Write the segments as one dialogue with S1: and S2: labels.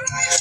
S1: Yeah.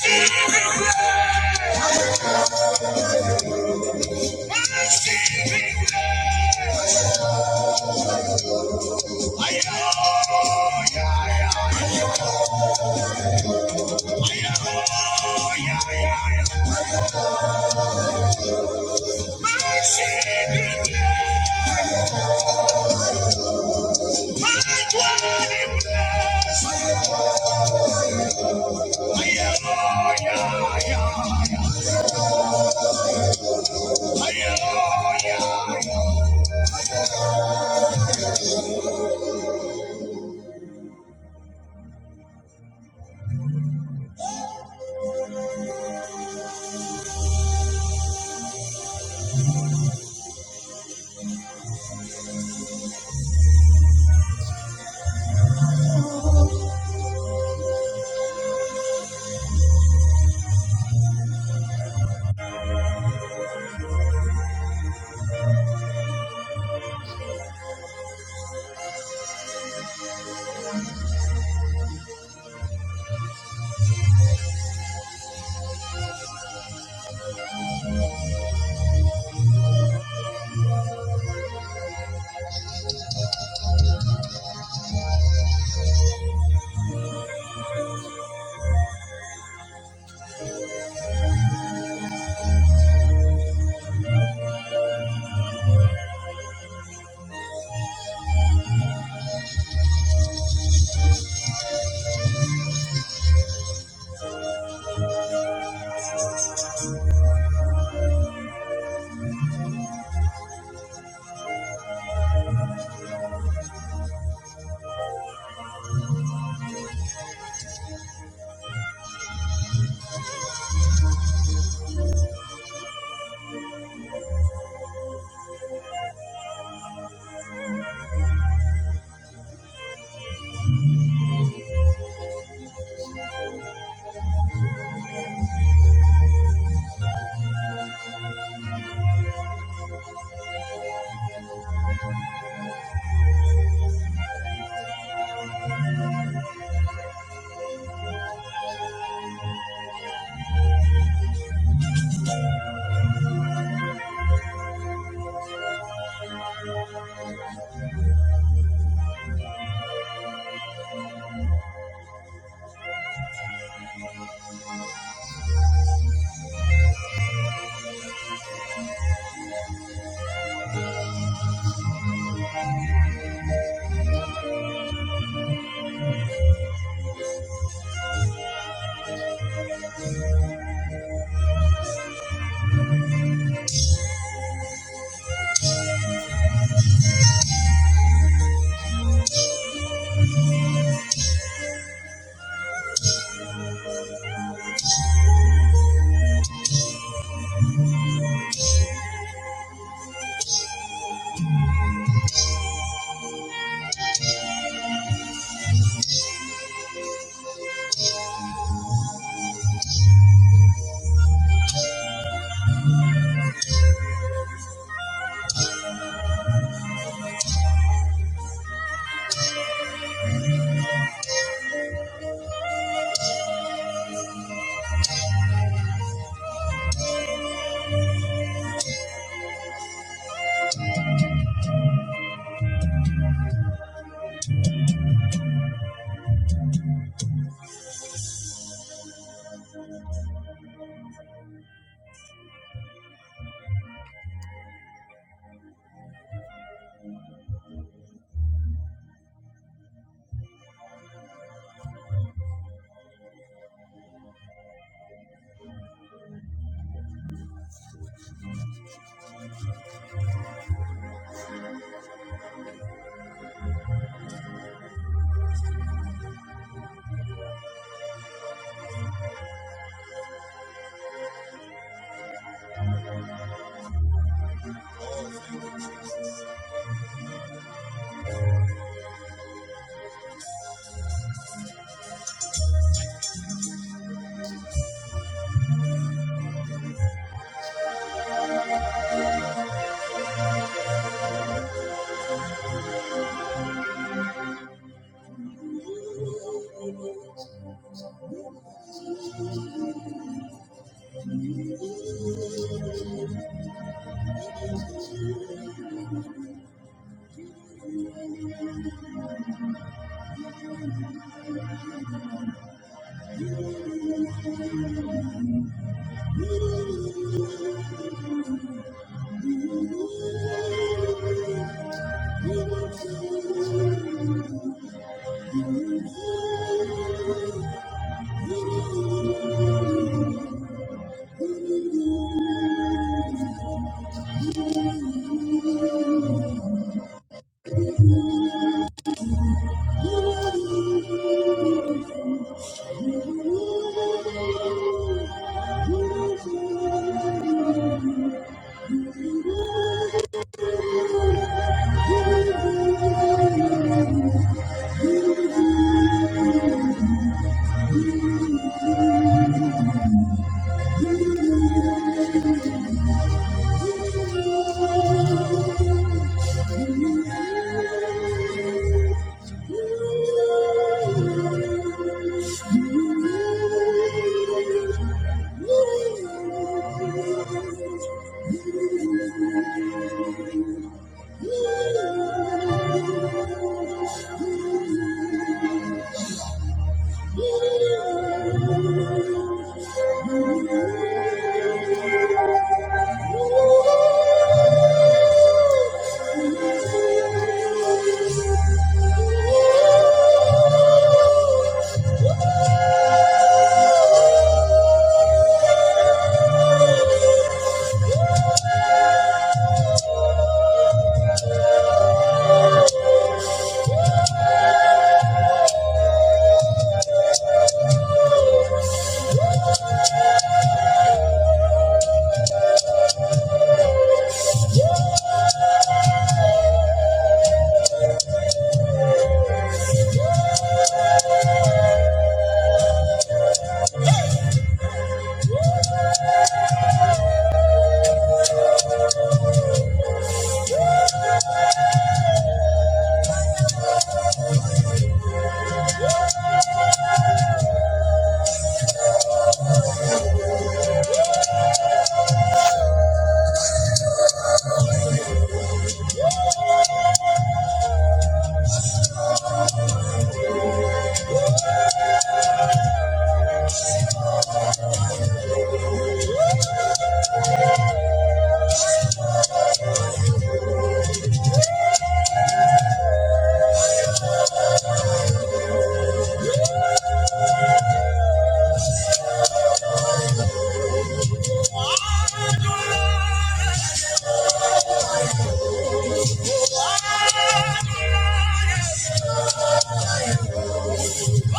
S1: I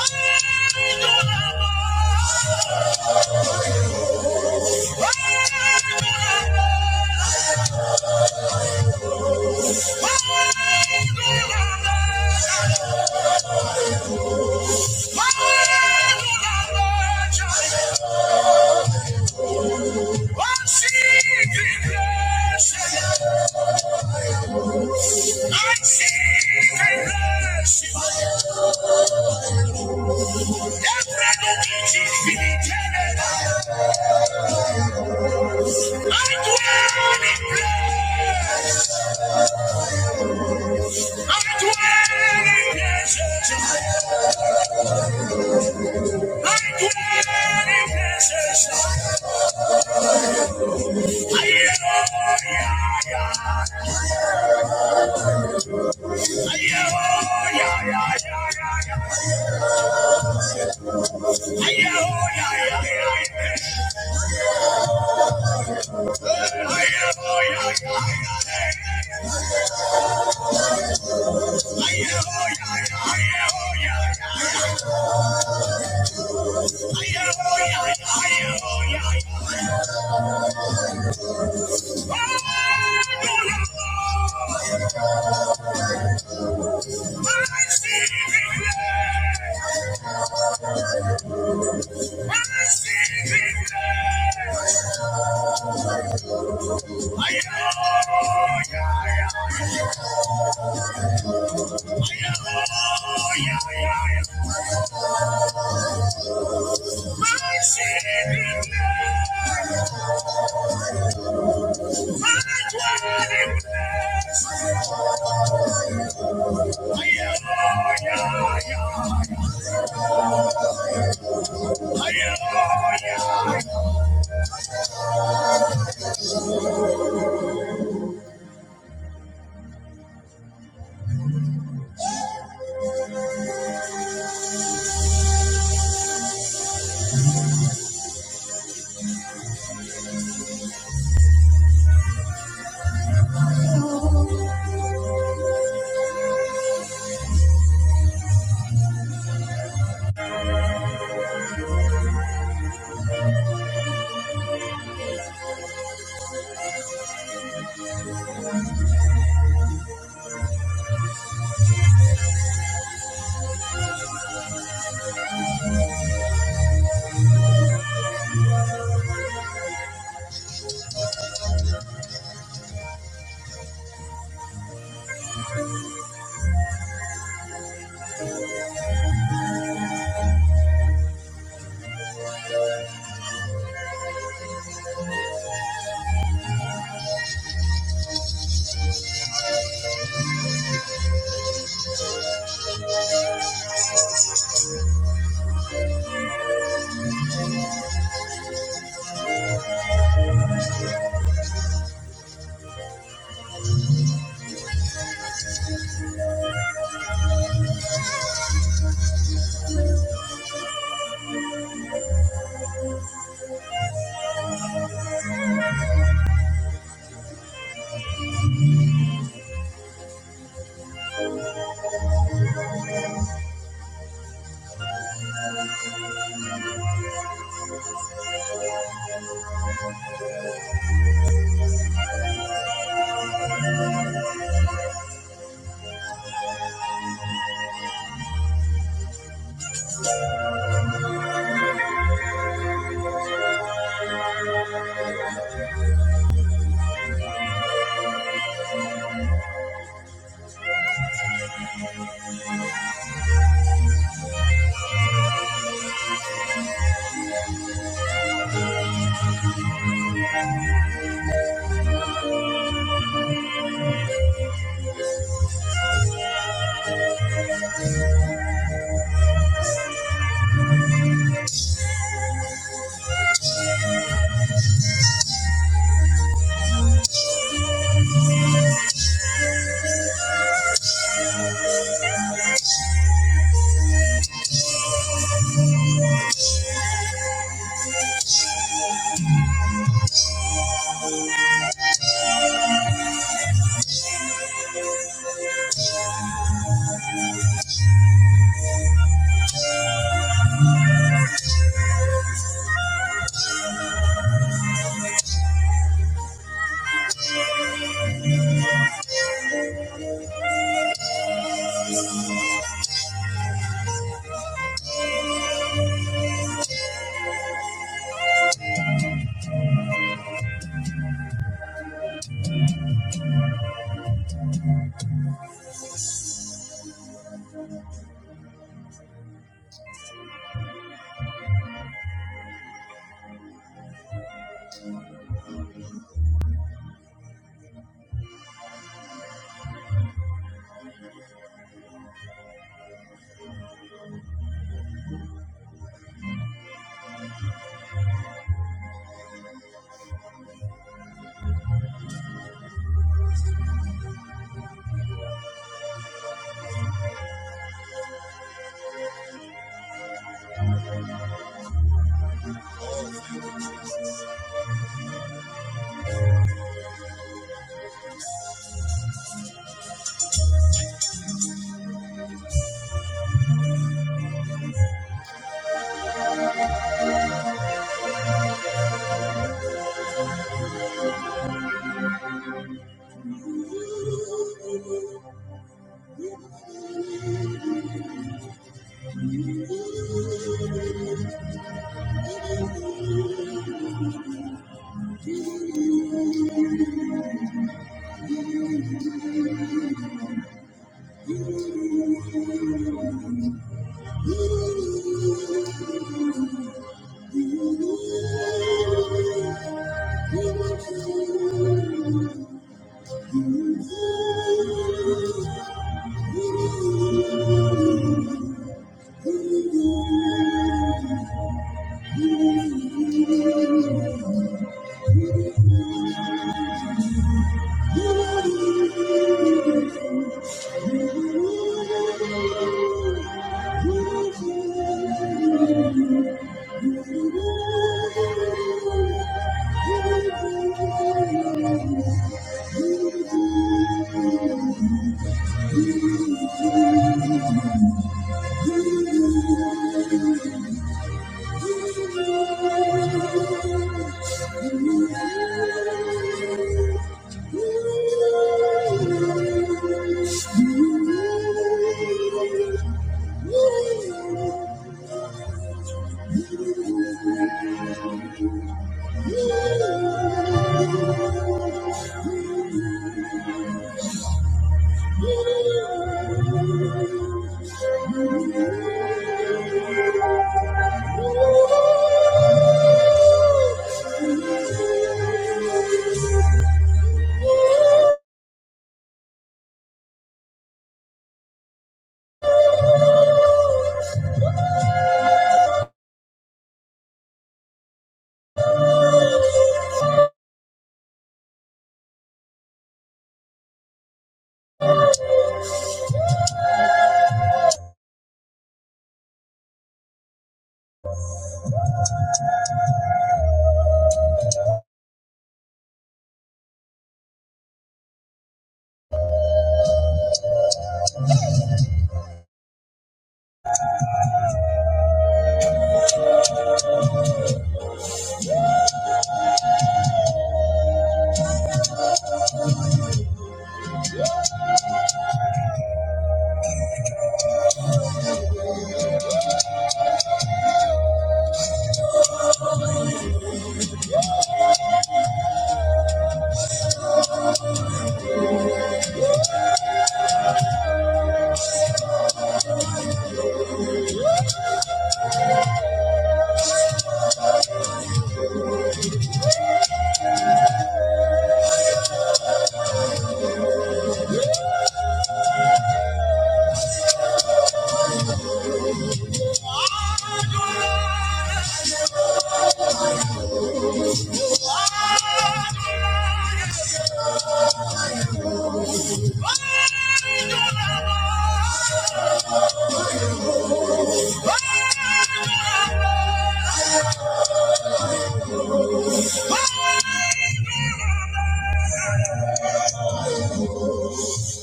S1: dwell in pleasure. I see it. I see it. Hallelujah.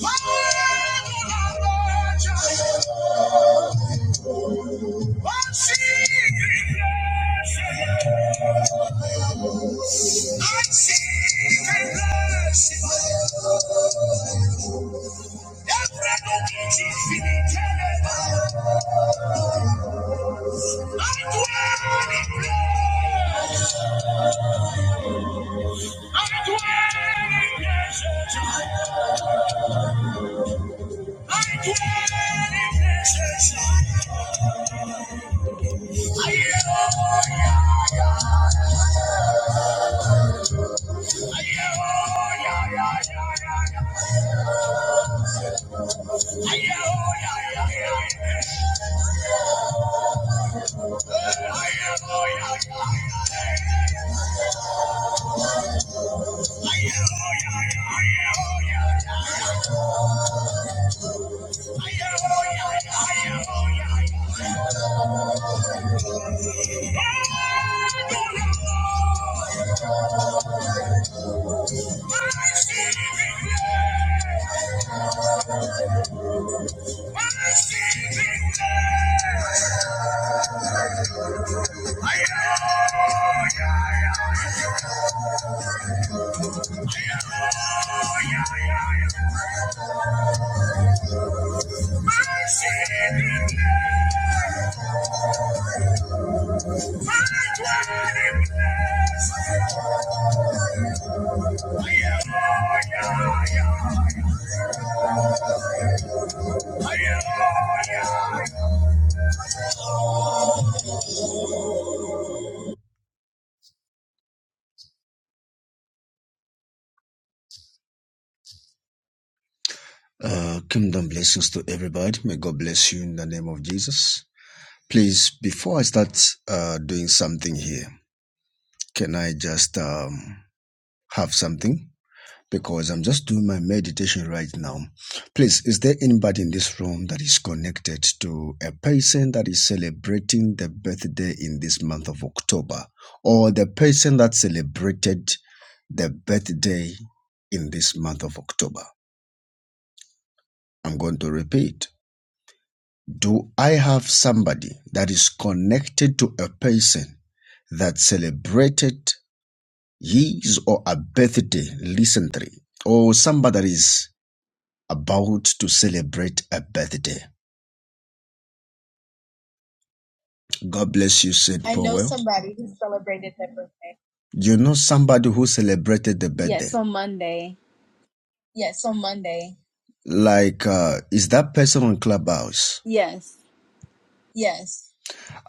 S1: I Thank you. Uh, kingdom blessings to everybody. May God bless you in the name of Jesus. Please, before I start uh, doing something here, can I just um, have something? because I'm just doing my meditation right now. Please, is there anybody in this room that is connected to a person that is celebrating the birthday in this month of October or the person that celebrated the birthday in this month of October? I'm going to repeat. Do I have somebody that is connected to a person that celebrated his or her birthday recently or somebody that is about to celebrate a birthday. God bless you, St. I know somebody who celebrated their birthday. You know somebody who celebrated the birthday?
S2: Yes, on Monday.
S1: Yes, on Monday. Like, uh, is that person on Clubhouse?
S2: Yes.
S1: Yes.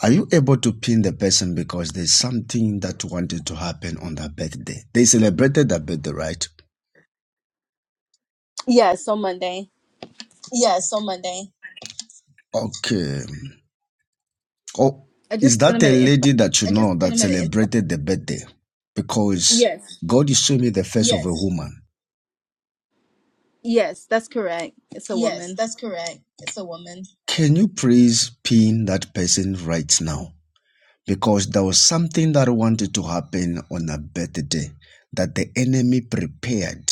S1: Are you able to pin the person because there's something that wanted to happen on that birthday? They celebrated that birthday, right?
S2: Yes, on Monday.
S1: Yes, on Monday. Okay. Oh,
S2: I just
S1: is
S2: sent
S1: that
S2: him
S1: a
S2: an invite.
S1: lady that you know that celebrated the birthday? Because
S2: Yes.
S1: God is showing me the face yes. of a Yes, woman.
S2: Yes, that's correct. It's a
S1: yes,
S2: woman.
S1: that's correct. It's a woman. Can you please pin that person right now? Because there was something that wanted to happen on her birthday that the enemy prepared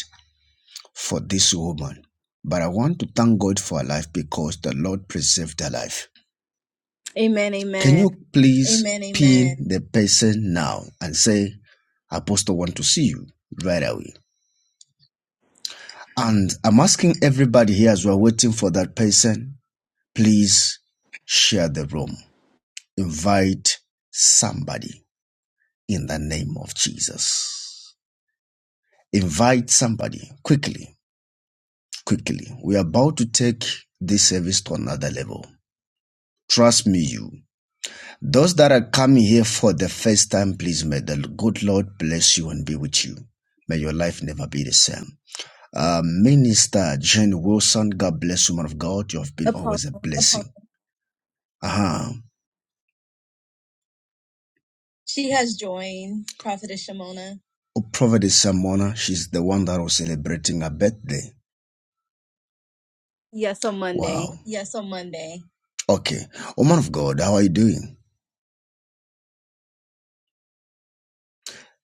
S1: for this woman. But I want to thank God for her life because the Lord preserved her life.
S2: Amen,
S1: Can
S2: amen.
S1: you please Amen. amen. pin the person now and say, Apostle want to see you right away? And I'm asking everybody here as we're waiting for that person, please share the room. Invite somebody in the name of Jesus. Invite somebody quickly, quickly. We're about to take this service to another level. Trust me, you. Those that are coming here for the first time, please may the good Lord bless you and be with you. May your life never be the same. Uh, Minister Jane Wilson, God bless you, man of God. You have been
S2: Apostle.
S1: always a blessing. Apostle. Uh-huh. She has joined Prophetess Shimona. Oh, Prophetess Samona, she's the one that was celebrating her birthday.
S2: Yes, on Monday.
S1: Wow. Yes, on Monday. Okay. Oh, man of God, how are you doing?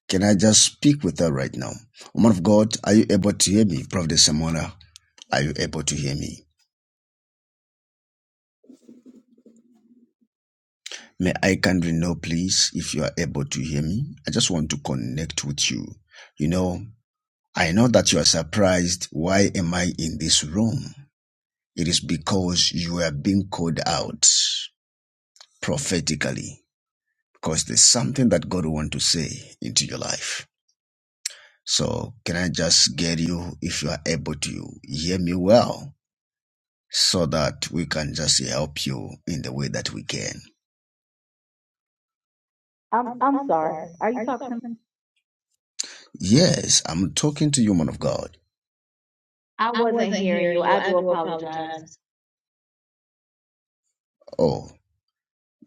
S1: Can I just speak with her right now? Woman of God, are you able to hear me? Prophet Samola, are you able to hear me? May I kindly know, please, if you are able to hear me? I just want to connect with you. You know, I know that you are surprised. Why am I in this room? It is because you are being called out prophetically, because there's something that God wants to say into your life. So, can I just get you, if you are able to, hear me well? so that we can just help you in the way that we can.
S3: I'm
S1: I'm
S3: I'm
S1: I'm
S3: sorry.
S1: sorry.
S3: Are you
S1: Are you
S3: talking to me?
S1: talking? Yes, I'm talking to you, man of God.
S3: I
S1: I
S3: wasn't
S1: wasn't
S3: hearing you.
S1: hearing you.
S3: I
S1: I
S3: do
S1: do
S3: apologize.
S1: apologize. Oh,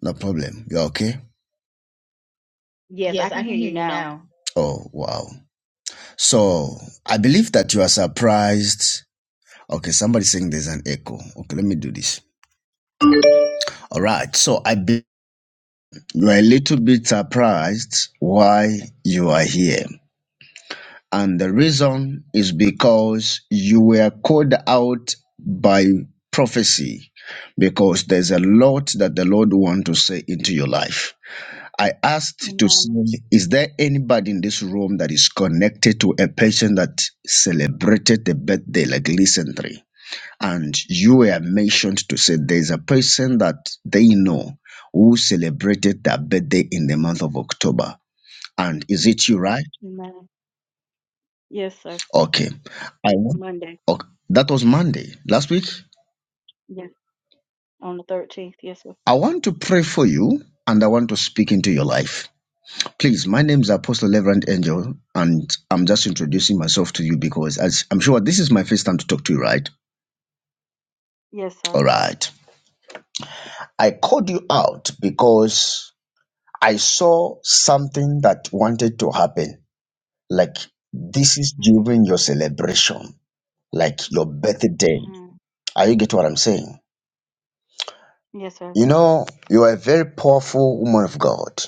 S1: no problem. You're okay?
S3: Yes, I
S1: Yes,
S3: can
S1: I can
S3: hear you
S1: hear you
S3: now.
S1: now. Oh, wow. So I believe that you are surprised. Okay, somebody's saying there's an echo. Okay, let me do this. All right. So I be- you are a little bit surprised why you are here. And the reason is because you were called out by prophecy because there's a lot that the Lord want to say into your life. I asked to
S3: Amen.
S1: see is there anybody in this room that is connected to a person that celebrated a birthday like recently? And you were mentioned to say there's a person that they know who celebrated their birthday in the month of October. And is it you, right?
S3: Amen. Yes, sir.
S1: Okay. I want,
S3: Monday.
S1: okay. That was Monday last week.
S3: Yes. On the thirteenth. Yes, sir.
S1: I want to pray for you and I want to speak into your life. Please, my name is Apostle Reverend Angel, and I'm just introducing myself to you because as I'm sure this is my first time to talk to you, right?
S3: Yes, sir.
S1: All right. I called you out because I saw something that wanted to happen. Like this is
S3: Mhm.
S1: during your celebration, like your birthday.
S3: Mhm.
S1: Are you get what I'm saying?
S3: Yes, sir.
S1: You know, you are a very powerful woman of God,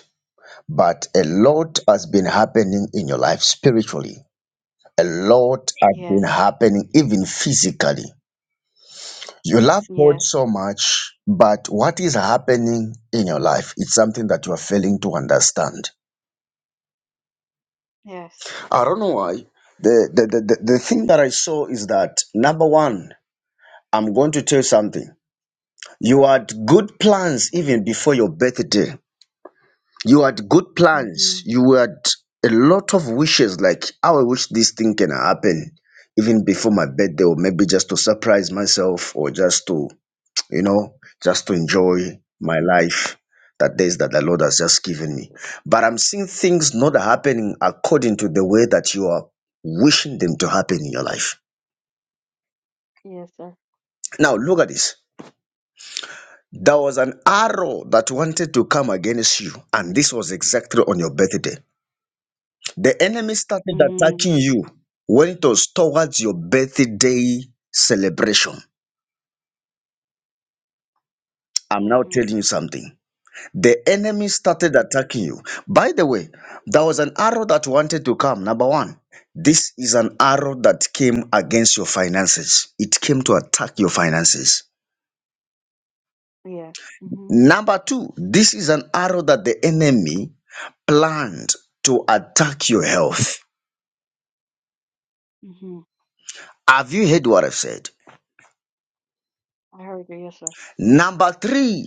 S1: but a lot has
S3: Mhm.
S1: been happening in your life spiritually. A lot has been
S3: Yes.
S1: happening even physically. You love God
S3: Yes.
S1: so much, but what is happening in your life? It's something that you are failing to understand.
S3: Yes.
S1: I don't know why. The, the, the, the, the thing that I saw is that number one, I'm going to tell you something. You had good plans even before your birthday. You had good plans.
S3: Mhm.
S1: You had a lot of wishes, like, how I wish this thing can happen, even before my birthday, or maybe just to surprise myself, or just to, you know, just to enjoy my
S3: Mhm.
S1: life, that days that the Lord has just given me. But I'm seeing things not happening according to the way that you are wishing them to happen in your life.
S3: Yes, sir.
S1: Now, look at this. There was an arrow that wanted to come against you, and this was exactly on your birthday. The enemy started
S3: Mhm.
S1: attacking you
S3: Mhm.
S1: when it was towards your birthday celebration. I'm now
S3: Mhm.
S1: telling you something. The enemy started
S3: Mhm.
S1: attacking you. By the way, there was an arrow that wanted to come. Number one, this is an arrow that came against your finances, it came to attack your finances.
S3: Yes. Mhm.
S1: Number two, this is an arrow that the enemy planned to attack your health.
S3: Mhm.
S1: Have you heard what I've said?
S3: I heard you. Yes, sir.
S1: Number three,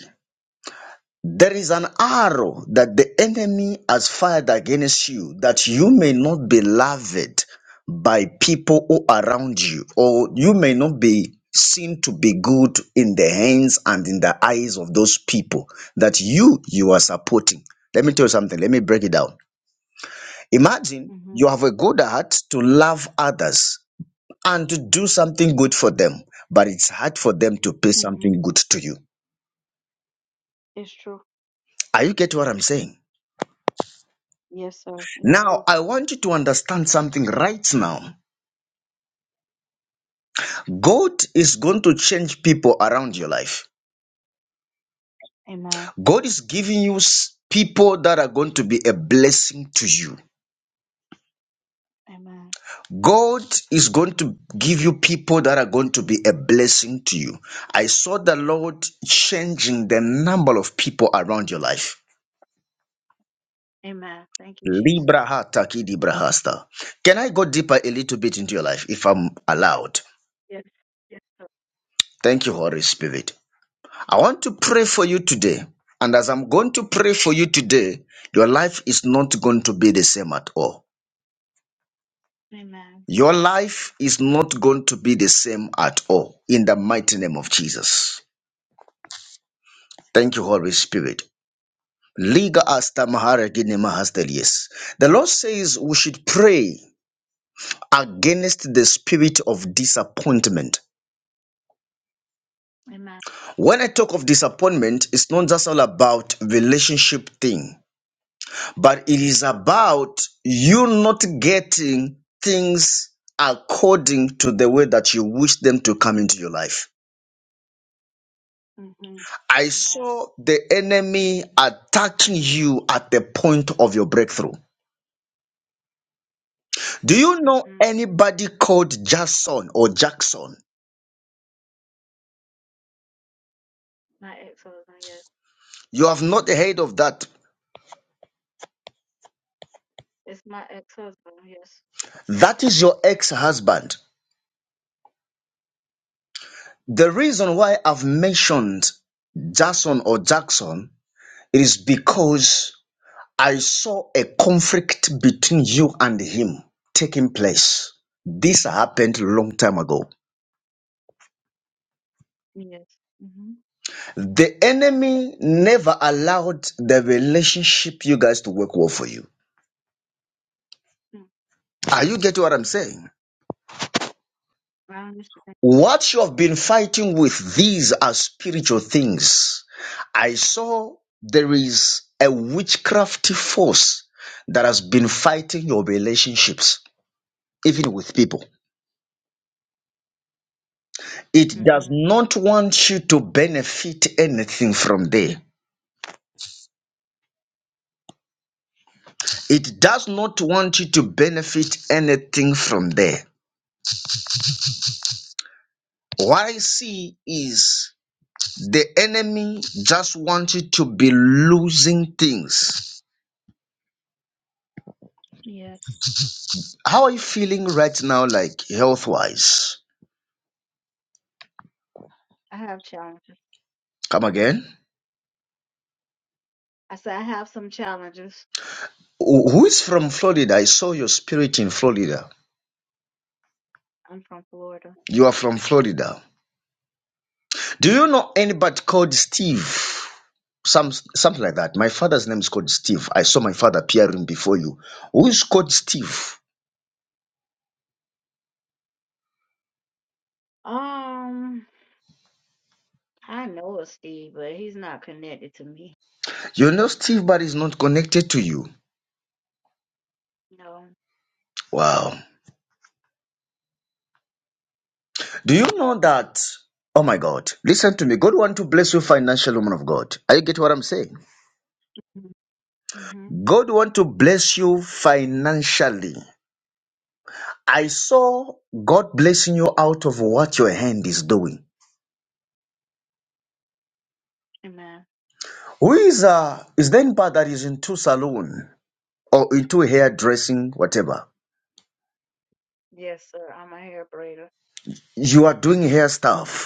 S1: There is an arrow that the enemy has fired against you that you may not be loved by people who are around you, or you may not be seen to be good in the hands and in the eyes of those people that you you are supporting. Let me tell you something, let me break it down. Imagine
S3: Mhm.
S1: you have a good heart to love others and to do something good for them, but it's hard for them to pay
S3: Mhm.
S1: something good to you.
S3: It's true.
S1: Are you get what I'm saying?
S3: Yes, sir. It's
S1: Now,
S3: true.
S1: I want you to understand something right now. God is going to change people around your life.
S3: Amen.
S1: God is giving you s- people that are going to be a blessing to you.
S3: Amen.
S1: God is going to give you people that are going to be a blessing to you. I saw the Lord changing the number of people around your life.
S3: Amen. Thank you, Jesus.
S1: Libraha takidi brahasta. Can I go deeper a little bit into your life if I'm allowed?
S3: Yes. Yes. Lord.
S1: Thank you, Holy Spirit. I want to pray for you today. And as I'm going to pray for you today, your life is not going to be the same at all.
S3: Amen.
S1: Your life is not going to be the same at all. In the mighty name of Jesus. Thank you, Holy Spirit. Liga asta mahara gini mahastelies. The Lord says we should pray against the spirit of disappointment.
S3: Amen.
S1: When I talk of disappointment, it's not just all about relationship thing. but it is
S3: Mm-hmm.
S1: about you not getting things according to the way that you wish them to come into your life.
S3: Mm-hmm.
S1: I
S3: Amen.
S1: saw the enemy attacking you at the point of your breakthrough. Do you know
S3: Mm-hmm.
S1: anybody called Jason or Jackson?
S3: My ex-husband. Yes.
S1: You have not heard of that.
S3: It's my ex-husband. Yes.
S1: That is your ex husband. The reason why I've mentioned Jason or Jackson is because I saw a conflict between you and him taking place. This happened long time ago.
S3: Yes. Mm-hmm.
S1: The enemy never allowed the relationship you guys to work well for you.
S3: Mm.
S1: Are you getting what I'm saying?
S3: I understand.
S1: What you have been fighting with, these are spiritual things. I saw there is a witchcraft force that has been fighting your relationships, even with people. It does
S3: Mm-hmm.
S1: not want you to benefit anything from there. It does not want you to benefit anything from there. What I see is the enemy just wants you to be losing things.
S3: Yes.
S1: How are you feeling right now, like health wise?
S3: I have challenges.
S1: Come again.
S3: I said I have some challenges.
S1: Who who is from Florida? I saw your spirit in Florida.
S3: I'm from Florida.
S1: You are from Florida. Do you know anybody called Steve? some something like that. My father's name is called Steve. I saw my father appearing before you. Who is called Steve?
S3: Um, I know of Steve, but he's not connected to me.
S1: You know Steve, but is not connected to you.
S3: No.
S1: Wow. Do you know that? Oh my God. Listen to me. God want to bless you financially, woman of God. Are you get what I'm saying?
S3: Mm-hmm.
S1: God want to bless you financially. I saw God blessing you out of what your hand is doing.
S3: Amen.
S1: Who is uh is the anybody that is into salon or into hairdressing, whatever?
S3: Yes, sir. I'm a hair braider.
S1: You are doing hair stuff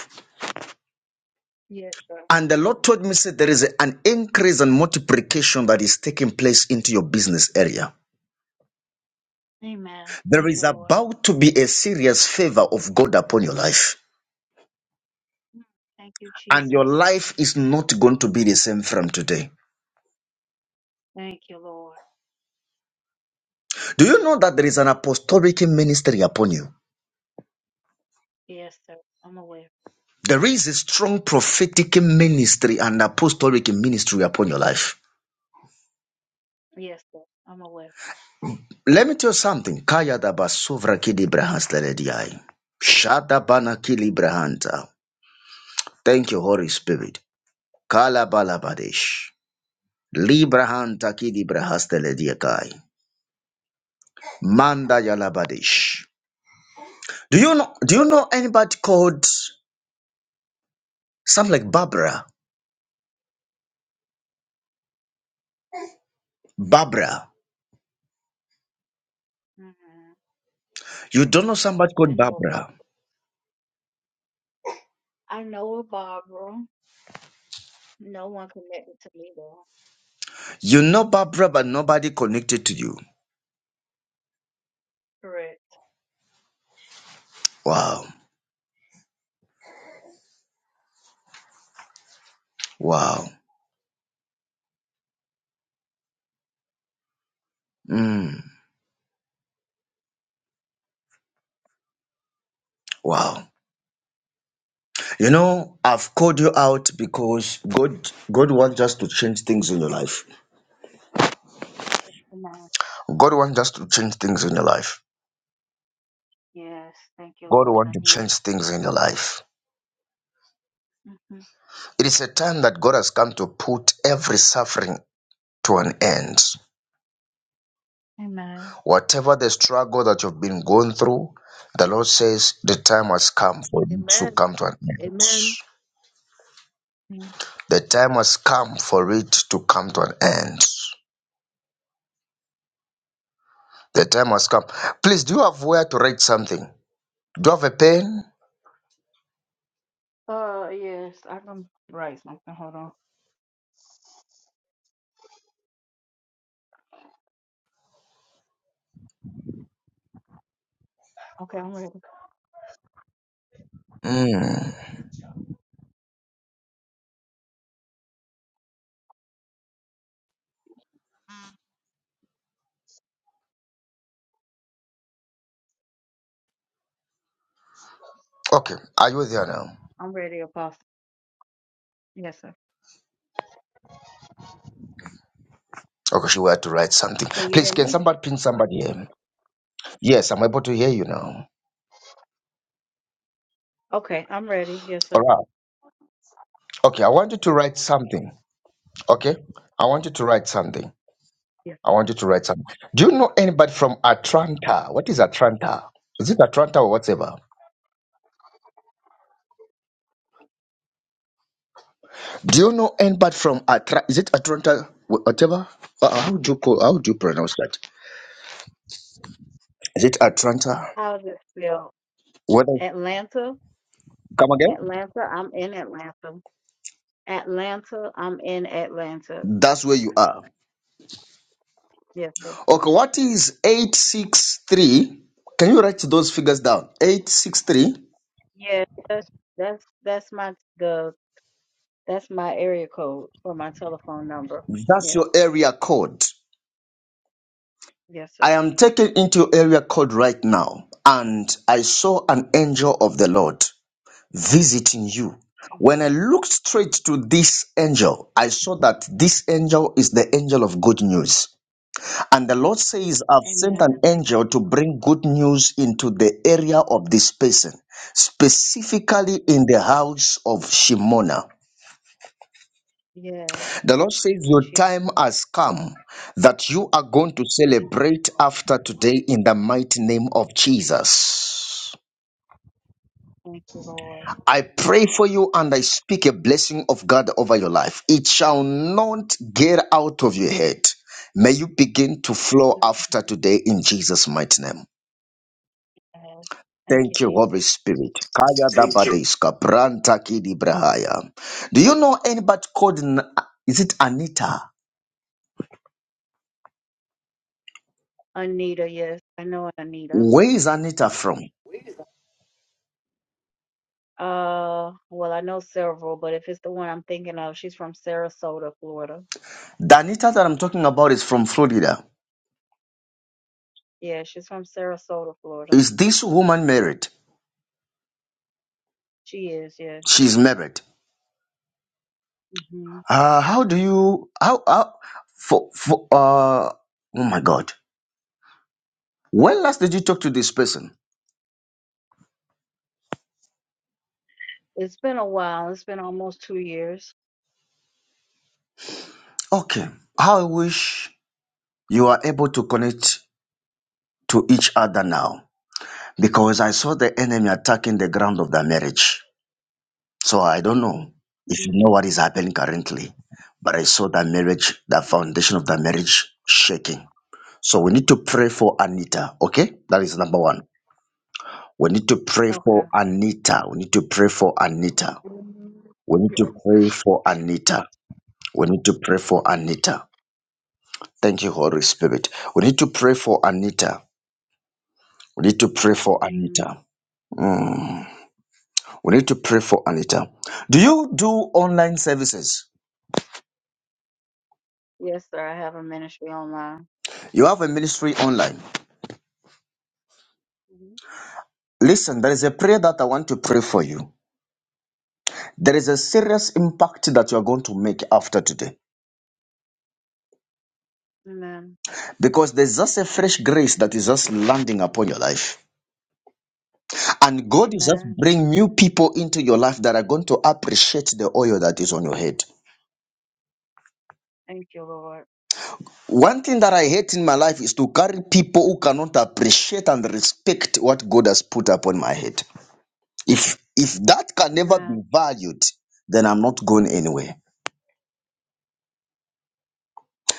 S3: Yes, sir.
S1: And the Lord told me, said there is an increase and multiplication that is taking place into your business area.
S3: Amen.
S1: There
S3: Thank
S1: is
S3: you, Lord.
S1: about to be a serious favor of God upon your life.
S3: Mm, Thank you,
S1: And your
S3: Jesus.
S1: life is not going to be the same from today.
S3: Thank you, Lord.
S1: Do you know that there is an apostolic ministry upon you?
S3: Yes, sir. I'm aware.
S1: There is a strong prophetic ministry and apostolic ministry upon your life.
S3: Yes, sir. I'm aware.
S1: Let me tell you something. Kaya daba basovra kidi brahas lelediai. Shada bana kili brahanta. Thank you, Holy Spirit. Kalabalabadish. Librahanta kidibrahastele diakai. Manda yalabadish. Do you know do you know anybody called something like Barbara? Barbara.
S3: hmm
S1: You don't know somebody
S3: I
S1: called
S3: know a
S1: Barbara.
S3: Barbara. I know a Barbara. No one connected to me, though.
S1: You know Barbara, but nobody connected to you.
S3: Correct.
S1: Wow. Wow. Mm. Wow. You know, I've called you out because God God wants us to change things in your life.
S3: Amen.
S1: God wants us to change things in your life.
S3: Yes. Thank you,
S1: God
S3: Lord. I
S1: wants to
S3: need
S1: change things in your life.
S3: it. hmm
S1: It is a time that God has come to put every suffering to an end.
S3: Amen.
S1: Whatever the struggle that you've been going through, the Lord says the time has come for it to
S4: Amen.
S1: come to an end.
S4: Amen.
S3: Mm.
S1: The time has come for it to come to an end. The time has come. Please, do you have where to write something? Do you have a pen?
S3: Uh, yes. I can write something. Hold on. Okay, I'm ready.
S1: Mm. Okay, are you there now?
S3: I'm ready, Apostle. Yes, sir.
S1: Okay, she were to write something.
S3: Can you
S1: Please,
S3: hear
S1: can
S3: me?
S1: somebody pin somebody here? Yes, I'm able to hear you now.
S3: Okay, I'm ready. Yes,
S1: All
S3: sir.
S1: right. Okay, I want you to write something. Okay, I want you to write
S3: Mhm.
S1: something.
S3: Yes,
S1: I
S3: sir.
S1: want you to write something. Do you know anybody from Atlanta? What is Atlanta? Is it Atlanta or whatever? Do you know anybody from Atlanta? Is it Atlanta? wh- Whatever. Uh, uh, How do you call? How do you pronounce that? Is it Atlanta?
S3: How does it feel?
S1: What?
S3: Atlanta?
S1: come again?
S3: Atlanta, I'm in Atlanta. Atlanta, I'm in Atlanta.
S1: That's where you are.
S3: Yes, sir.
S1: Okay. What is eight six three? Can you write those figures down? Eight six three.
S3: Yeah, that's that's that's my the that's my area code for my telephone number.
S1: That's
S3: Yeah.
S1: your area code.
S3: Yes,
S1: I
S3: sir.
S1: am taken into area code right now, and I saw an angel of the Lord visiting you. When
S3: Mhm.
S1: I looked straight to this angel, I saw that this angel is the angel of good news. And the Lord says, I've sent
S3: Amen. I
S1: an
S3: Thank
S1: angel to bring good news into the area of this person, specifically
S3: you.
S1: in the
S3: Jesus.
S1: house of Shimona.
S3: Yeah.
S1: The Lord says
S3: Thank you,
S1: your
S3: Jesus.
S1: time has come that you are going to
S3: Thank you.
S1: celebrate
S3: Lord.
S1: after today in the mighty name of Jesus.
S3: Thank you, Lord.
S1: I pray for you and I speak a blessing of God over your life. It shall not get out of your head. May you begin to flow
S3: Mhm.
S1: after today in Jesus' mighty name.
S3: Yes. Thank you,
S1: Thank you, Holy
S3: Jesus.
S1: Spirit. Kaya
S5: Thank you.
S1: dabadeska, branta kidi brahaya. Do you know anybody called, N- is it Anita?
S3: Anita, yes. I know Anita.
S1: Where is Anita from?
S3: Uh, well, I know several, but if it's the one I'm thinking of, she's from Sarasota, Florida.
S1: The Anita that I'm talking about is from Florida.
S3: Yeah, she's from Sarasota, Florida.
S1: Is this woman married?
S3: She is, yes.
S1: She's married.
S3: hmm
S1: Uh, how do you how how for for uh oh my god. When last did you talk to this person?
S3: It's been a while. It's been almost two years.
S1: Okay. How I wish you are able to connect to each other now because I saw the enemy attacking the ground of the marriage. So I don't know if you
S3: hmm
S1: know what is happening currently, but I saw that marriage, the foundation of the marriage shaking. So we need to pray for Anita, okay? That is number one. We need to pray
S3: Okay.
S1: for Anita. We need to pray for Anita. We need to pray for Anita. We need to pray for Anita. Thank you, Holy Spirit. We need to pray for Anita. We need to pray for
S3: hmm
S1: Anita. Mm. We need to pray for Anita. Do you do online services?
S3: Yes, sir. I have a ministry online.
S1: You have a ministry online.
S3: hmm
S1: Listen, there is a prayer that I want to pray for you. There is a serious impact that you are going to make after today.
S3: Amen.
S1: Because there's just a fresh grace that is just landing upon your life. And God is just
S3: Amen.
S1: bringing new people into your life that are going to appreciate the oil that is on your head.
S3: Thank you, Lord.
S1: One thing that I hate in my life is to carry people who cannot appreciate and respect what God has put upon my head. If if that can never
S3: Amen.
S1: be valued, then I'm not going anywhere.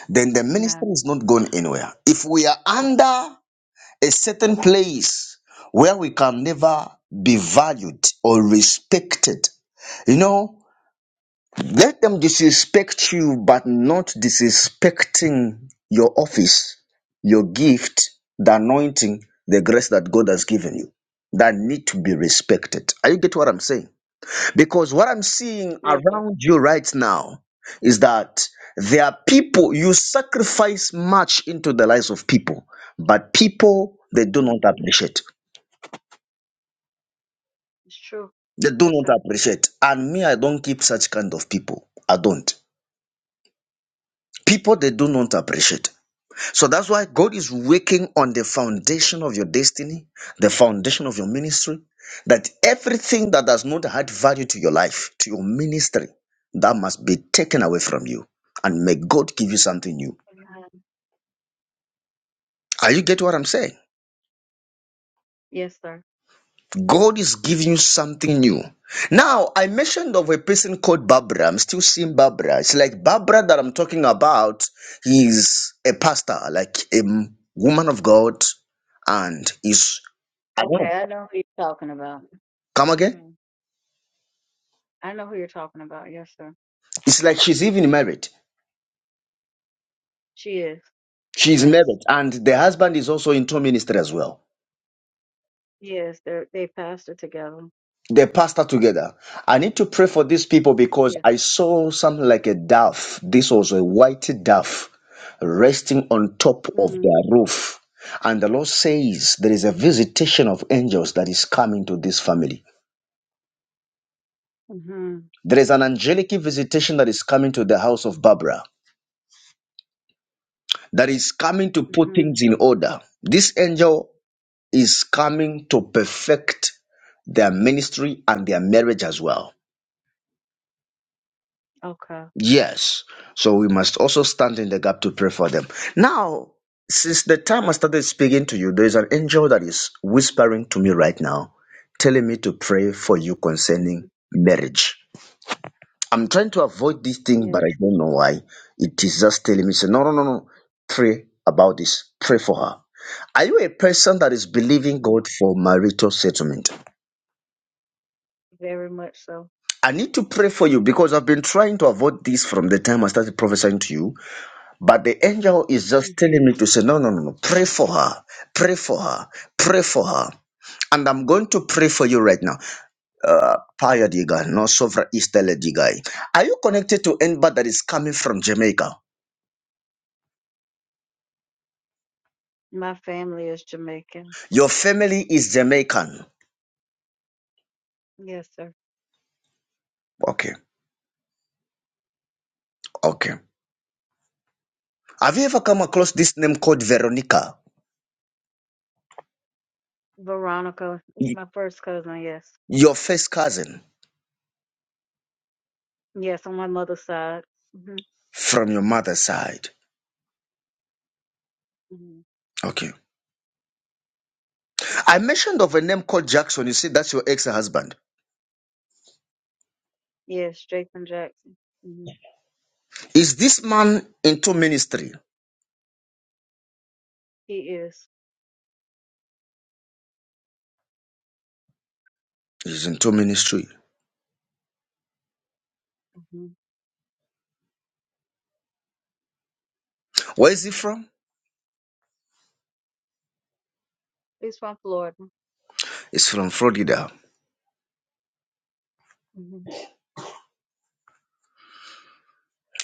S1: Then the
S3: Amen.
S1: ministry is not going anywhere. If we are under a certain place where we can never be valued or respected. You know, let them disrespect you, but not disrespecting your office, your gift, the anointing, the grace that God has given you that need to be respected. Are you get what I'm saying? Because what I'm seeing
S3: Yes, sir.
S1: around you right now is that there are people, you sacrifice much into the lives of people, but people, they do not
S3: hmm
S1: appreciate.
S3: It's true.
S1: They do
S3: Yes,
S1: not
S3: sir.
S1: appreciate. And me, I don't keep such kind of people. I don't. People, they do not appreciate. So that's why God is working on the foundation of your destiny, the foundation of your ministry, that everything that does not add value to your life, to your ministry, that must be taken away from you. And may God give you something new.
S3: Amen.
S1: Are you get what I'm saying?
S3: Yes, sir.
S1: God is giving you something new. Now, I mentioned of a person called Barbara. I'm still seeing Barbara. It's like Barbara that I'm talking about is a pastor, like a m- woman of God, and is I don't
S3: Okay,
S1: know.
S3: I know who you're talking about.
S1: Come again?
S3: hmm I know who you're talking about. Yes, sir.
S1: It's like she's even married.
S3: She is.
S1: She's
S3: Yes.
S1: married, and the husband is also into ministry as well.
S3: Yes, they they pastor together.
S1: They pastor together. I need to pray for these people because
S3: Yes.
S1: I saw something like a dove. This was a white dove resting on top of their roof. And the Lord says there is a visitation of angels that is coming to this family.
S3: Mm-hmm.
S1: There is an angelic visitation that is coming to the house of Barbara, that is coming to put
S3: Mhm.
S1: things in order. This angel is coming to perfect their ministry and their marriage as well.
S3: Okay.
S1: Yes. So we must also stand in the gap to pray for them. Now, since the time I started speaking to you, there is an angel that is whispering to me right now, telling me to pray for you concerning
S3: Mhm.
S1: marriage. I'm trying to avoid this thing, but
S3: Yes.
S1: I don't know why. It is just telling me, say, no, no, no, no, pray about this. Pray for her. Are you a person that is believing
S3: Mhm.
S1: God for marital settlement?
S3: Very much so.
S1: I need to pray for you because I've been trying to avoid this from the time I started prophesying to you. But the angel is just telling
S3: hmm
S1: me to say, no, no, no, no. Pray for her. Pray for her. Pray for her. And I'm going to pray for you right now. Uh, Paya Diga, no Sovra Istele Digai. Are you connected to anybody that is coming from Jamaica?
S3: My family is Jamaican.
S1: Your family is Jamaican.
S3: Yes, sir.
S1: Okay, okay. Have you ever come across this name called Veronica?
S3: Veronica. It's
S1: Y-
S3: my first cousin. Yes.
S1: Your first cousin
S3: Yes, on my mother's side. hmm
S1: from your mother's side.
S3: hmm
S1: Okay. I mentioned of a name called Jackson. You see, that's your ex-husband.
S3: Yes, Jason Jackson. hmm
S1: Is this man into ministry?
S3: He is.
S1: He's into ministry.
S3: hmm
S1: Where is he from?
S3: He's from Florida.
S1: He's from Florida.
S3: hmm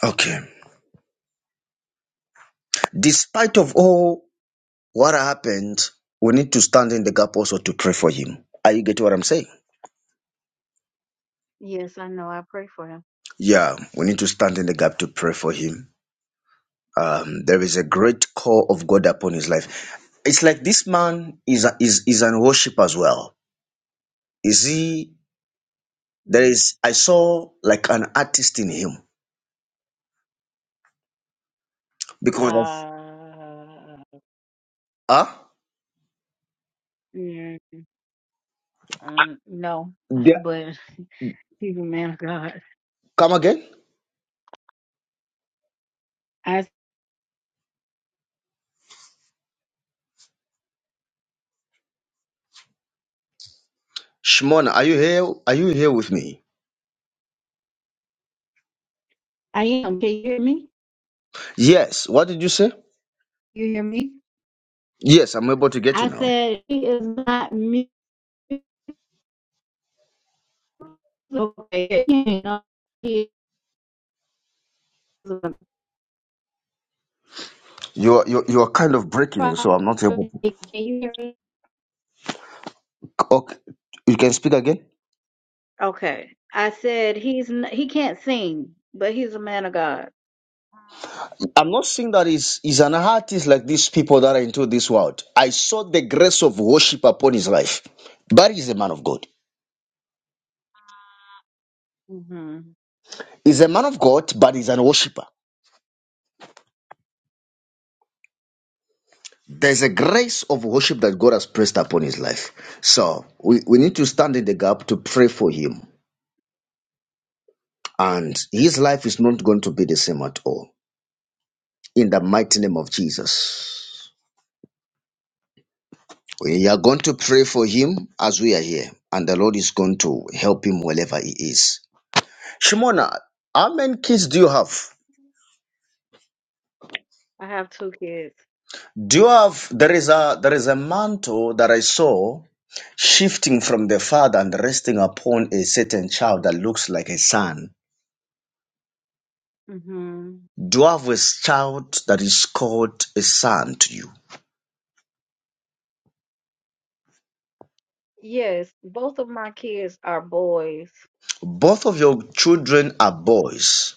S1: Okay. Despite of all what happened, we need to stand in the gap also to pray for him. Are you getting what I'm saying?
S3: Yes, I know. I pray for him.
S1: Yeah, we need to stand in the gap to pray for him. Um, there is a great call of God upon his life. It's like this man is a, is is an worship as well. Is he? There
S3: hmm
S1: is. I saw like an artist in him Because
S3: Uh,
S1: ah,
S3: mm, um, no, but he's a man of God.
S1: come again,
S3: I
S1: Shimona, are you here? Are you here with me?
S3: I am. Can you hear me?
S1: Yes. What did you say?
S3: You hear me?
S1: Yes, I'm able to get
S3: I
S1: you now.
S3: said, she is not music. Okay, you know, she is a
S1: You're you're, you're kind of breaking,
S3: prophet.
S1: so I'm not able.
S3: Can
S1: To.
S3: you hear me?
S1: Okay, you can speak again.
S3: Okay. I said, he's n- he can't sing, but he's a man of God.
S1: I'm not saying that is is an artist like these people that are into this world. I saw the grace of worship upon his life, but he's a man of God.
S3: hmm
S1: He's a man of God, but he's an worshipper. There's a grace of worship that God has placed upon his life. So we, we need to stand in the gap to pray for him and his life is not going to be the same at all. In the mighty name of Jesus. We are going to pray for him as we are here, and the Lord is going to help him wherever he is. Shimona, how many kids do you have?
S3: I have two kids.
S1: Do you have there is a there is a mantle that I saw shifting from the father and resting upon a certain child that looks like a son.
S3: hmm
S1: Do you have a child that is called a son to you?
S3: Yes, both of my kids are boys.
S1: Both of your children are boys.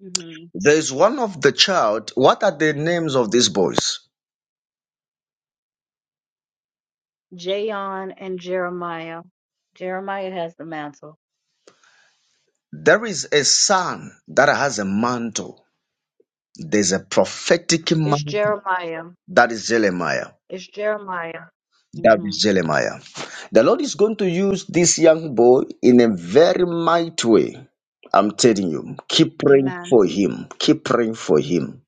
S3: hmm
S1: There's one of the child. What are the names of these boys?
S3: Jayon and Jeremiah. Jeremiah has the mantle.
S1: There is a son that has a mantle. There's a prophetic
S3: It's
S1: mantle.
S3: Jeremiah.
S1: That is Jeremiah.
S3: It's Jeremiah.
S1: That
S3: hmm
S1: is Jeremiah. The Lord is going to use this young boy in a very mighty way. I'm telling you, keep praying
S3: Amen.
S1: for him. Keep praying for him.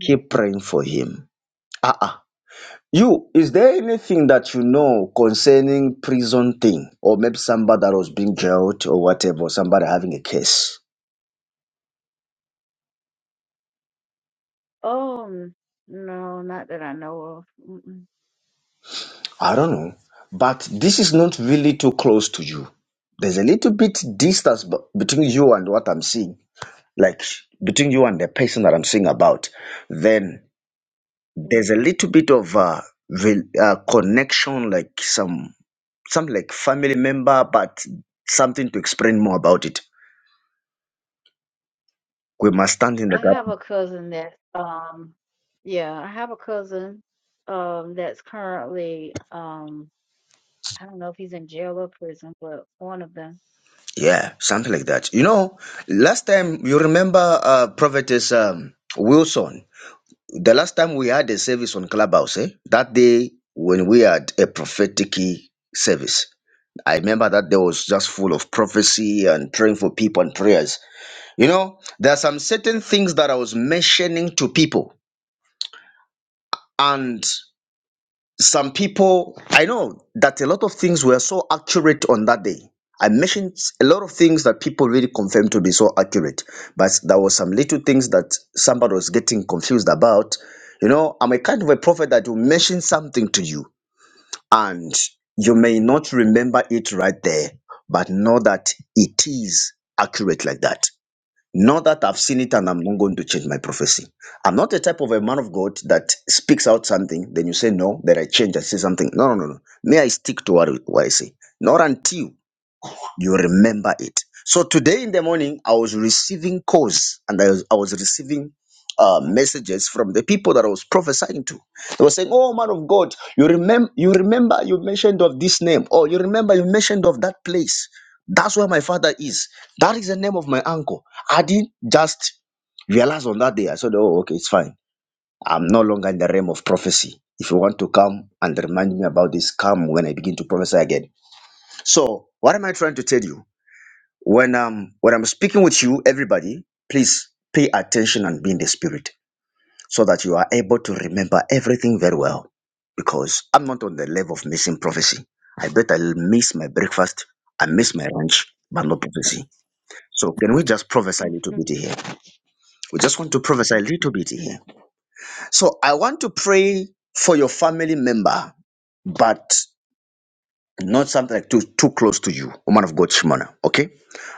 S1: Keep praying for him. Ah, ah. You, is there anything that you know concerning prison thing? Or maybe somebody that was being jailed or whatever, somebody having a case?
S3: Oh, n- no, not that I know of. Mm-mm.
S1: I don't know. But this is not really too close to you. There's a little bit distance b- between you and what I'm seeing. Like between you and the person that I'm seeing about. Then there's a
S3: hmm
S1: little bit of uh, rel uh, connection, like some, some like family member, but something to explain more about it. We must stand in the
S3: I
S1: gap
S3: have a cousin that's um, yeah, I have a cousin um that's currently um, I don't know if he's in jail or prison, but one of them.
S1: Yeah, something like that. You know, last time you remember uh prophetess um Wilson. The last time we had a service on Clubhouse, eh? That day when we had a prophetic service. I remember that day was just full of prophecy and praying for people and prayers. You know, there are some certain things that I was mentioning to people. and. some people i know that a lot of things were so accurate on that day i mentioned a lot of things that people really confirmed to be so accurate but there was some little things that somebody was getting confused about you know i'm a kind of a prophet that will mention something to you and you may not remember it right there but know that it is accurate like that not that I've seen it and I'm not going to change my prophecy. I'm not a type of a man of God that speaks out something, then you say, No, that I change, I say something. No, no, no, no. May I stick to what, what I say. Not until you remember it. So today in the morning, I was receiving calls and I was, I was receiving uh, messages from the people that I was prophesying to. They were saying, "Oh man of God, you remember? You remember? You mentioned of this name, or you remember? You mentioned of that place. That's where my father is. That is the name of my uncle." I didn't just realize on that day. I said, "Oh, okay, it's fine. I'm no longer in the realm of prophecy. If you want to come and remind me about this, come when I begin to prophesy again." So, what am I trying to tell you? when um when i'm speaking with you everybody please pay attention and be in the spirit so that you are able to remember everything very well because i'm not on the level of missing prophecy i bet i'll miss my breakfast i miss my lunch but no prophecy so can we just prophesy a little
S3: Mhm.
S1: bit here we just want to prophesy a little bit here so i want to pray for your family member but Not something like too too close to you, woman of God, Shimona. Okay,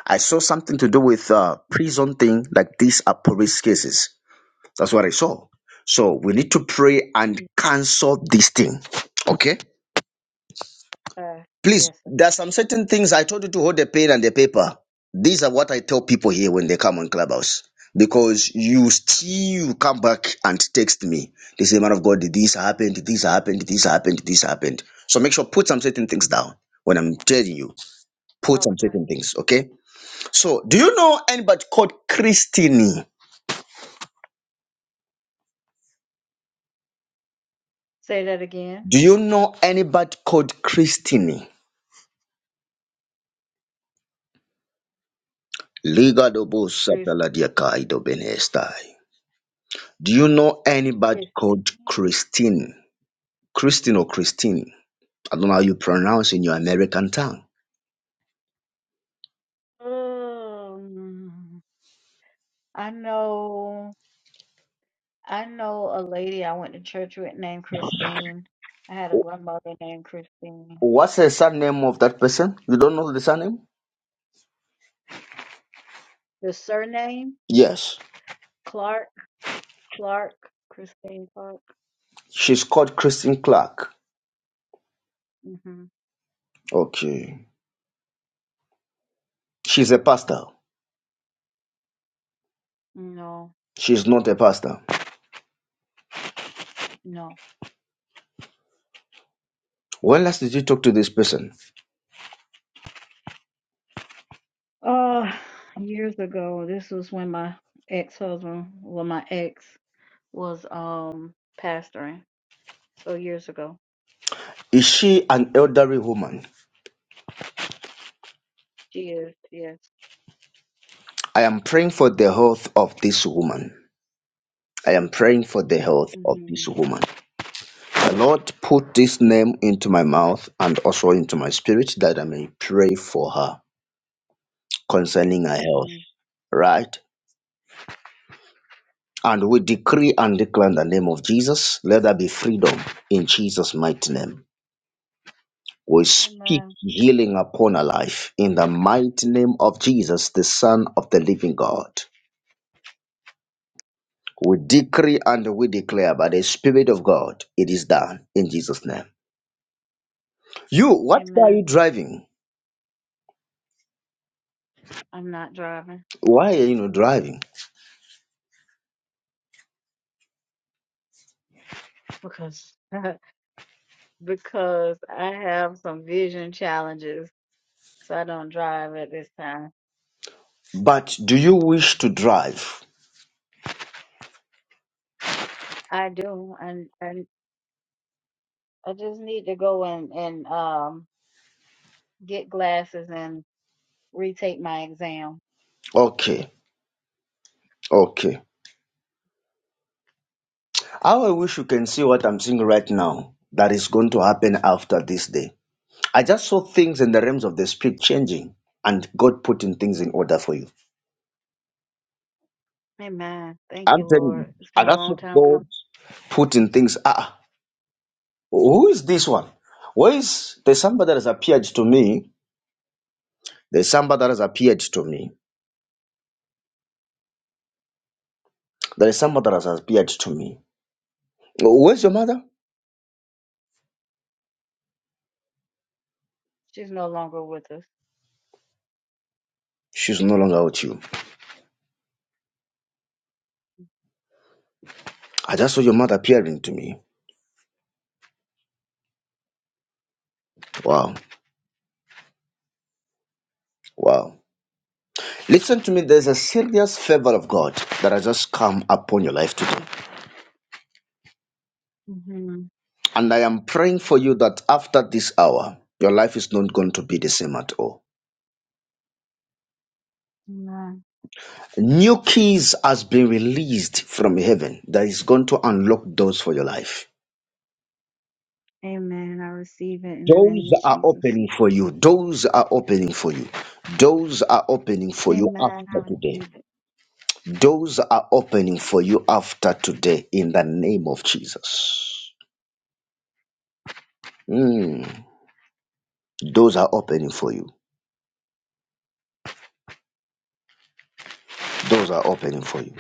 S1: I saw something to do with uh, prison thing. Like these are police cases. That's what I saw. So we need to pray and cancel this thing. Okay,
S3: Uh,
S1: please.
S3: yes. sir.
S1: There are some certain things I told you to hold the pen and the paper. These are what I tell people here when they come on Clubhouse. Because you still come back and text me. They say, man of God, this happened, this happened, this happened, this happened. So make sure put some certain things down when I'm telling you put some
S3: Okay.
S1: certain things. Okay. So, do you know anybody called Christine?
S3: Say that again.
S1: Do you know anybody called Christine? Liga dobo
S3: Fif-
S1: sataladiaka idobenestai. Do you know anybody called
S3: Fifteen.
S1: Christine? Christine or Christine? I don't know how you pronounce in your American tongue.
S3: Um, I know. I know a lady I went to church with named Christine. I had a
S1: Wh-
S3: grandmother named Christine.
S1: What's the surname of that person? You don't know the surname?
S3: The surname
S1: Yes.
S3: Clark, Clark, Christine Clark.
S1: She's called Christine Clark.
S3: hmm
S1: Okay. She's a pastor.
S3: No,
S1: She's not a pastor.
S3: no.
S1: When last did you talk to this person?
S3: Uh, years ago, this was when my ex-husband, well, my ex was um pastoring. So years ago,
S1: Is she an elderly woman?
S3: she is. Yes.
S1: I am praying for the health of this woman. I am praying for the health of
S3: Mhm.
S1: this woman. The Lord put this name into my mouth and also into my spirit that I may pray for her concerning her health.
S3: Mhm.
S1: Right? And we decree and declare in the name of Jesus, let there be freedom in Jesus' mighty name. We speak
S3: Amen.
S1: healing upon her life in the mighty name of Jesus, the Son of the living God. We decree and we declare by the Spirit of God, it is done in Jesus' name. You, what car are you
S3: Amen.
S1: driving?
S3: I'm not driving
S1: Why are you not driving?
S3: because because I have some vision challenges, so I don't drive at this time.
S1: But do you wish to drive?
S3: I do, and I. I just need to go and and um get glasses and retake my exam.
S1: Okay, okay. How I wish you can see what I'm seeing right now that is going to happen after this day. I just saw things in the realms of the Spirit changing and God putting things in order for you.
S3: Amen. Thank you,
S1: I'm telling you,
S3: Lord. It's
S1: I
S3: been a
S1: just
S3: long time
S1: saw
S3: coming.
S1: God putting things. Ah, who is this one? Where is there's somebody that has appeared to me There's somebody that has appeared to me. There is somebody that has appeared to me. Where's your mother?
S3: She's no longer with us.
S1: She's no longer with you. I just saw your mother appearing to me. Wow. Wow. Listen to me, there's a serious favor of God that has just come upon your life today.
S3: hmm
S1: And I am praying for you that after this hour, your life is not going to be the same at all.
S3: Amen.
S1: New keys has been released from heaven that is going to unlock doors for your life.
S3: Amen. I receive it in the name
S1: Doors
S3: of
S1: are
S3: Jesus.
S1: opening for you. Doors are opening for you. Doors are opening for you
S3: Amen. I
S1: after today.
S3: receive it.
S1: Doors are opening for you after today in the name of Jesus. Mm. Doors are opening for you. Doors are opening for you.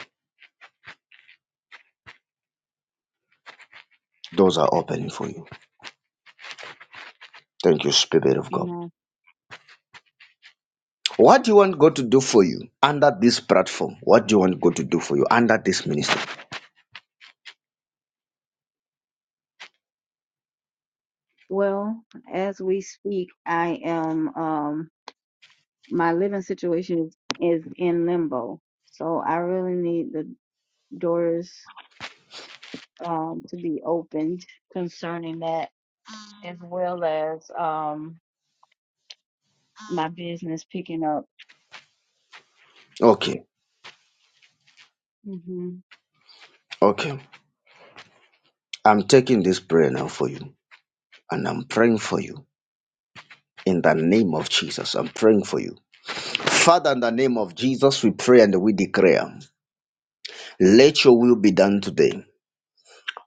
S1: Doors are opening for you. Thank you, Spirit of God.
S3: Amen.
S1: What do you want God to do for you under this platform? What do you want God to do for you under this ministry?
S3: Well, as we speak, I am um my living situation is, is in limbo. So I really need the doors um, to be opened concerning that, as well as um, my business picking up.
S1: Okay,
S3: hmm
S1: okay. I'm taking this prayer now for you and I'm praying for you. in the name of Jesus. I'm praying for you. Father, in the name of Jesus, we pray and we declare, let your will be done today.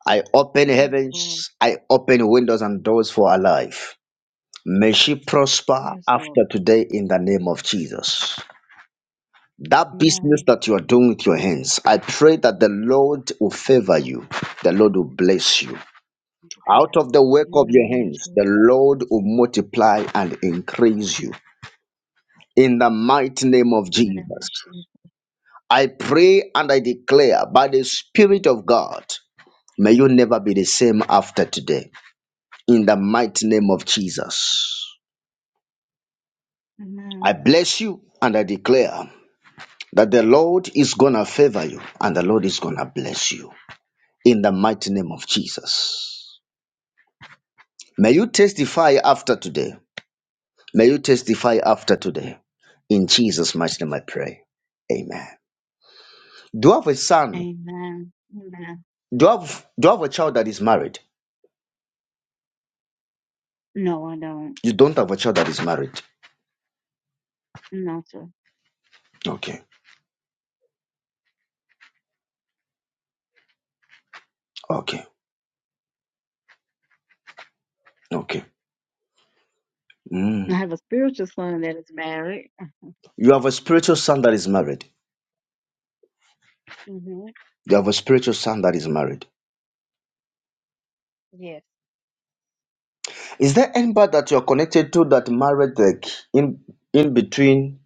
S1: I open
S3: Yes, Lord.
S1: heavens, I open windows and doors for our life. May she prosper
S3: Yes, Lord.
S1: after today in the name of Jesus. That business
S3: Amen.
S1: that you are doing with your hands, I pray that the Lord will favor you, the Lord will bless you.
S3: Amen.
S1: Out of the work
S3: In
S1: of
S3: the
S1: your
S3: name of
S1: hands,
S3: Jesus.
S1: the
S3: In
S1: Lord will multiply and increase you. In the mighty name of
S3: the name of
S1: Jesus.
S3: Jesus.
S1: I pray and I declare by the Spirit of God, may you never be the same after today. In the mighty name of Jesus. I
S3: Amen.
S1: bless you and I declare that the Lord is going to favor you and the Lord is going to bless you. In the mighty name of Jesus. May you testify after today. May you testify after today. In Jesus' mighty name I pray. Amen. Do you have a son?
S3: Amen. Amen.
S1: Do you have, do you have a child that is married?
S3: No, I don't.
S1: You don't have a child that is married.
S3: No, sir.
S1: Okay. Okay, okay.
S3: I
S1: Mm.
S3: have a spiritual son that is married.
S1: You have a spiritual son that is married.
S3: hmm
S1: You have a spiritual son that is married.
S3: Yes.
S1: Is there anybody that you're connected to that married like in in between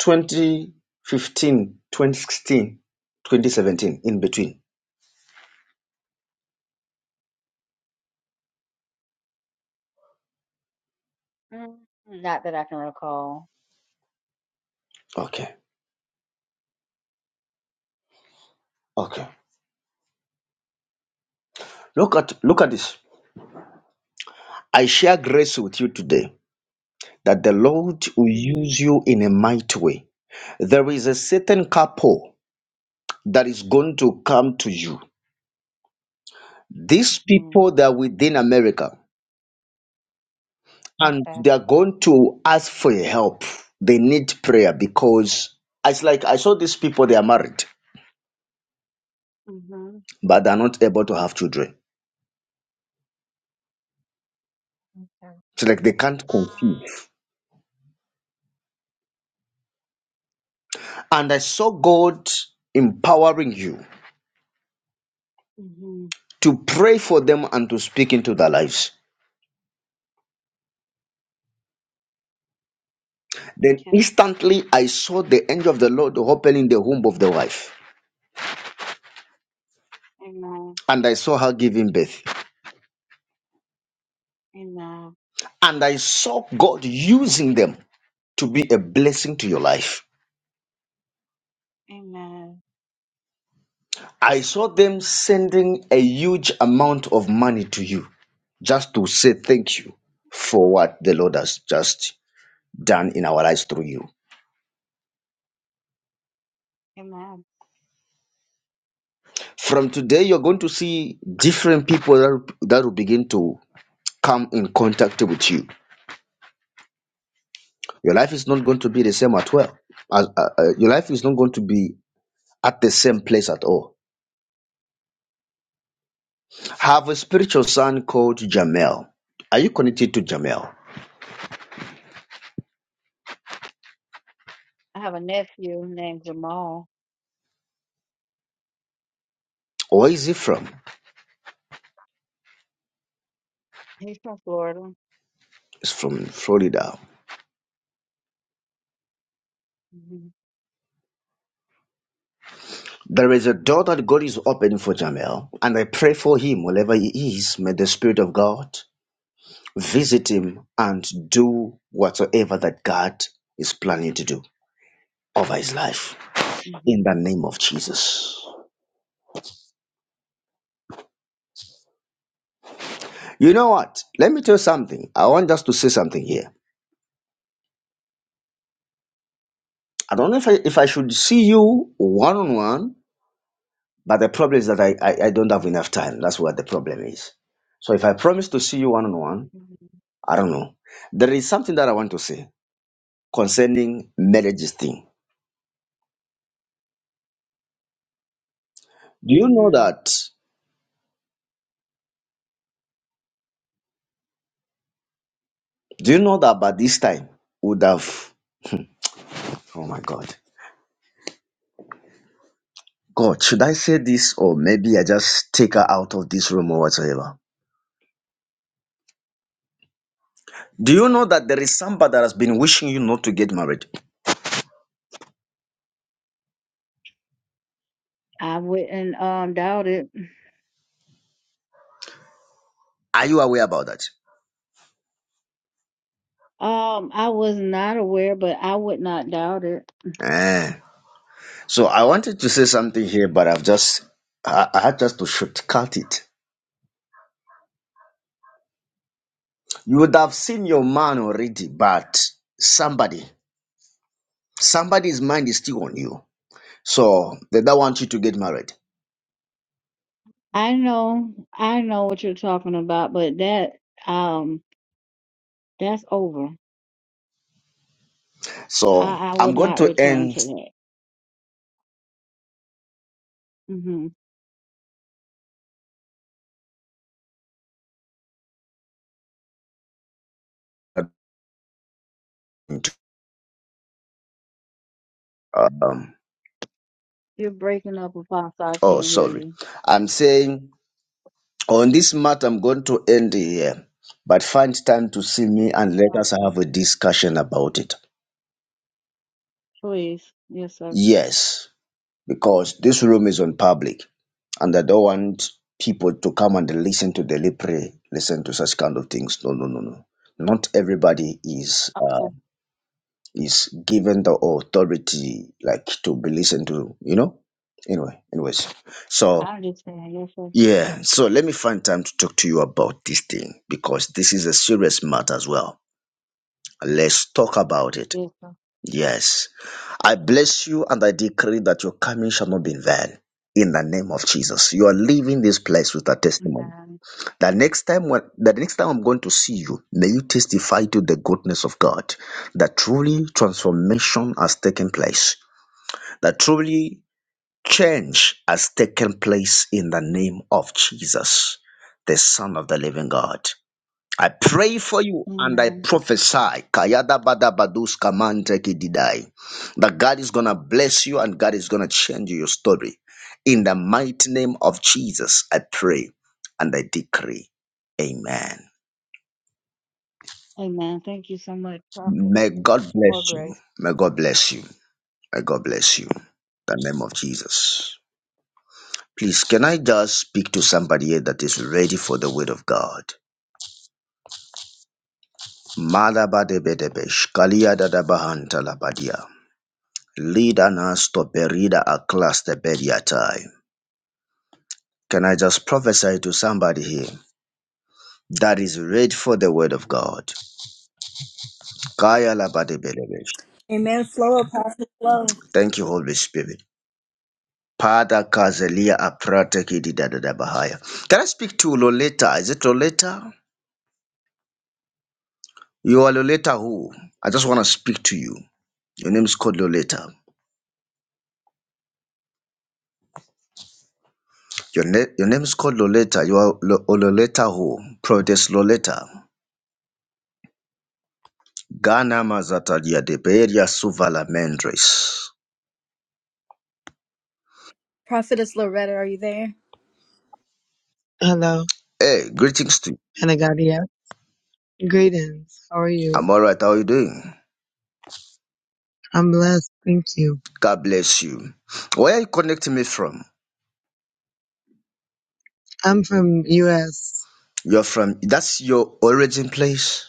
S1: 2015, 2016, 2017? In between.
S3: Mm, Not that I can recall.
S1: Okay. Okay. Look at look at this. I share grace with you today that the Lord will
S3: No.
S1: use you in a mighty way. There is a certain couple that is going to come to you. These
S3: hmm
S1: people that are within America. and
S3: Okay.
S1: they're going to ask for your help. They need prayer because it's like I saw these people, they are married,
S3: hmm
S1: but they're not able to have children.
S3: Okay.
S1: It's like they can't conceive. And I saw God empowering you
S3: hmm
S1: to pray for them and to speak into their lives. Then
S3: Okay.
S1: instantly I saw the angel of the Lord opening the womb of the wife,
S3: Amen.
S1: and I saw her giving birth.
S3: Amen.
S1: And I saw God using them to be a blessing to your life
S3: Amen.
S1: I saw them sending a huge amount of money to you just to say thank you for what the Lord has just done in our lives through you.
S3: Amen.
S1: From today, you're going to see different people that, that will begin to come in contact with you. Your life is not going to be the same at well. As, uh, uh, your life is not going to be at the same place at all. Have a spiritual son called Jamel. Are you connected to Jamel?
S3: I have a nephew named Jamal.
S1: Where is he from?
S3: He's from Florida.
S1: He's from Florida.
S3: hmm
S1: There is a door that God is opening for Jamel, and I pray for him wherever he is. May the Spirit of God visit him and do whatsoever that God is planning to do over his life in
S3: hmm
S1: the name of Jesus. You know what? Let me tell you something. I want us to say something here. I don't know if I, if I should see you one on one, but the problem is that I, I, I don't have enough time. That's what the problem is. So if I promise to see you one on one, I don't know. There is something that I want to say. concerning marriages thing. Do you know
S3: hmm
S1: that? Do you know that by this time would have? Oh my God, God, should I say this or maybe I just take her out of this room or whatsoever? Do you know that there is somebody that has been wishing you not to get married?
S3: I wouldn't um doubt it.
S1: Are you aware about that?
S3: Um, I was not aware, but I would not doubt it.
S1: Eh. So I wanted to say something here,
S3: Mhm.
S1: but I've just I, I had just to shortcut it. You would have seen your man already, but somebody, somebody's mind is still on you. So they don't want you to get married.
S3: I know, I know what you're talking about, but that um, that's over.
S1: So
S3: I I
S1: I'm
S3: would
S1: going
S3: not
S1: to
S3: return to
S1: end.
S3: that. hmm
S1: Um,
S3: You're breaking up, Apostle. I
S1: oh,
S3: can't hear
S1: sorry.
S3: you.
S1: I'm saying on this matter, I'm going to end here, but find time to see me and let us
S3: Okay,
S1: have a discussion about it.
S3: please, yes, sir.
S1: Yes, because this room is on public and I don't want people to come and listen to deliberate, listen to such kind of things. No, no, no, no. Not everybody is
S3: Okay.
S1: uh, is given the authority like to be listened to, you know. Anyway, anyways. So
S3: I'm just saying, yes, sir.
S1: Yeah, so let me find time to talk to you about this thing because this is a serious matter as well. Let's talk about it.
S3: Yes, sir.
S1: Yes. I bless you and I decree that your coming shall not be in vain. In the name of Jesus, you are leaving this place with a testimony.
S3: Amen.
S1: The next time, when the next time I'm going to see you, may you testify to the goodness of God. That truly transformation has taken place. That truly Change has taken place in the name of Jesus, the Son of the Living God. I pray for you and I
S3: Amen.
S1: prophesy Kayada Bada Badus Kamante Kididai, that God is going to bless you and God is going to change your story. In the mighty name of Jesus, I pray and I decree. Amen.
S3: Amen. Thank you so much, Prophet.
S1: May God
S3: More
S1: bless you.
S3: grace.
S1: May God bless you. May God bless you. In the name of Jesus. Please, can I just speak to somebody here that is ready for the word of God? Malabadebedebe, shkaliyadadabahantalabadia, lidanas toperida aklas tebediatai. Can I just prophesy to somebody here that is ready for the word of God? Kaya labadebedebe.
S2: Amen. Flow, Apostle Flow.
S1: Thank you, Holy Spirit. Pada kazelia aprate kididadadabahaya. Can I speak to Loleta? Is it Loleta? You are Loleta who? I just want to speak to you. Your name is called Loleta. Your, na- your name is called Loleta. You are Lo- Ololeta who? Prodes Loleta. Ghana Mazatadia de Beria Suvala Mendres.
S2: Prophetess Loretta, are you there?
S6: Hello,
S1: Hey, greetings to you.
S6: Panagadia. Greetings. How are you?
S1: I'm alright. How are you doing?
S6: I'm blessed. Thank you.
S1: God bless you. Where are you connecting me from?
S6: I'm from US.
S1: You're from, that's your origin place?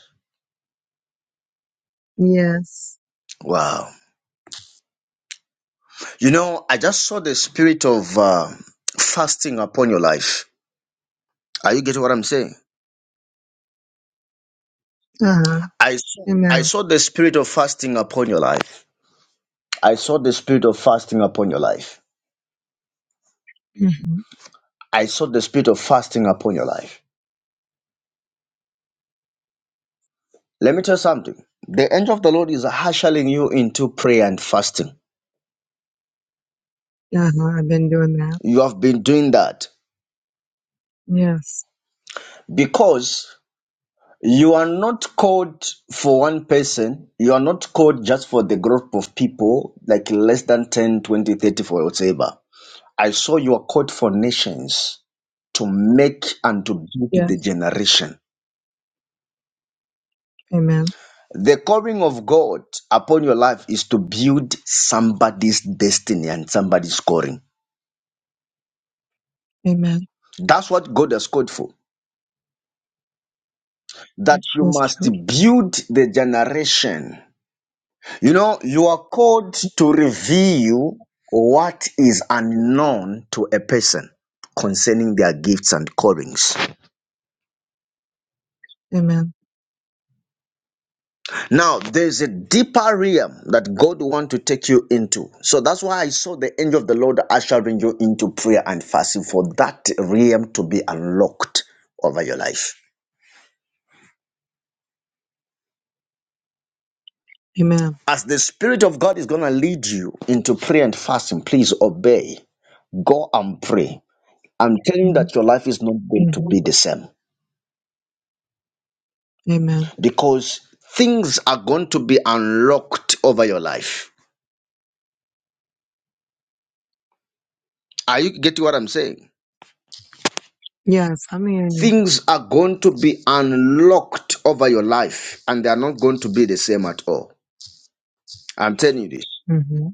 S6: Yes.
S1: Wow. You know, I just saw the spirit of uh, fasting upon your life. Are you getting what I'm saying?
S6: Uh-huh.
S1: I saw, I
S6: Amen.
S1: saw the spirit of fasting upon your life. I saw the spirit of fasting upon your life.
S6: hmm
S1: I saw the spirit of fasting upon your life. Let me tell you something. The angel of the Lord is hustling you into prayer and fasting.
S6: Uh-huh. I've been doing that.
S1: You have been doing that
S6: Yes.
S1: because you are not called for one person. You are not called just for the group of people, like less than 10, 20, 30 for whatever. I saw you are called for nations to make and to build the
S6: Yes.
S1: generation.
S6: Amen.
S1: The calling of God upon your life is to build somebody's destiny and somebody's calling.
S6: Amen.
S1: That's what God has called for. That you
S6: That's
S1: must
S6: true.
S1: build the generation. You know, you are called to reveal what is unknown to a person concerning their gifts and callings.
S6: Amen.
S1: Now, there's a deeper realm that God wants to take you into. So that's why I saw the angel of the Lord ushering you into prayer and fasting for that realm to be unlocked over your life.
S6: Amen.
S1: As the Spirit of God is going to lead you into prayer and fasting, please obey. Go and pray. I'm telling you
S6: hmm
S1: that your life is not going to be the same
S6: Amen.
S1: because things are going to be unlocked over your life. Are you getting what I'm saying?
S6: Yes, I'm hearing you.
S1: Things are going to be unlocked over your life and they are not going to be the same at all. I'm telling you this.
S6: hmm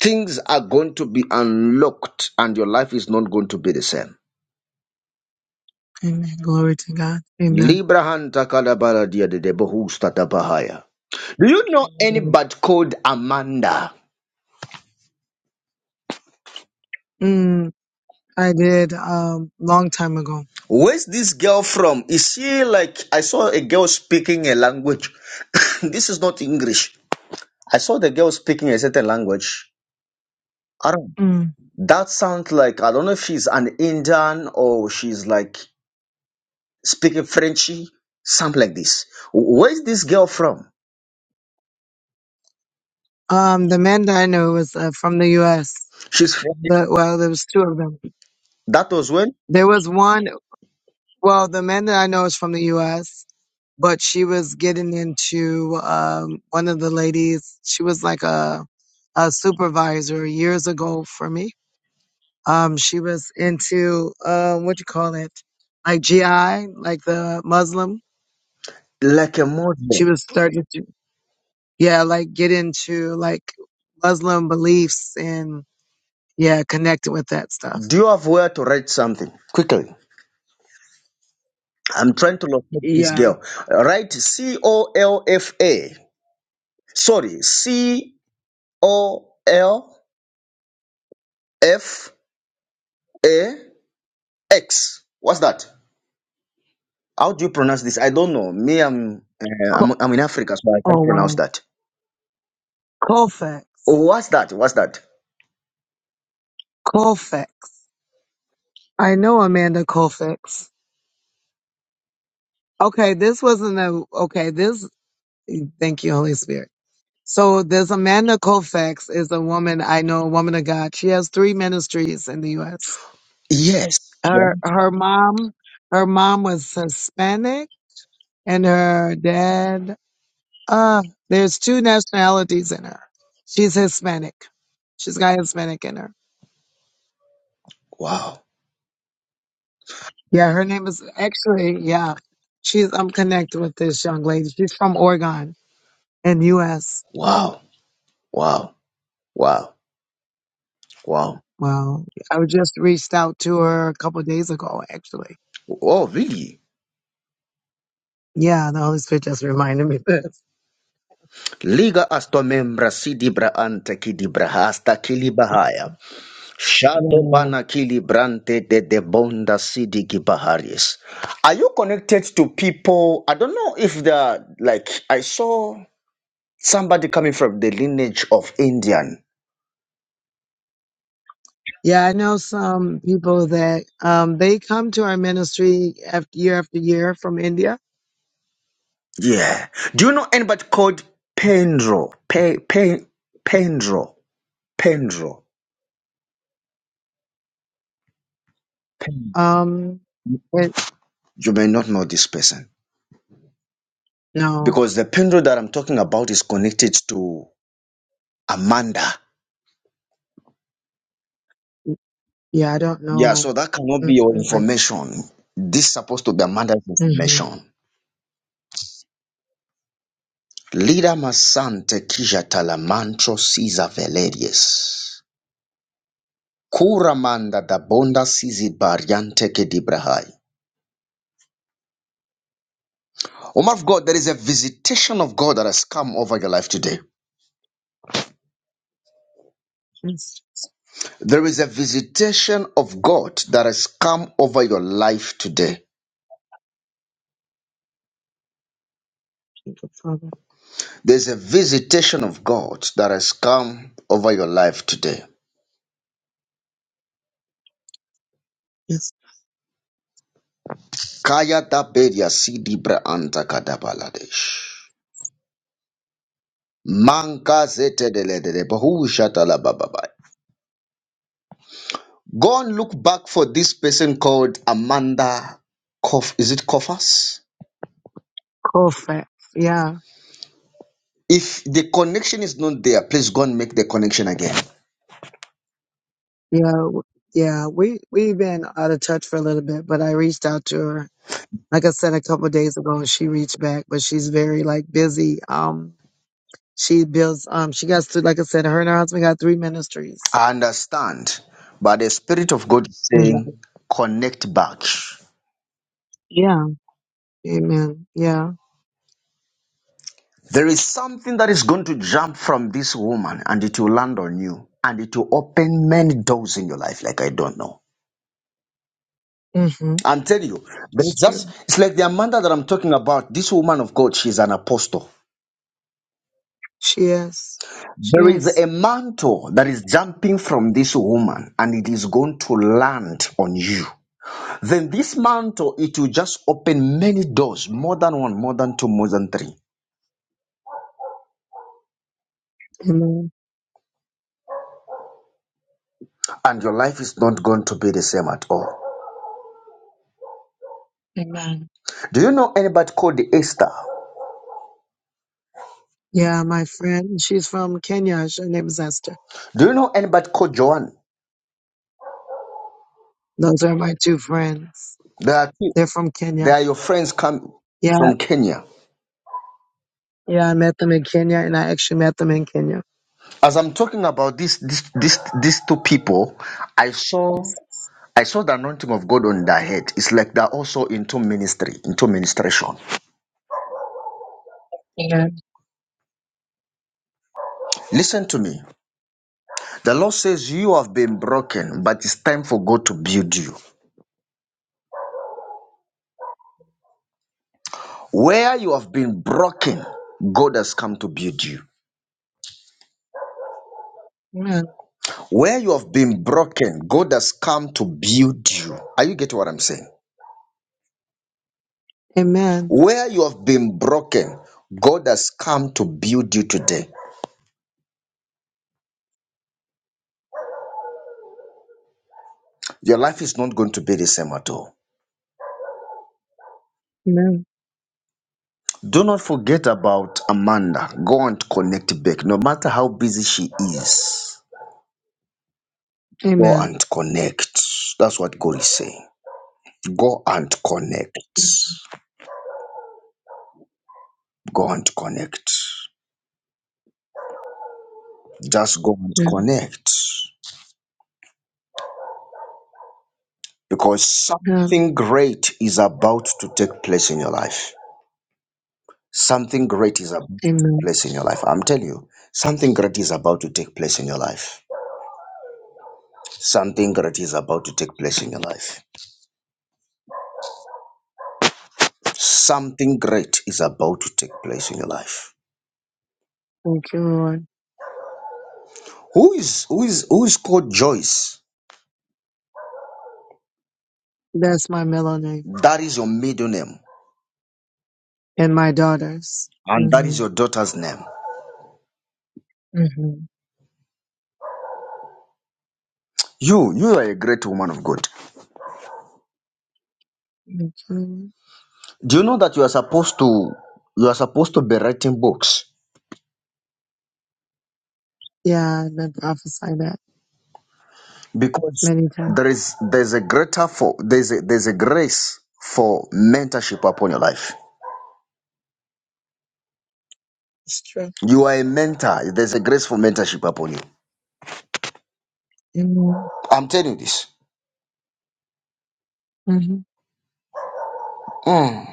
S1: Things are going to be unlocked and your life is not going to be the same.
S6: Amen. Glory to God. Amen.
S1: Librahanta kalabaradia de debohusta tabahaya. Do you know anybody called Amanda?
S6: Mm, I did um long time ago.
S1: Where's this girl from? Is she like I saw a girl speaking a language? this is not English. I saw the girl speaking a certain language. I don't.
S6: Mm.
S1: That sounds like I don't know if she's an Indian or she's like speaking Frenchy, something like this. Where's this girl from?
S6: Um, the man that I knew was uh, from the U.S.
S1: She's from.
S6: The, well, there was two of them.
S1: That was when
S6: There was one. Well, the man that I know is from the U.S., but she was getting into um, one of the ladies. She was like a a supervisor years ago for me. Um, she was into uh, what you call it, like GI, like the Muslim.
S1: like a
S6: She
S1: Muslim.
S6: was starting to, yeah, like get into like Muslim beliefs and yeah, connected with that stuff.
S1: Do you have where to write something quickly? I'm trying to locate this
S6: Yeah.
S1: girl. All right, C O L F A. Sorry, C O L F A X. What's that? How do you pronounce this? I don't know. Me, I'm uh,
S6: Co-
S1: I'm, I'm in Africa, so I
S6: Oh
S1: can't pronounce
S6: wow,
S1: that.
S6: Colfax.
S1: Oh, what's that? What's that?
S6: Colfax. I know Amanda Colfax. Okay, this wasn't a okay, this thank you, Holy Spirit. So this Amanda Colfax is a woman I know, a woman of God. She has three ministries in the US.
S1: Yes. Yeah.
S6: Her her mom her mom was Hispanic and her dad uh there's two nationalities in her. She's Hispanic. She's got Hispanic in her.
S1: Wow.
S6: Yeah, her name is actually, yeah. She's I'm connected with this young lady. She's from Oregon. And US.
S1: Wow. Wow. Wow. Wow.
S6: Well, I was just reached out to her a couple of days ago, actually.
S1: Oh, really?
S6: Yeah, the Holy Spirit just reminded me of this.
S1: Liga astomembra sidibra anta kidibra hasta Shadow
S6: Yeah.
S1: Banakili Brante de Debonda Sidiki Baharis. Are you connected to people? I don't know if they are like I saw somebody coming from the lineage of Indian.
S6: Yeah, I know some people that um they come to our ministry after year after year from India.
S1: Yeah. Do you know anybody called Pendro? Pe, Pe, Pendro. Pendro. Pen-
S6: Um but
S1: You may not know this person.
S6: no.
S1: Because the Pendro that I'm talking about is connected to Amanda.
S6: Yeah, I don't
S1: Yeah, so
S6: know.
S1: that cannot be your
S6: Mm-mm, I,
S1: information. This is supposed to be Amanda's
S6: mm-hmm.
S1: information. Lida masante kijata la mancho siza velerius. Kura manda da bonda sizi bariante ke dibrahai. Oh my God, there is a visitation of God that has come over your life today.
S6: It's just
S1: There is a visitation of God that has come over your life today.
S6: people problem.
S1: There's a visitation of God that has come over your life today.
S6: It's
S1: Kaya da beria sidi bra anta kada baladesh. Manka zete dele dele bohu shata la Go and look back for this person called Amanda Koff. Is it Koffers?
S6: Colfax. Yeah.
S1: If the connection is not there, please go and make the connection again.
S6: Yeah. w- Yeah. We we've been out of touch for a little bit, but I reached out to her like I said a couple of days ago, she reached back, but she's very like busy. Um, she builds. Um, she got to like I said, her and her husband got three ministries.
S1: I understand, but the Spirit of God is
S6: Mhm.
S1: saying, connect back.
S6: Yeah. Amen. Yeah.
S1: There is something that is going to jump from this woman and it will land on you and it will open many doors in your life, like I don't know.
S6: Mm-hmm.
S1: I'm telling you, but
S6: It's
S1: it's just,
S6: true.
S1: it's like the Amanda that I'm talking about. This woman of God, she's an apostle.
S6: She is. She
S1: There is
S6: is.
S1: a mantle that is jumping from this woman and it is going to land on you. Then this mantle, it will just open many doors, more than one, more than two, more than three.
S6: Amen.
S1: And your life is not going to be the same at all.
S6: Amen.
S1: Do you know anybody called Esther?
S6: Yeah, my friend. She's from Kenya. Her name is Esther.
S1: Do you know anybody called Joanne?
S6: Those are my two friends.
S1: There are two.
S6: They're from
S1: They
S6: Kenya.
S1: are your friends come
S6: Yeah.
S1: from Kenya.
S6: Yeah. I met them in Kenya, and I actually met them in Kenya.
S1: As I'm talking about this, this, this, these two people, I saw
S6: Yes.
S1: I saw the anointing of God on their head. It's like they're also into ministry, into ministration.
S6: Amen.
S1: Listen to me. The Lord says, You have been broken, but it's time for God to build you. Where you have been broken, God has come to build you.
S6: Amen.
S1: Where you have been broken, God has come to build you. Are you getting what I'm saying?
S6: Amen.
S1: Where you have been broken, God has come to build you today. Your life is not going to be the same at all.
S6: Amen.
S1: Do not forget about Amanda. Go and connect back. No matter how busy she is, go and connect. That's what God is saying. Go and connect. Go and connect. Just go and
S6: Amen.
S1: connect. Because
S6: Yeah.
S1: something great is about to take place in your life. Something great is about to take
S6: Amen.
S1: place in your life. I'm telling you, something great is about to take place in your life. Something great is about to take place in your life Something great is about to take place in your life.
S6: Thank you, Lord.
S1: Who is who is who is called Joyce?
S6: That's my middle name
S1: That is your middle name,
S6: and my daughter's.
S1: and that is
S6: hmm
S1: your daughter's name.
S6: hmm
S1: You you are a great woman of God.
S6: Thank you. Lord.
S1: Do you know that you are supposed to you are supposed to be writing books
S6: Yeah, I've been prophesied that
S1: because
S6: many times.
S1: there is there's a greater for there's a, there's a grace for mentorship upon your life.
S6: It's true.
S1: You are a mentor. There's a grace for mentorship upon you.
S6: Amen.
S1: I'm telling you this.
S6: Mm-hmm.
S1: Mm.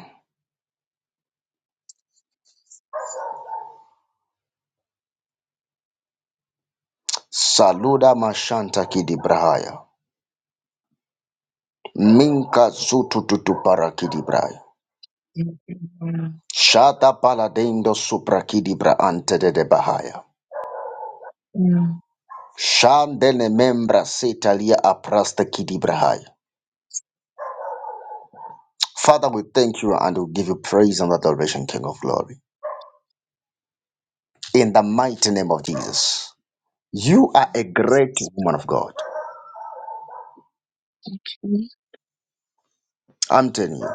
S1: Saluda mashanta kidibrahaya. Minka zutututu parakidibrai.
S6: Thank you, Lord.
S1: Shada paladendo suprakidibra ante de de bahaya.
S6: Yeah.
S1: Shandene membra setalia aprasta kidibrahai. Father, we thank you and we give you praise and adoration, King of glory. In the mighty name of Jesus. You are a great woman of God. I'm telling you.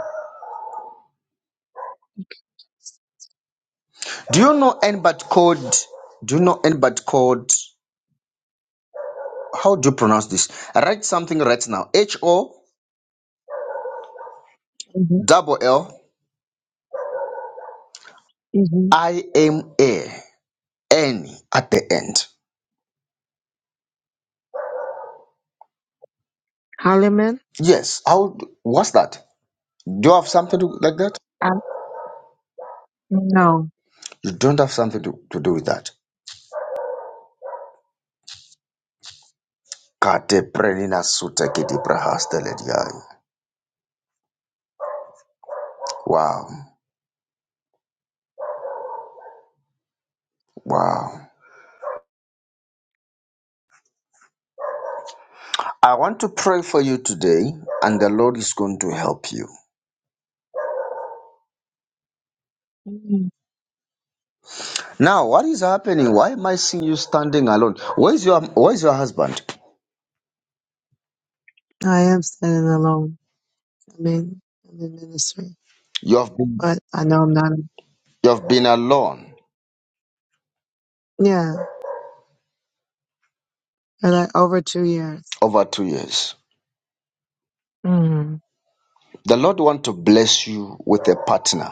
S1: Do you know anybody called? Do you know anybody called? How do you pronounce this? Write something right now. H O
S6: Mm-hmm.
S1: double L
S6: Mm-hmm.
S1: I M A. N at the end.
S6: Holloman?
S1: Yes. How? What's that? Do you have something to, like that?
S6: I, no.
S1: You don't have something to, to do with that. Kate prelina sute kiti prahaste lediai. Wow. Wow. I want to pray for you today, and the Lord is going to help you.
S6: Mhm.
S1: Now, what is happening? Why am I seeing you standing alone? Where is your Where is your husband?
S6: I am standing alone. I mean, I'm in ministry,
S1: You have been
S6: but I know I'm not.
S1: You have been alone
S6: Yeah, for like over two years.
S1: over two years.
S6: Mm-hmm.
S1: The Lord want to bless you with a partner.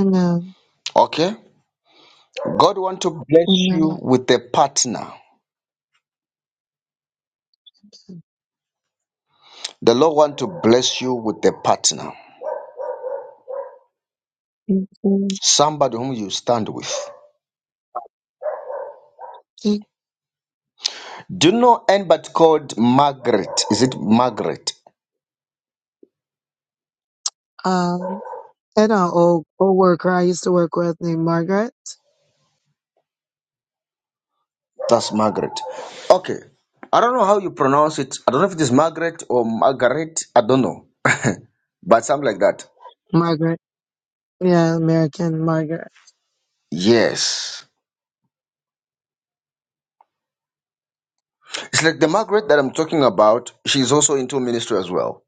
S6: Amen.
S1: Okay? God want to bless
S6: Amen.
S1: you with a partner. The Lord want to bless you with a partner.
S6: Thank
S1: Somebody whom you stand with.
S6: you.
S1: Do you know anybody called Margaret? Is it Margaret?
S6: Um, and an old co-worker I used to work with named Margaret.
S1: That's Margaret. Okay. I don't know how you pronounce it. I don't know if it is Margaret or Margaret. I don't know. but something like that.
S6: Margaret. Yeah, American Margaret.
S1: Yes. It's like the Margaret that I'm talking about, she's also into ministry as well.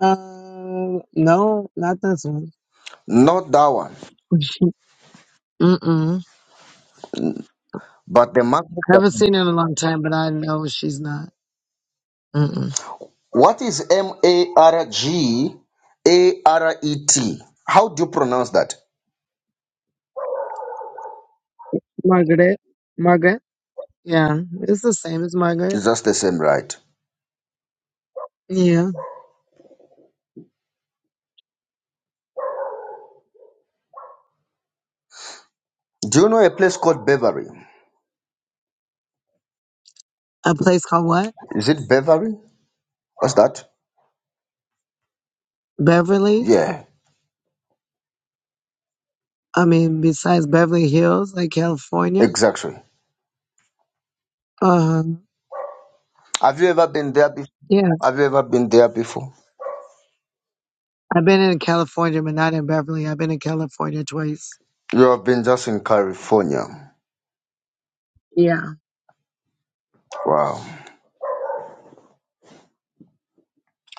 S6: Um, no, not this one.
S1: Not that one,
S6: Mm-mm.
S1: but the Margaret that
S6: Haven't seen her in a long time, but I know she's not. Mm-mm.
S1: What is M A R G A R E T? How do you pronounce that?
S6: Margaret. Margaret. Yeah, it's the same as Margaret.
S1: It's just the same, right?
S6: Yeah.
S1: Do you know a place called Beverly?
S6: A place called what?
S1: Is it Beverly? What's that?
S6: Beverly.
S1: Yeah,
S6: I mean, besides Beverly Hills, like California.
S1: exactly.
S6: Um,
S1: Have you ever been there before?
S6: yeah.
S1: Have you ever been there before?
S6: I've been in California, but not in Beverly. I've been in California twice.
S1: You have been just in California.
S6: Yeah.
S1: Wow.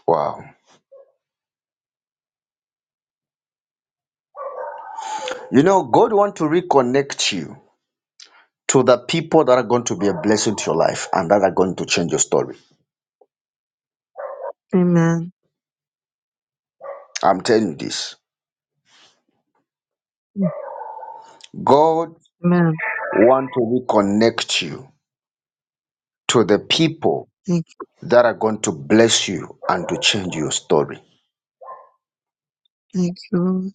S1: Wow. You know, God wants to reconnect you to the people that are going to be a blessing to your life and that are going to change your story.
S6: Amen.
S1: I'm telling you this. God
S6: Amen.
S1: want to reconnect you to the people
S6: Thank you.
S1: that are going to bless you and to change your story.
S6: Thank you. Lord.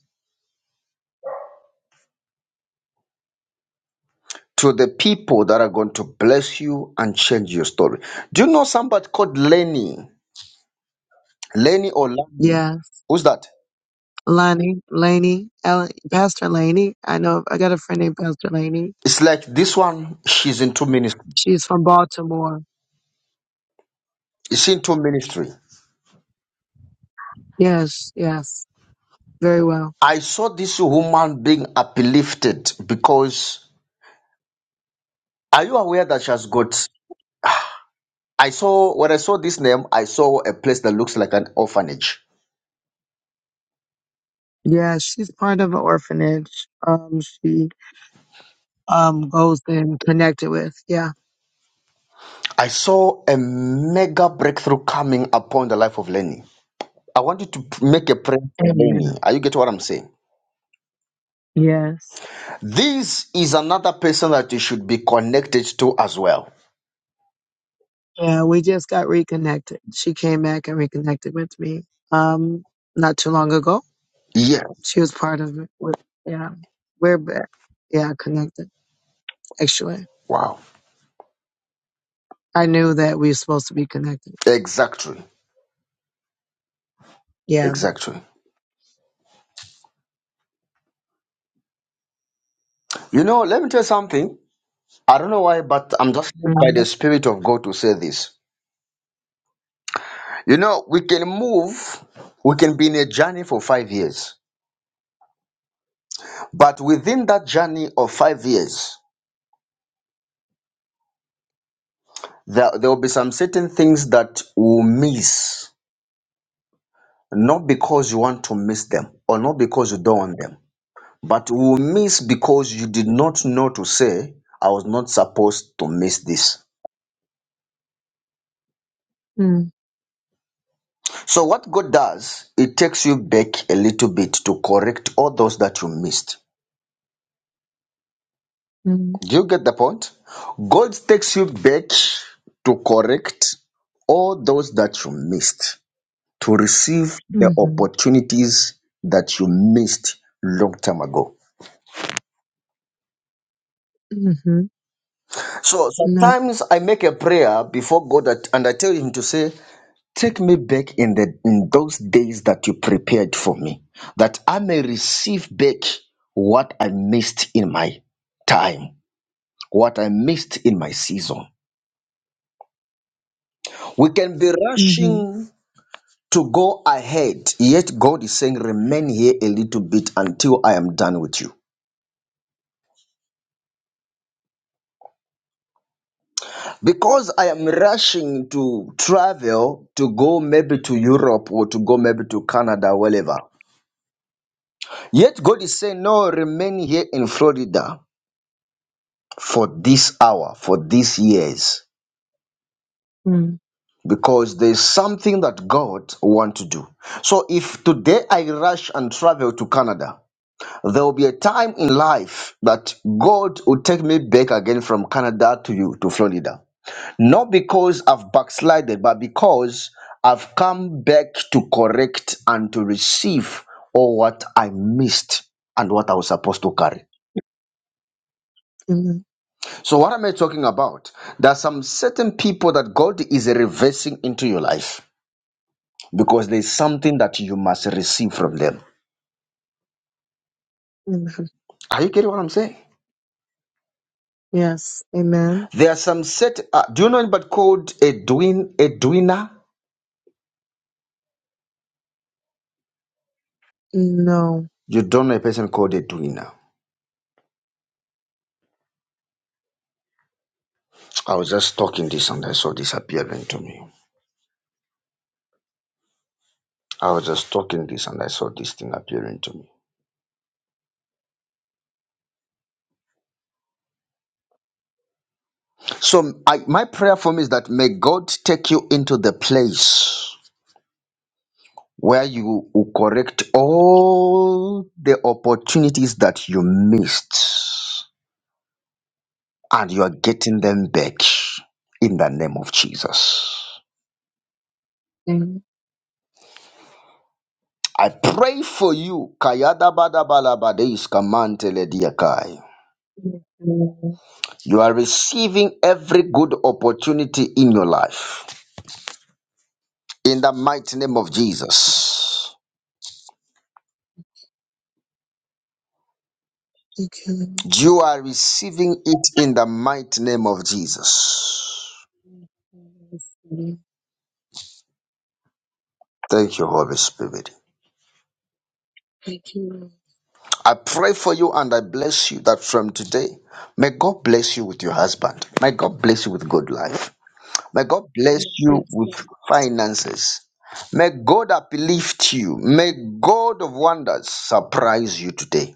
S1: To the people that are going to bless you and change your story. Do you know somebody called Lenny? Lenny or Lani?
S6: Yeah.
S1: Who's that?
S6: Lonnie, Laney, Ellen, Pastor Laney. I know I got a friend named Pastor Laney.
S1: It's like this one, she's into ministry.
S6: She's from Baltimore.
S1: She's into ministry.
S6: Yes. Yes. Very well.
S1: I saw this woman being uplifted because are you aware that she has got I saw when I saw this name, I saw a place that looks like an orphanage
S6: Yeah. She's part of an orphanage. Um, she, um, goes and connected with. Yeah.
S1: I saw a mega breakthrough coming upon the life of Lenny. I want you to p- make a prayer for Lenny.
S6: Amen.
S1: Are you getting what I'm saying?
S6: Yes.
S1: This is another person that you should be connected to as well.
S6: Yeah. We just got reconnected. She came back and reconnected with me. Um, not too long ago.
S1: Yes.
S6: She was part of it. With, yeah. We're, back. yeah, connected actually.
S1: Wow.
S6: I knew that we were supposed to be connected.
S1: Exactly.
S6: Yeah.
S1: Exactly. You know, let me tell you something. I don't know why, but I'm just led by the Spirit of God to say this. You know, we can move, we can be in a journey for five years, but within that journey of five years, There, there will be some certain things that we'll miss, not because you want to miss them or not because you don't want them, but we'll miss because you did not know to say, I was not supposed to miss this.
S6: Mm-hmm.
S1: So, what God does, it takes you back a little bit to correct all those that you missed. Do you get the point? God takes you back to correct all those that you missed. to receive the
S6: Mm-hmm.
S1: opportunities that you missed long time ago.
S6: Mm-hmm.
S1: So
S6: No.
S1: sometimes I make a prayer before God that- and I tell him to say, Take me back in the in those days that you prepared for me, that I may receive back what I missed in my time, what I missed in my season. We can be
S6: Mm-hmm.
S1: rushing to go ahead, yet God is saying, Remain here a little bit until I am done with you. because I am rushing to travel to go maybe to Europe or to go maybe to Canada, wherever. Yet God is saying, No, remain here in Florida for this hour, for these years,
S6: mm
S1: because there's something that God wants to do. So if today I rush and travel to Canada, there will be a time in life that God will take me back again from Canada to you to Florida. Not because I've backslided, but because I've come back to correct and to receive all what I missed and what I was supposed to carry.
S6: Amen.
S1: So, what am I talking about? There are some certain people that God is reversing into your life because there's something that you must receive from them.
S6: Amen.
S1: Are you getting what I'm saying?
S6: Yes. Amen.
S1: There are some set. Uh, do you know anybody called Edwin? Edwina?
S6: No.
S1: You don't know a person called Edwina. I was just talking this and I saw this appearing to me. I was just talking this and I saw this thing appearing to me. So I, my prayer for me is that may God take you into the place where you will correct all the opportunities that you missed and you are getting them back in the name of Jesus.
S6: Amen.
S1: I pray for you. Kayada bada bala bade iskamantele diakai. You are receiving every good opportunity in your life in the mighty name of Jesus.
S6: Thank you.
S1: You are receiving it in the mighty name of Jesus. Thank you, Holy Spirit.
S6: Thank you.
S1: I pray for you and I bless you that from today, may God bless you with your husband. May God bless you with good life. May God bless you
S6: Thank
S1: with
S6: you.
S1: finances. May God uplift you. May God of wonders surprise you today.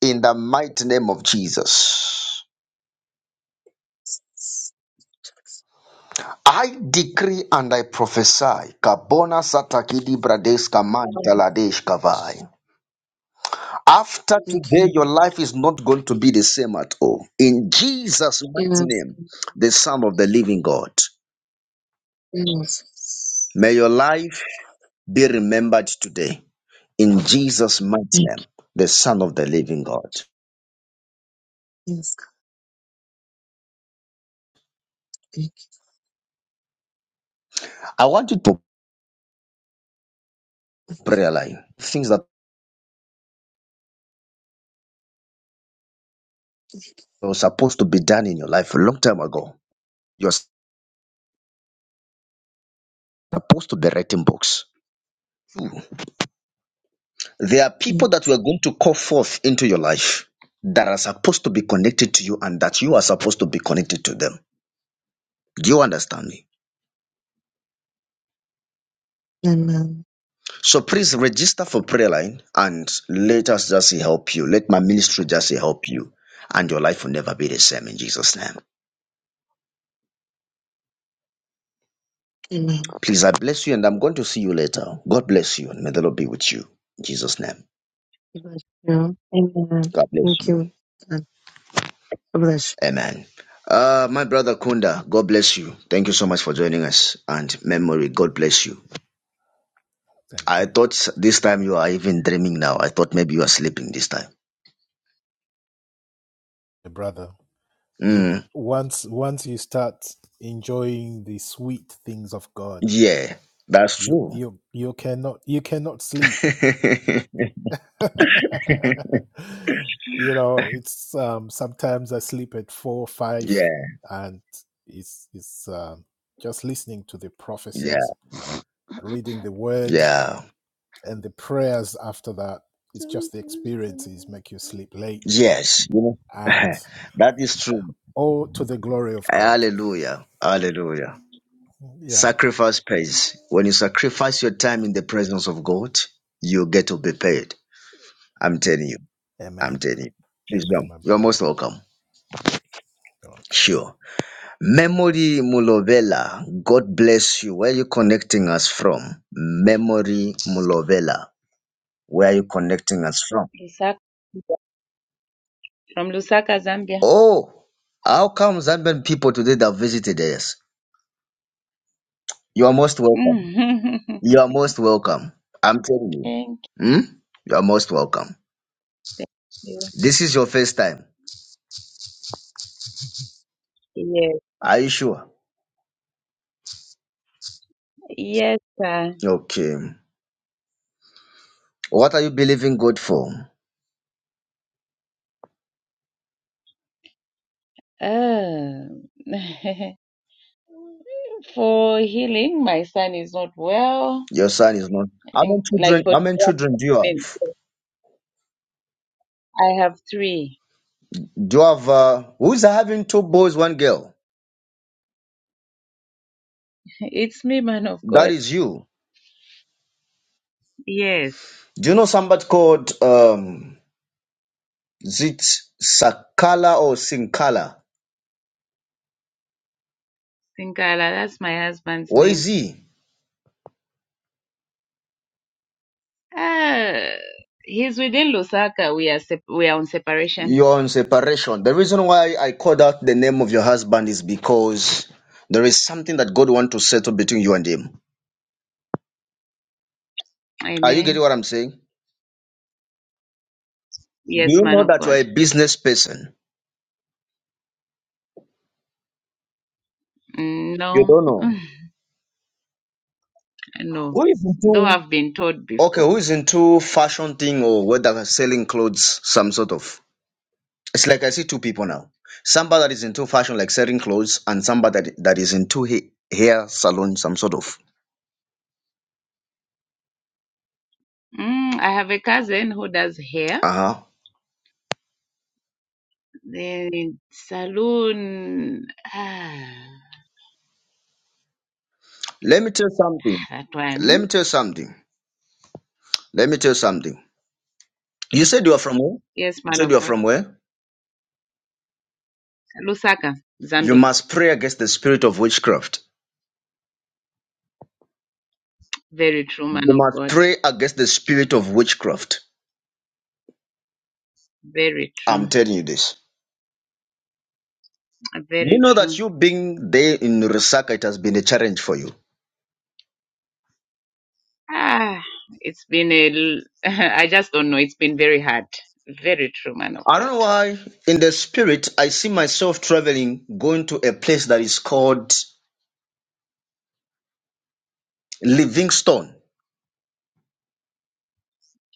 S1: In the mighty name of Jesus. I decree and I prophesy. Kabona satakidi bradeska mantaladesh kavai. After today, your life is not going to be the same at all. In Jesus' mighty
S6: Yes.
S1: name, the Son of the Living God,
S6: Yes.
S1: may your life be remembered today. In Jesus' mighty
S6: Thank you.
S1: name, the Son of the Living God.
S6: Yes, God. Thank
S1: I want you to pray line things that were supposed to be done in your life a long time ago. You're supposed to be writing books. There are people
S6: you.
S1: that we are going to call forth into your life that are supposed to be connected to you and that you are supposed to be connected to them. Do you understand me?
S6: Amen.
S1: So please register for prayer line and let us just help you. Let my ministry just help you. And your life will never be the same in Jesus' name.
S6: Amen.
S1: Please, I bless you and I'm going to see you later. God bless you and may the Lord be with you. In Jesus' name.
S6: Amen.
S1: God bless
S6: Thank
S1: you.
S6: you. God bless you.
S1: Amen. Uh, my brother Kunda, God bless you. Thank you so much for joining us. And memory, God bless you.
S7: Thank
S1: I
S7: you,
S1: thought this time you are even dreaming now. I thought maybe you are sleeping this time.
S7: brother. You
S1: Mm,
S7: once once you start enjoying the sweet things of God,
S1: yeah, that's
S7: you
S1: true.
S7: you you cannot you cannot sleep. you know, it's um, sometimes I sleep at four
S1: yeah,
S7: five, and it's it's um, just listening to the
S1: yeah,
S7: prophecies, reading the word,
S1: yeah.
S7: and the prayers after that. It's just the experiences make you sleep late,
S1: Yes, you know,
S7: and
S1: that is true.
S7: all to the glory of God.
S1: Hallelujah. Hallelujah.
S7: Yeah,
S1: Sacrifice pays. When you sacrifice your time in the presence of God, you get to be paid. I'm telling you. I'm
S7: Amen.
S1: telling you. Please
S7: Amen,
S1: jump.
S7: my
S1: You're
S7: brother.
S1: most welcome.
S7: Okay.
S1: Sure. Memory Mulovela. God bless you. Where are you connecting us from? Memory Mulovela. Where are you connecting us from?
S8: Lusaka, from Lusaka, Zambia.
S1: Oh, how come Zambian people today that visited us? You are most welcome. You are most welcome. I'm telling you.
S8: Thank
S1: Hmm? You are most welcome.
S8: you.
S1: This is your first time.
S8: Yes,
S1: Are you sure?
S8: yes, sir.
S1: Okay. What are you believing God for?
S8: Oh. for healing, my son is not well.
S1: Your son is not.
S8: I
S1: How
S8: think,
S1: many
S8: like,
S1: children?
S8: for
S1: How many
S8: 12
S1: children do you
S8: minutes,
S1: have?
S8: I have three.
S1: Do you have? Uh, who's having two boys, one girl?
S8: It's me, man of
S1: That
S8: God.
S1: is you.
S8: Yes,
S1: Do you know somebody called um, is it Sakala or Sinkala?
S8: Sinkala, that's my husband's
S1: Where is
S8: name.
S1: he?
S8: Ah, he's within Lusaka. We are sep- we are on separation.
S1: You're on separation. The reason why I called out the name of your husband is because there is something that God wants to settle between you and him. Are you
S8: Amen.
S1: getting what I'm saying? Do
S8: Yes,
S1: you
S8: man
S1: know
S8: of
S1: that you're
S8: God.
S1: a business person?
S8: Mm,
S1: You
S8: No.
S1: don't know.
S8: No,
S1: Who is
S8: though
S1: into
S8: I've been told
S1: okay,
S8: before.
S1: who is into fashion thing or whether selling clothes, some sort of it's like I see two people now. Somebody that is into fashion like selling clothes and somebody that, that is into ha- hair salon, some sort of.
S8: Mm, I have a cousin who does hair,
S1: Uh-huh.
S8: then saloon. Ah,
S1: Let me tell you something.
S8: that one.
S1: Let me tell you something. Let me tell you something. You said you are from where?
S8: Yes,
S1: You
S8: man
S1: said
S8: of
S1: you are
S8: God.
S1: from where?
S8: Lusaka,
S1: You
S8: Zambia.
S1: must pray against the spirit of witchcraft.
S8: Very true, man
S1: You
S8: of
S1: must
S8: God.
S1: pray against the spirit of witchcraft.
S8: Very true.
S1: I'm telling you this. You
S8: Very
S1: know that
S8: true.
S1: you being there in Lusaka, it has been a challenge for you.
S8: Ah, it's been a. l- I just don't know. It's been very hard. Very true, man of
S1: I
S8: God.
S1: don't know why, in the spirit, I see myself traveling, going to a place that is called Livingstone.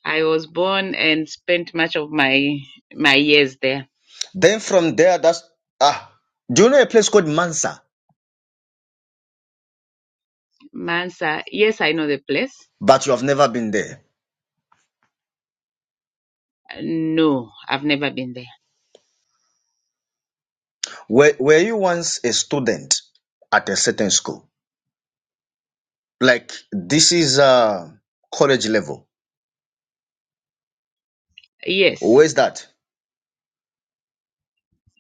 S8: I was born and spent much of my my years there.
S1: Then from there, that's ah. Do you know a place called Mansa?
S8: Mansa. Yes, I know the place.
S1: But you have never been there.
S8: No, I've never been there.
S1: Were, were you once a student at a certain school? like this is uh college level
S8: Yes,
S1: where's that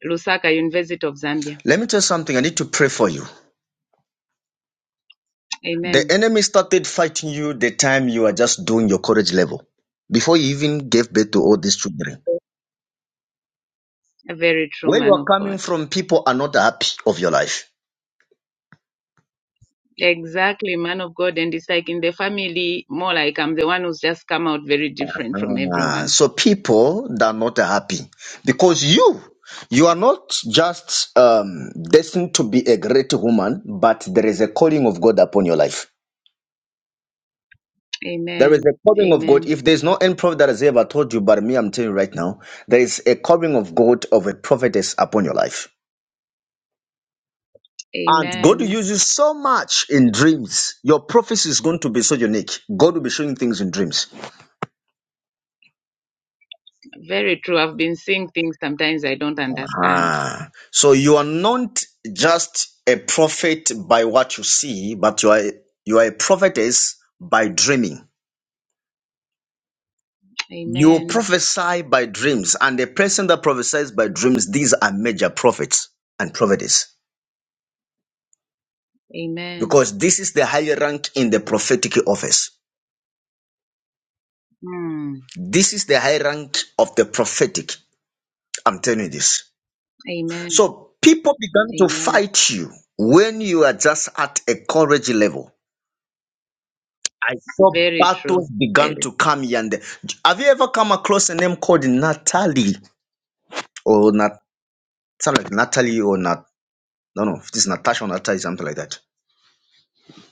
S8: Lusaka, University of Zambia.
S1: let me tell you something i need to pray for you the
S8: Amen.
S1: enemy started fighting you the time you are just doing your college level before you even gave birth to all these children
S8: A very true
S1: where you
S8: man
S1: are
S8: of
S1: coming
S8: God.
S1: from people are not happy of your life
S8: Exactly, man of God. And it's like in the family, more like I'm the one who's just come out very different from
S1: Ah,
S8: everyone.
S1: so people that are not happy because you you are not just um, destined to be a great woman but there is a calling of god upon your life There
S8: Amen.
S1: is a covering of God.
S8: Amen.
S1: If there's no end, prophet that has ever told you, but me, I'm telling you right now, there is a covering of God of a prophetess upon your life. And God will
S8: Amen.
S1: use you so much in dreams. Your prophecy is going to be so unique. God will be showing things in dreams.
S8: Very true. I've been seeing things sometimes I don't understand.
S1: Ah. So you are not just a prophet by what you see, but you are you are a prophetess by dreaming. You
S8: Amen.
S1: prophesy by dreams, and the person that prophesies by dreams, these are major prophets and prophetess.
S8: Amen.
S1: because this is the high rank in the prophetic office.
S8: Hmm.
S1: This is the high rank of the prophetic. I'm telling you this.
S8: Amen.
S1: So people began to
S8: Amen.
S1: fight you when you are just at a courage level. I saw
S8: Very true.
S1: battles began
S8: Very.
S1: to come here and there. Have you ever come across a name called Natalie or not? Something like Natalie or not? No, no, it's Natasha or Natalie, something like that.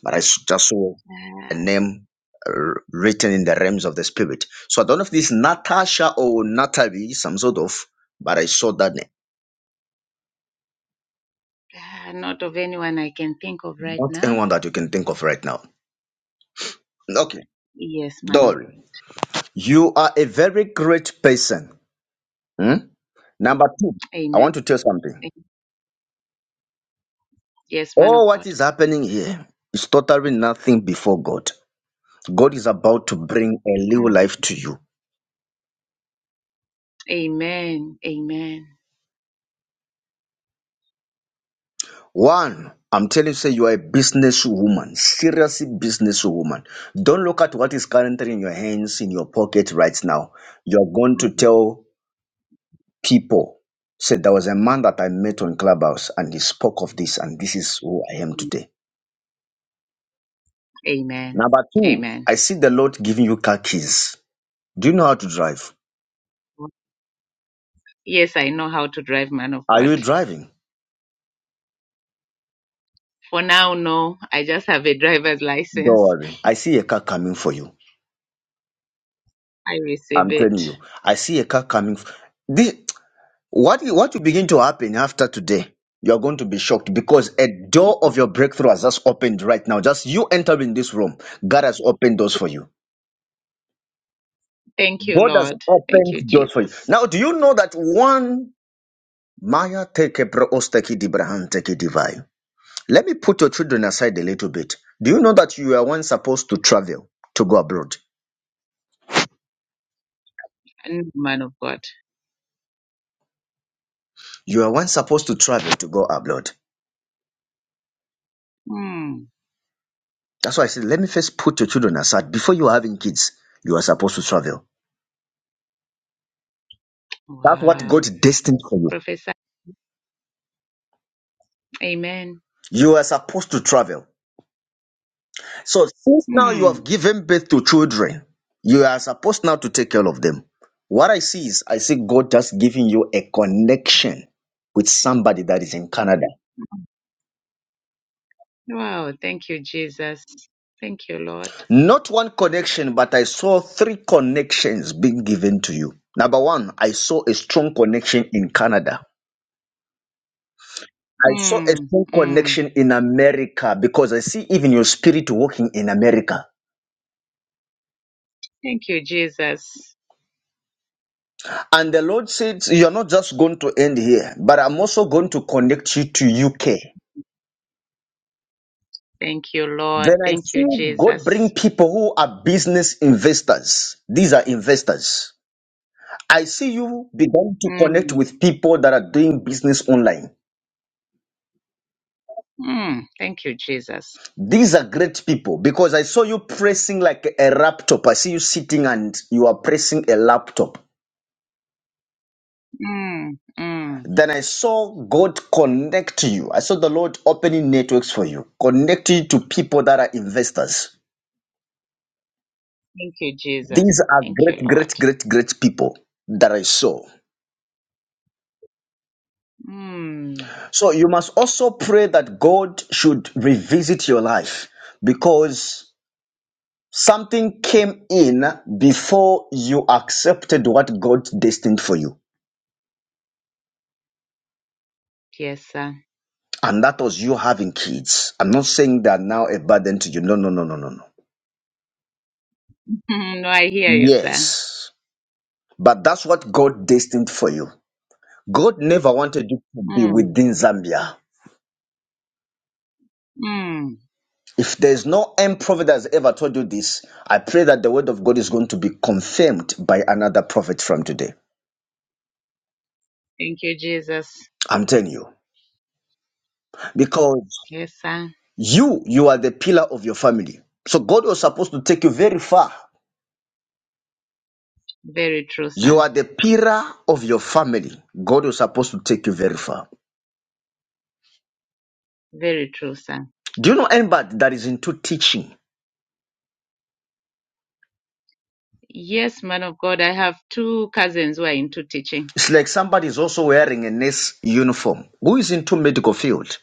S1: but I s- just saw a
S8: Uh,
S1: name uh, written in the realms of the spirit. So I don't know if this Natasha or Natalie, some sort of, but I saw that name.
S8: uh, not of anyone I can think of right
S1: Not
S8: now.
S1: anyone that you can think of right now. Okay,
S8: Yes, man. of-
S1: Dory, you are a very great person. Hmm? Number two, I
S8: Amen.
S1: want to tell something.
S8: Yes, man of
S1: All
S8: God.
S1: what is happening here is totally nothing before God. God is about to bring a new
S8: Mm.
S1: life to you.
S8: Amen. Amen.
S1: One, I'm telling you, say you are a businesswoman, seriously businesswoman. Don't look at what is currently in your hands, in your pocket right now. You're going to tell people, say, there was a man that I met on Clubhouse and he spoke of this, and this is who I am
S8: Mm.
S1: today.
S8: Amen.
S1: Number two,
S8: Amen.
S1: I see the Lord giving you car keys. Do you know how to drive?
S8: Yes, I know how to drive, man of
S1: Are
S8: God.
S1: you driving?
S8: For now, no. I just have a driver's
S1: Don't
S8: license.
S1: worry. I see a car coming for you.
S8: I receive
S1: I'm
S8: it.
S1: telling you. I see a car coming. This, What what will begin to happen after today? You are going to be shocked because a door of your breakthrough has just opened right now. Just you enter in this room, God has opened doors for you.
S8: Thank you,
S1: God has
S8: Lord. Thank
S1: opened
S8: you,
S1: doors for you.
S8: Jesus.
S1: Now, do you know that one Maya take a bro- osteki di brahan take a divide? Let me put your children aside a little bit. Do you know that you are once supposed to travel to go abroad?
S8: And man of God.
S1: You are once supposed to travel to go abroad.
S8: Mm.
S1: That's why I said, let me first put your children aside. Before you are having kids, you are supposed to travel. That's what
S8: Wow.
S1: God destined for you.
S8: Professor. Amen.
S1: You are supposed to travel. So since now you have
S8: Mm.
S1: given birth to children, you are supposed now to take care of them. What I see is I see God just giving you a connection with somebody that is in Canada.
S8: Wow. Thank you, Jesus. Thank you, Lord.
S1: Not one connection, but I saw three connections being given to you. Number one, I saw a strong connection in Canada. I saw a
S8: Mm.
S1: strong
S8: Mm.
S1: connection in America because I see even your spirit working in America.
S8: Thank you, Jesus.
S1: And the Lord said, You're not just going to end here, but I'm also going to connect you to UK.
S8: Thank you, Lord.
S1: Then I
S8: Thank
S1: see
S8: you,
S1: God
S8: Jesus.
S1: bring people who are business investors. These are investors. I see you begin to connect
S8: Mm,
S1: with people that are doing business online.
S8: mm, thank you, Jesus.
S1: These are great people because I saw you pressing like a laptop. I see you sitting and you are pressing a laptop.
S8: Mm, mm,
S1: Then I saw God connect you. I saw the Lord opening networks for you, connecting you to people that are investors.
S8: thank you,
S1: These
S8: Jesus.
S1: are
S8: Thank you,
S1: great,
S8: Lord.
S1: great, great, great people that I saw.
S8: Mm,
S1: So you must also pray that God should revisit your life because something came in before you accepted what God destined for you.
S8: yes, sir.
S1: And that was you having kids. I'm not saying that now a burden to you. No, no, no, no, no, no.
S8: Mm, no, I hear you, sir.
S1: Yes. But that's what God destined for you. God never wanted you to be
S8: Mm,
S1: within Zambia.
S8: mm,
S1: If there's no end prophet that has ever told you this, I pray that the word of God is going to be confirmed by another prophet from today.
S8: thank you, Jesus.
S1: I'm telling you. Because
S8: Yes, sir.
S1: you, you are the pillar of your family. So God was supposed to take you very far.
S8: Very true, sir.
S1: You are the pillar of your family. God was supposed to take you very far.
S8: Very true, sir.
S1: Do you know anybody that is into teaching?
S8: Yes, man of God, I have two cousins who are into teaching.
S1: It's like somebody is also wearing a nurse uniform. Who is into medical field?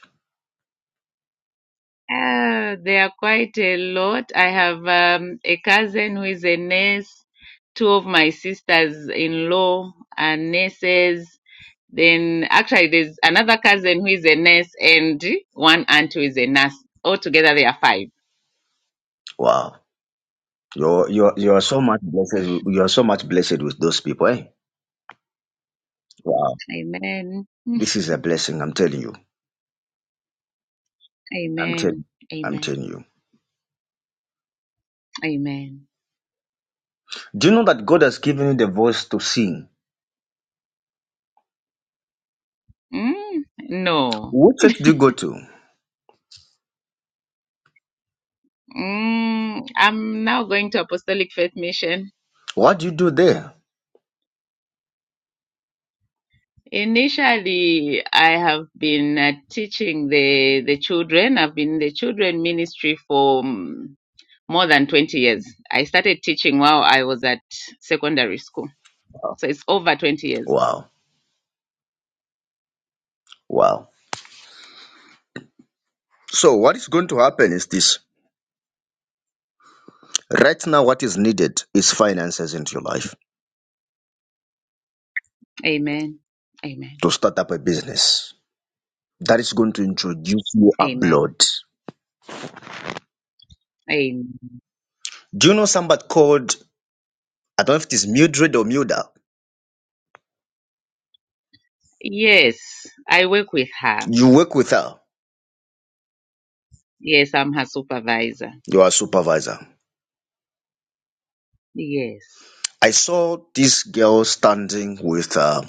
S8: Uh, there are quite a lot. I have um, a cousin who is a nurse. Two of my sisters-in-law are nurses. Then actually, there's another cousin who is a nurse and one aunt who is a nurse. Altogether, there are five.
S1: Wow. You're, you're, you're so much blessed. You are so much blessed with those people, eh? Wow.
S8: Amen.
S1: This is a blessing, I'm telling you. I'm
S8: Amen.
S1: telling I'm
S8: Amen.
S1: telling you.
S8: Amen.
S1: Do you know that God has given you the voice to sing?
S8: Mm, no.
S1: What church do you go to?
S8: Mm, I'm now going to Apostolic Faith Mission.
S1: What do you do there?
S8: Initially, I have been uh, teaching the the children. I've been in the children ministry for mm, more than 20 years. I started teaching while I was at secondary school. So it's over 20 years.
S1: Wow. Wow. So what is going to happen is this. Right now, what is needed is finances into your life
S8: Amen. Amen.
S1: to start up a business. That is going to introduce you
S8: Amen.
S1: abroad.
S8: Amen.
S1: Do you know somebody called, I don't know if it is Mildred or Milda?
S8: Yes, I work with her.
S1: You work with her,
S8: Yes, I'm her supervisor.
S1: you are a supervisor.
S8: Yes.
S1: I saw this girl standing with her.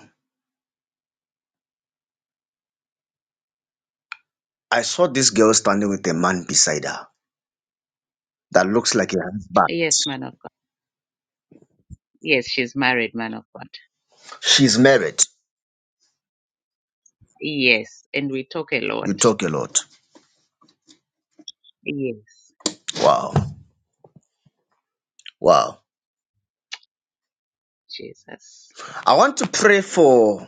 S1: I saw this girl standing with a man beside her that looks like a husband.
S8: Yes, man of God. Yes, she's married, man of God.
S1: She's married.
S8: Yes, and we talk a lot.
S1: You talk a lot.
S8: Yes.
S1: Wow. Wow.
S8: Jesus.
S1: I want to pray for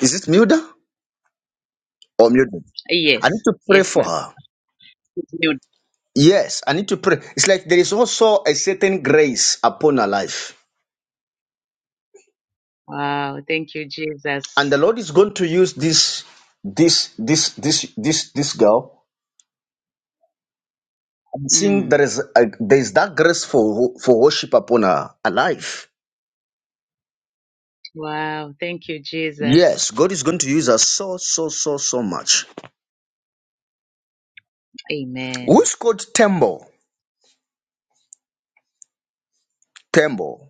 S1: is it Milda or Milda? I
S8: Yes,
S1: need to pray
S8: yes,
S1: for
S8: ma'am.
S1: her.
S8: Continued.
S1: Yes, I need to pray. It's like there is also a certain grace upon her life.
S8: Wow, thank you,
S1: And
S8: Jesus.
S1: the Lord is going to use this this this this this this girl. I'm seeing there
S8: Mm.
S1: is a, there is that grace for for worship upon her, her life
S8: Wow, thank you, Jesus.
S1: Yes, God is going to use us so, so, so, so much.
S8: Amen.
S1: Who's called Tembo? Tembo.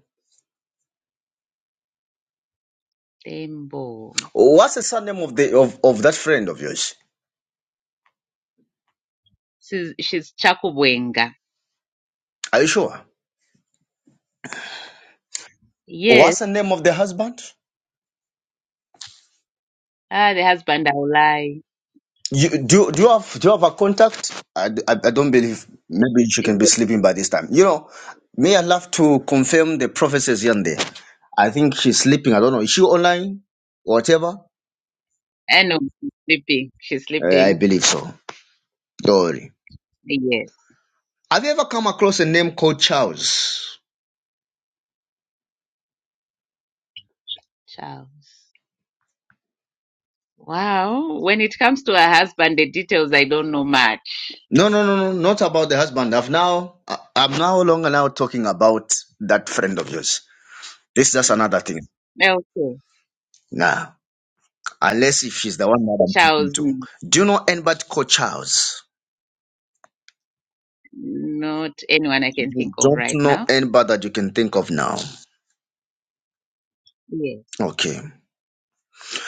S8: Tembo.
S1: What's the surname of the of, of that friend of yours?
S8: She's, she's Chakubwenga.
S1: Are you sure?
S8: Yes.
S1: What's the name of the husband?
S8: Ah, the husband, I'll lie.
S1: You, do do you have do you have a contact? I, d- I, I don't believe maybe she
S8: Yes.
S1: can be sleeping by this time. You know, me I love to confirm the prophecies here and there. I think she's sleeping. I don't know. Is she online? Whatever.
S8: I know, she's sleeping. She's
S1: Uh, I
S8: sleeping.
S1: believe so. Don't worry.
S8: Yes.
S1: Have you ever come across a name called Charles?
S8: Charles. Wow. When it comes to her husband, the details, I don't know much.
S1: No, no, no, no, not about the husband. I've now, I- I'm now no longer now talking about that friend of yours. This is just another thing.
S8: Okay.
S1: Now, unless if she's the one that I'm talking
S8: Charles,
S1: to.
S8: n-
S1: Do you know anybody called Charles?
S8: not anyone I can
S1: You
S8: think of
S1: don't
S8: right
S1: know
S8: now.
S1: anybody that you can think of now.
S8: Yes.
S1: Okay.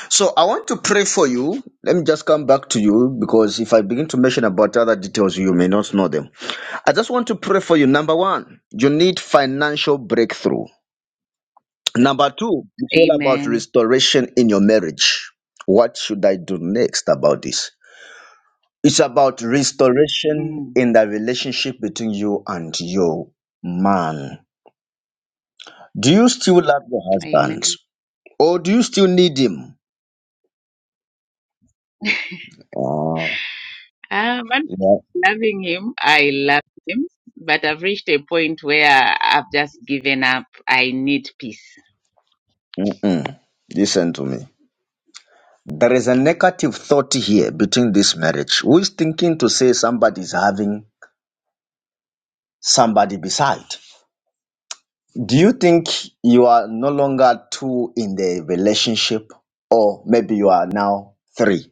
S1: So I want to pray for you. Let me just come back to you because if I begin to mention about other details, you may not know them. I just want to pray for you. Number one, you need financial breakthrough. Number two, it's all about
S8: Amen.
S1: restoration in your marriage. What should I do next about this? It's about restoration
S8: Mm.
S1: in the relationship between you and your man. Do you still love your husband
S8: Amen.
S1: or do you still need him? Oh,
S8: Um, I'm
S1: yeah.
S8: loving him. I love him. But I've reached a point where I've just given up. I need peace.
S1: Mm-mm. Listen to me. There is a negative thought here between this marriage. Who is thinking to say somebody is having somebody beside? Do you think you are no longer two in the relationship, or maybe you are now three?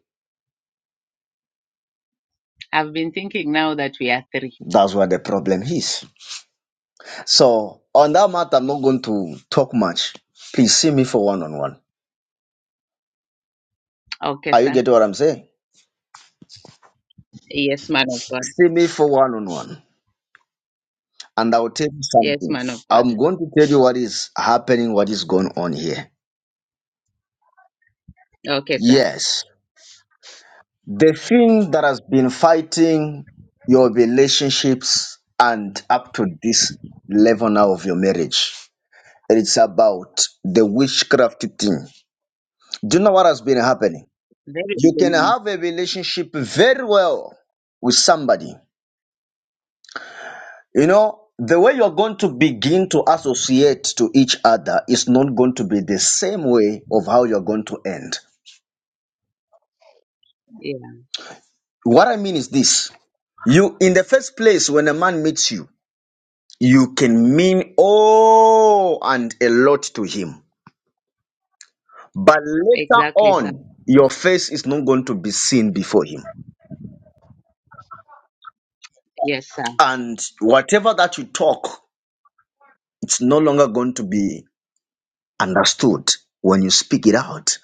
S8: I've been thinking now that we are three.
S1: That's where the problem is. So, on that matter, I'm not going to talk much. Please see me for one on one.
S8: Okay,
S1: Are you
S8: sir.
S1: getting what I'm saying?
S8: Yes, man of God.
S1: See me for one on one, and I'll tell you
S8: Yes,
S1: something.
S8: man of God.
S1: I'm going to tell you what is happening, what is going on here.
S8: Okay, sir.
S1: Yes. The thing that has been fighting your relationships and up to this level now of your marriage, it's about the witchcraft thing. Do you know what has been happening?
S8: Very
S1: You can
S8: soon.
S1: have a relationship very well with somebody. You know, the way you're going to begin to associate to each other is not going to be the same way of how you're going to end.
S8: Yeah,
S1: What I mean is this. You, in the first place, when a man meets you, you can mean oh and a lot to him but later
S8: exactly, sir.
S1: on your face is not going to be seen before him
S8: Yes, sir.
S1: and whatever that you talk it's no longer going to be understood when you speak it out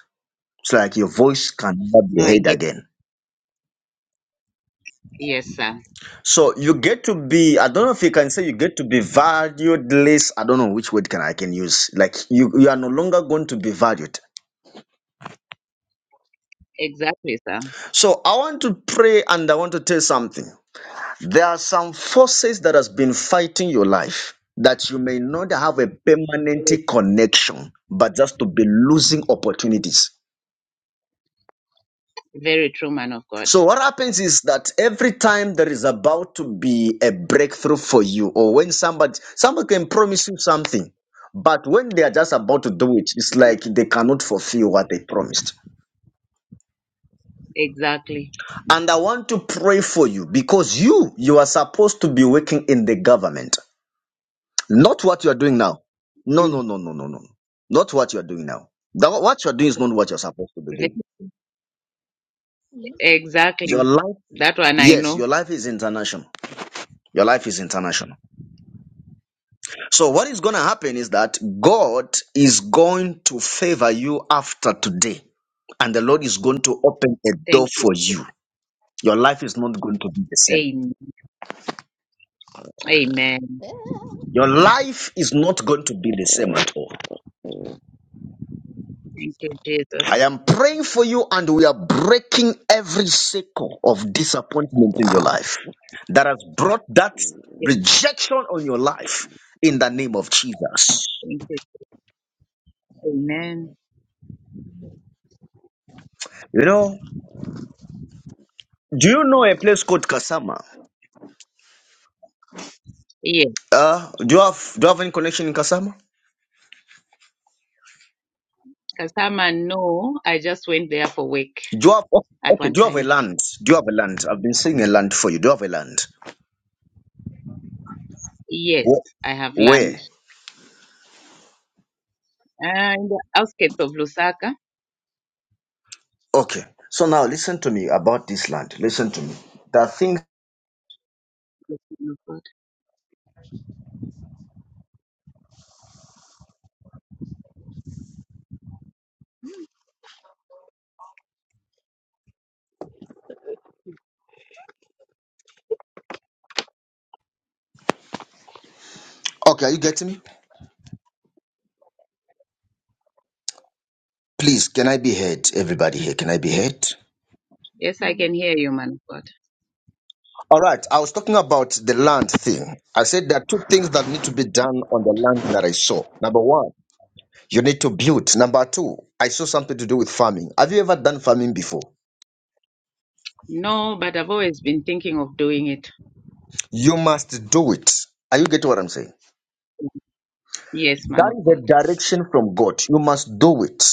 S1: it's like your voice can never be
S8: No, I
S1: heard
S8: get.
S1: again
S8: Yes, sir.
S1: so you get to be i don't know if you can say you get to be valued less i don't know which word can i can use like you you are no longer going to be valued
S8: Exactly, sir.
S1: so i want to pray and i want to tell something There are some forces that has been fighting your life that you may not have a permanent
S8: Very
S1: connection, but just to be losing opportunities.
S8: very true, man of God.
S1: So what happens is that every time there is about to be a breakthrough for you, or when somebody somebody can promise you something, but when they are just about to do it, it's like they cannot fulfill what they promised.
S8: Exactly.
S1: And I want to pray for you because you you are supposed to be working in the government. Not what you are doing now. No,
S8: Mm.
S1: no, no, no, no, no. Not what you are doing now. The, what you are doing is not what you're supposed to be
S8: Ve-
S1: doing. Your
S8: Exactly.
S1: life,
S8: That one I
S1: yes,
S8: know.
S1: your life is international. Your life is international. So what is going to happen is that God is going to favor you after today, and the Lord is going to open a door
S8: Thank you.
S1: for you. Your life is not going to be the same.
S8: Amen. Amen.
S1: Your life is not going to be the same at all.
S8: Thank you, Jesus.
S1: I am praying for you, and we are breaking every cycle of disappointment in your life that has brought that
S8: Yes,
S1: rejection on your life in the name of Jesus.
S8: thank you. Amen.
S1: You know, do you know a place called Kasama?
S8: Yes,
S1: Uh, do you have do you have any connection in Kasama?
S8: Kasama, no, I just went there for work
S1: Do you have
S8: at
S1: okay?
S8: one
S1: Do you have a
S8: time.
S1: land? Do you have a land? I've been seeing a land for you. Do you have a land?
S8: Yes,
S1: Where?
S8: I have land.
S1: Where?
S8: Uh, in the outskirts of Lusaka.
S1: Okay. So now listen to me about this land. Listen to me. The thing.
S8: man of God.
S1: Okay, are you getting me? Please, can I be heard? Everybody here, can I be heard?
S8: Yes, I
S4: Mm.
S8: can hear you, man of God.
S1: All right. I was talking about the land thing. I said there are two things that need to be done on the land that I saw. Number one, you need to build. Number two, I saw something to do with farming. Have you ever done farming before?
S8: No, but I've always been thinking of doing it.
S1: You must do it. Are you getting what I'm saying?
S8: Yes, man
S1: That
S8: of
S1: is
S8: God.
S1: a direction from God. You must do it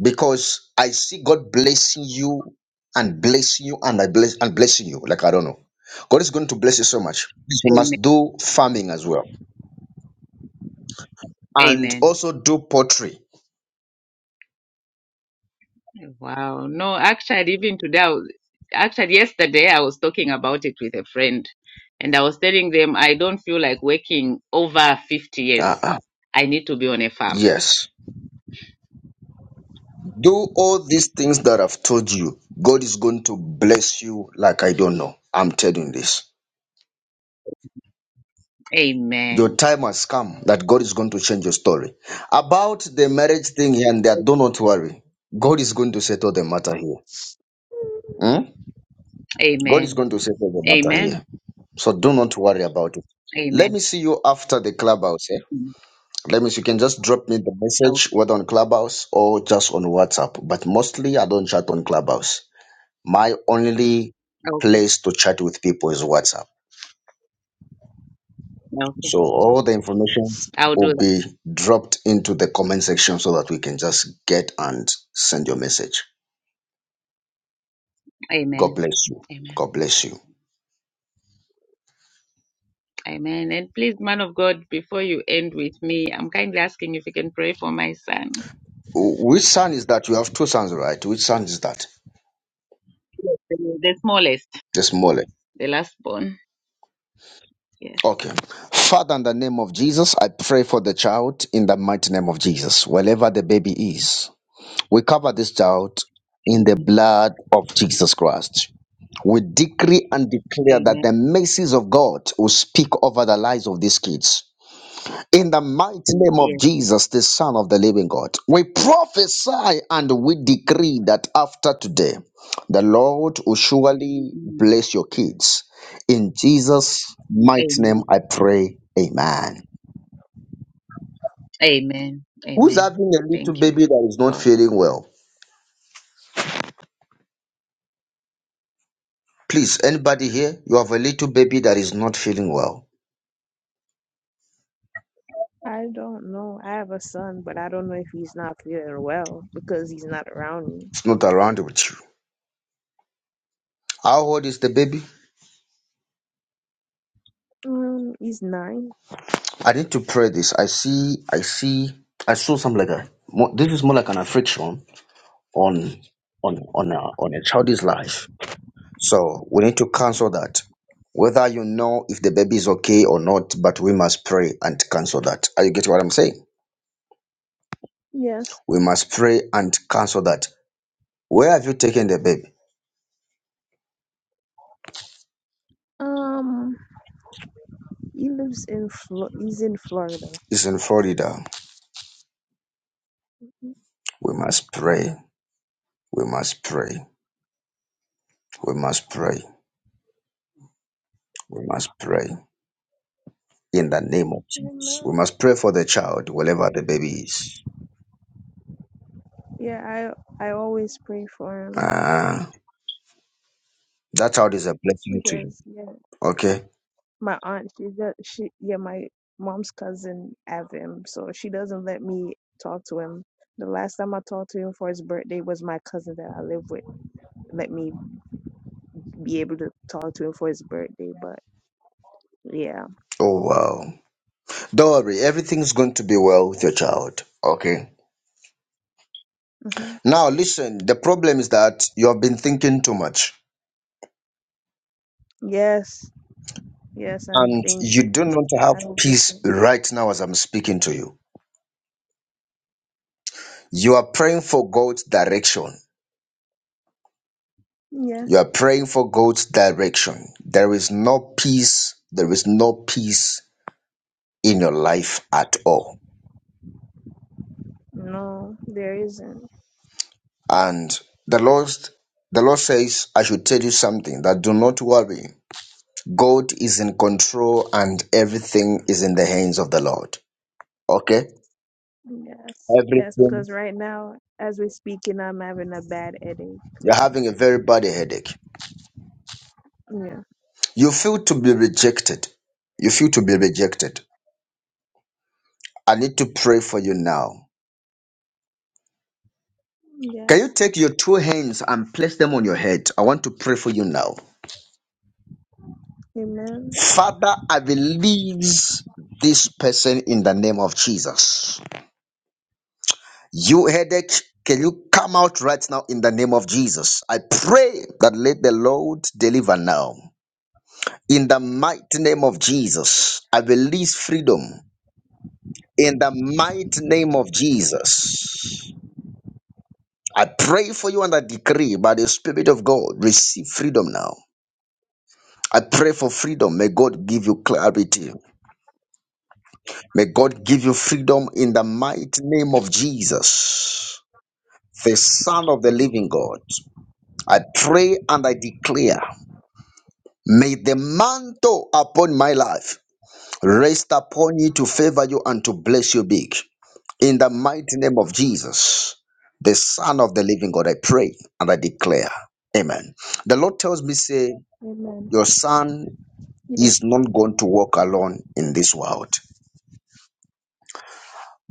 S1: because I see God blessing you and blessing you and I bless and blessing you. Like I don't know. God is going to bless you so much. You
S8: Amen.
S1: must do farming as well. and
S8: Amen.
S1: also do pottery.
S8: Wow. No, actually, even today, I was, actually, yesterday, I was talking about it with a friend, and I was telling them I don't feel like working over 50 years.
S1: Uh-uh.
S8: I need to be on a farm.
S1: Yes. Do all these things that I've told you. God is going to bless you like I don't know. I'm telling you this. Your
S8: Amen.
S1: time has come that God is going to change your story. About the marriage thing here and there, do not worry. God is going to settle the matter here. Hmm? God is
S8: Amen.
S1: going to settle the matter
S8: Amen.
S1: here. So do not worry about it. Let
S8: Amen.
S1: me see you after the clubhouse. eh?
S8: Mm.
S1: Let me. You can just drop me the message,
S8: Okay.
S1: whether on Clubhouse or just on WhatsApp. But mostly, I don't chat on Clubhouse. My only
S8: Okay.
S1: place to chat with people is WhatsApp.
S8: Okay.
S1: So all the information
S8: I'll do
S1: will
S8: that.
S1: be dropped into the comment section so that we can just get and send your message. God
S8: Amen.
S1: bless you.
S8: Amen.
S1: God bless you.
S8: Amen. And please, man of God, before you end with me, I'm kindly asking if you can pray for my son,
S1: Wh- Which son is that? You have two sons, right? Which son is that?
S8: the the smallest,
S1: This morning.
S8: the last born. Yes.
S1: Okay. Father, in the name of Jesus, I pray for the child in the mighty name of Jesus, wherever the baby is. We cover this child in the blood of Jesus Christ. We decree and declare that the
S8: Amen.
S1: mercies of God will speak over the lives of these kids. In the mighty name of
S8: Yes.
S1: Jesus, the Son of the Living God, we prophesy and we decree that after today, the Lord will surely
S8: Mm.
S1: bless your kids. In Jesus' mighty name,
S8: Amen.
S1: I pray, Amen.
S8: Amen.
S1: Who's
S8: Amen.
S1: having a little
S8: Thank you,
S1: baby that is not
S8: God.
S1: feeling well? Please, anybody here, you have a little baby that is not feeling well.
S4: I don't know. I have a son, but I don't know if he's not feeling well because he's not around me.
S1: It's not around with you. How old is the baby?
S4: Um, he's nine.
S1: I need to pray this. I see, I see, I saw some like a. mo- This is more like an affliction on on on a, on a child's life. So we need to cancel that. Whether you know if the baby is okay or not, but we must pray and cancel that. Are you getting what I'm saying?
S4: Yes.
S1: We must pray and cancel that. Where have you taken the baby?
S4: Um, he lives in Flo- he's in Florida.
S1: It's in Florida. We must pray. We must pray. We must pray. We must pray in the name of Jesus. We
S4: Amen.
S1: must pray for the child, wherever the baby is.
S4: Yeah, I I always pray for him
S1: Ah, that child is a blessing to you.
S4: because yeah,
S1: Okay.
S4: my aunt she does she yeah my mom's cousin have him, so she doesn't let me talk to him. The last time I talked to him for his birthday was my cousin that I live with let me be able to talk to him for his birthday. But yeah,
S1: Oh wow. Don't worry. Everything's going to be well with your child. Okay.
S4: hmm
S1: Now listen. The problem is that you have been thinking too much,
S4: yes, yes, I'm
S1: and you
S4: thinking.
S1: do not have
S4: I
S1: peace
S4: overthink.
S1: right now as I'm speaking to you. You are praying for God's direction.
S4: Yes,
S1: You are praying for God's direction. There is no peace. There is no peace in your life at all.
S4: no, there isn't.
S1: And the Lord, the Lord says, I should tell you something that do not worry. God is in control and everything is in the hands of the Lord. Okay?
S4: Yes, yes,
S1: Everything.
S4: because right now, as we're speaking, I'm having a bad headache.
S1: You're having a very bad headache.
S4: Yeah.
S1: You feel to be rejected. You feel to be rejected. I need to pray for you now.
S4: Yes.
S1: Can you take your two hands and place them on your head? I want to pray for you now.
S4: Amen.
S1: Father, I believe this person in the name of Jesus. You headache, can you come out right now in the name of Jesus? I pray that let the Lord deliver now. In the mighty name of Jesus, I release freedom. In the mighty name of Jesus, I pray for you and I decree by the Spirit of God, receive freedom now. I pray for freedom. May God give you clarity. May God give you freedom in the mighty name of Jesus, the Son of the living God. I pray and I declare. May the mantle upon my life rest upon you to favor you and to bless you big. In the mighty name of Jesus, the Son of the Living God, I pray and I declare. Amen. The Lord tells me, say,
S4: Amen.
S1: your son
S4: Yeah.
S1: is not going to walk alone in this world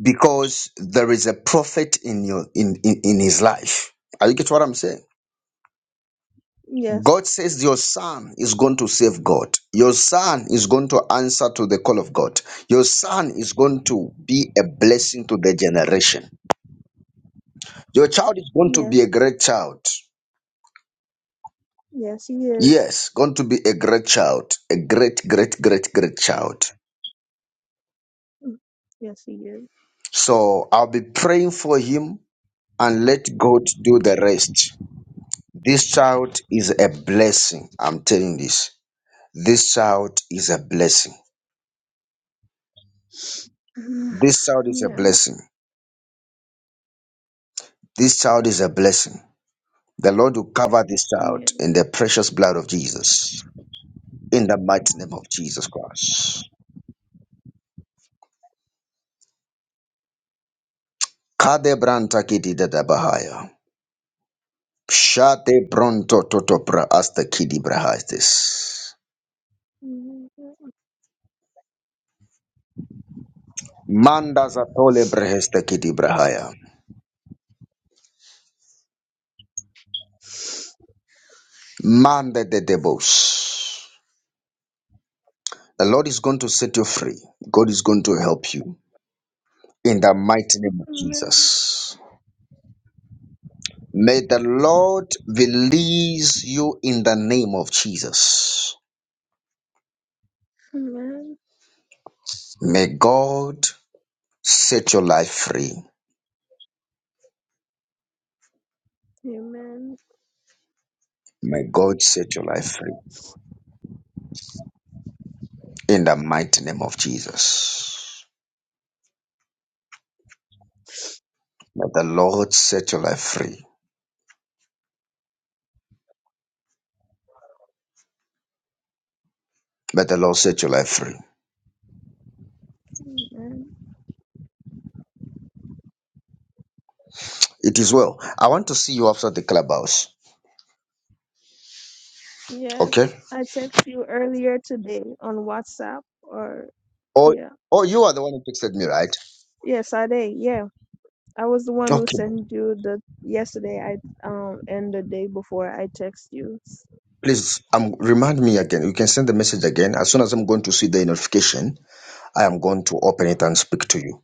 S1: because there is a prophet in your in, in, in his life. Are you get what I'm saying?
S4: Yes.
S1: God says your son is going to save God. Your son is going to answer to the call of God. Your son is going to be a blessing to the generation. Your child is going to
S4: Yes.
S1: be a great child.
S4: Yes, he is.
S1: Yes, going to be a great child. A great, great, great, great child.
S4: Mm. Yes, he is.
S1: So I'll be praying for him and let God do the rest. This child is a blessing. I'm telling this. This child is a blessing. This child is a
S4: Mm.
S1: blessing. This child is a blessing. The Lord will cover this
S4: yeah. Yeah.
S1: child in the precious blood of Jesus, in the mighty name of Jesus Christ. Kade branta kidi dada bahaya. Shate bronto toto pra asta kidi brahastis.
S4: yeah.
S1: Manda zatole breheste kidi brahaya. Manda de debos. The Lord is going to set you free. God is going to help you in the mighty name of
S4: Amen.
S1: Jesus. May the Lord release you in the name of Jesus.
S4: Amen.
S1: May God set your life free.
S4: Amen.
S1: May God set your life free. In the mighty name of Jesus. May the Lord set your life free. May the Lord set your life free.
S4: Amen.
S1: It is well. I want to see you after the clubhouse. Okay?
S4: Yes, I text you earlier today on WhatsApp or
S1: Or
S4: yeah.
S1: or you are the one who texted me, right?
S4: Yeah, Sade, yeah. I was the one who
S1: Okay.
S4: sent you the yesterday I um and the day before I text you.
S1: Please um remind me again. You can send the message again. As soon as I'm going to see the notification, I am going to open it and speak to you.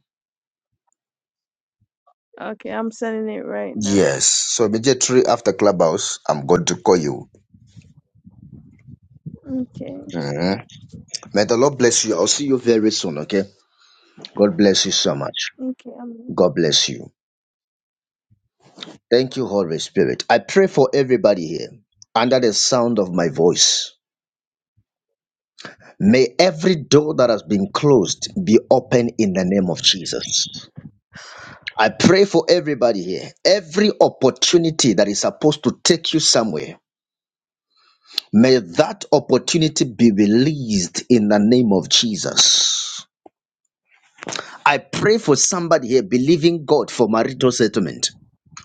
S4: Okay, I'm sending it right now.
S1: Yes. So immediately after clubhouse, I'm going to call you.
S4: Okay.
S1: Mm-hmm. May the Lord bless you. I'll see you very soon, okay? God bless you so much.
S4: Okay, I'm
S1: God bless you. Thank you, Holy Spirit. I pray for everybody here under the sound of my voice. May every door that has been closed be open in the name of Jesus. I pray for everybody here. Every opportunity that is supposed to take you somewhere, may that opportunity be released in the name of Jesus. I pray for somebody here believing God for marital settlement.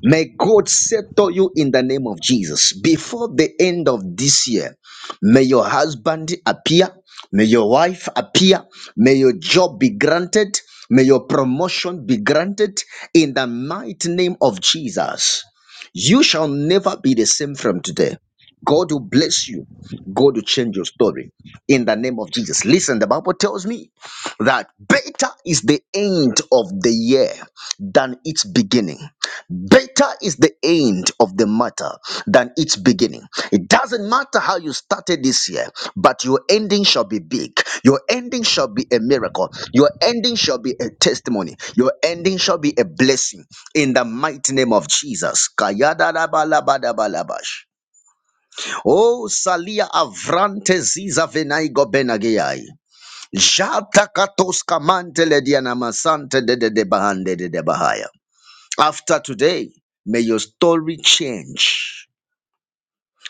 S1: May God settle you in the name of Jesus. Before the end of this year, may your husband appear, may your wife appear, may your job be granted, may your promotion be granted in the mighty name of Jesus. You shall never be the same from today. God will bless you. God will change your story in the name of Jesus. Listen, the Bible tells me that better is the end of the year than its beginning. Better is the end of the matter than its beginning. It doesn't matter how you started this year, but your ending shall be big. Your ending shall be a miracle. Your ending shall be a testimony. Your ending shall be a blessing in the mighty name of Jesus. Kayadalabalabadabalabash. Oh, Salia Avrante Ziza Venaigo Benagiai. Jatakatoska mantele dianama sante de de de bahande de de bahaya. After today, may your story change.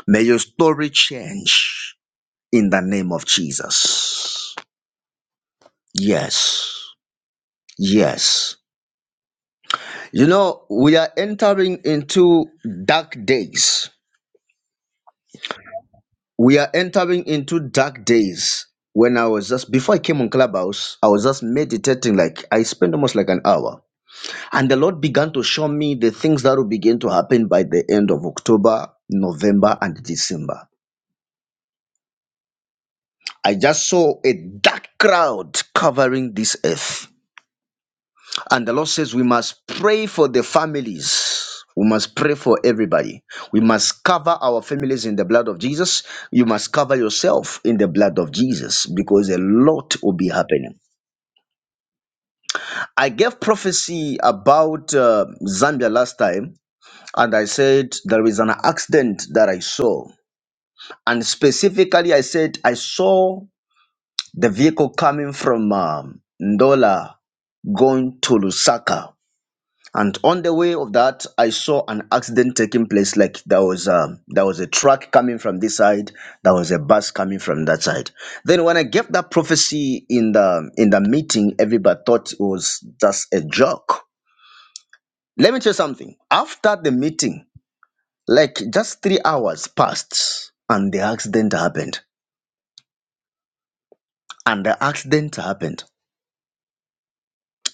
S1: May your story change in the name of Jesus. Yes. Yes. You know, we are entering into dark days. We are entering into dark days. When I was just before I came on Clubhouse, I was just meditating like I spent almost like an hour And the Lord began to show me the things that will begin to happen by the end of October, November, and December. I just saw a dark cloud covering this earth. And the Lord says, We must pray for the families. We must pray for everybody. We must cover our families in the blood of Jesus. You must cover yourself in the blood of Jesus because a lot will be happening. I gave prophecy about uh, Zambia last time, and I said there is an accident that I saw And specifically, I said I saw the vehicle coming from um, Ndola going to Lusaka. And on the way of that, I saw an accident taking place. Like there was um, there was a truck coming from this side, there was a bus coming from that side. Then when I gave that prophecy in the in the meeting, everybody thought it was just a joke. Let me tell you something. After the meeting, like just three hours passed, and the accident happened. And the accident happened.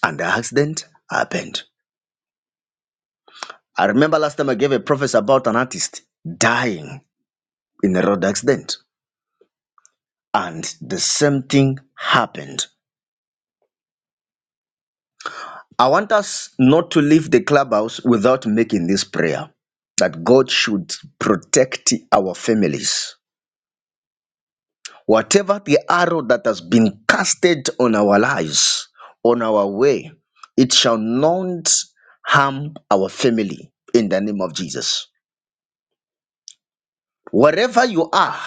S1: and the accident happened. I remember last time I gave a prophecy about an artist dying in a road accident, and the same thing happened. I want us not to leave the clubhouse without making this prayer that God should protect our families. Whatever the arrow that has been casted on our lives, on our way, it shall not harm our family in the name of Jesus. Wherever you are,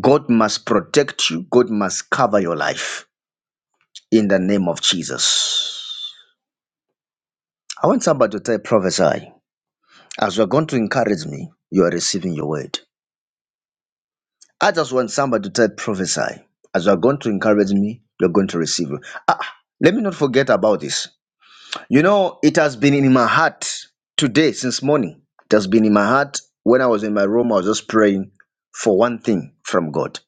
S1: God must protect you. God must cover your life in the name of Jesus. I want somebody to type prophesy. As you are going to encourage me, you are receiving your word. I just want somebody to type prophesy. As you are going to encourage me, you're going to receive. it. Ah, let me not forget about this. You know, it has been in my heart today since morning. It has been in my heart when I was in my room. I was just praying for one thing from God.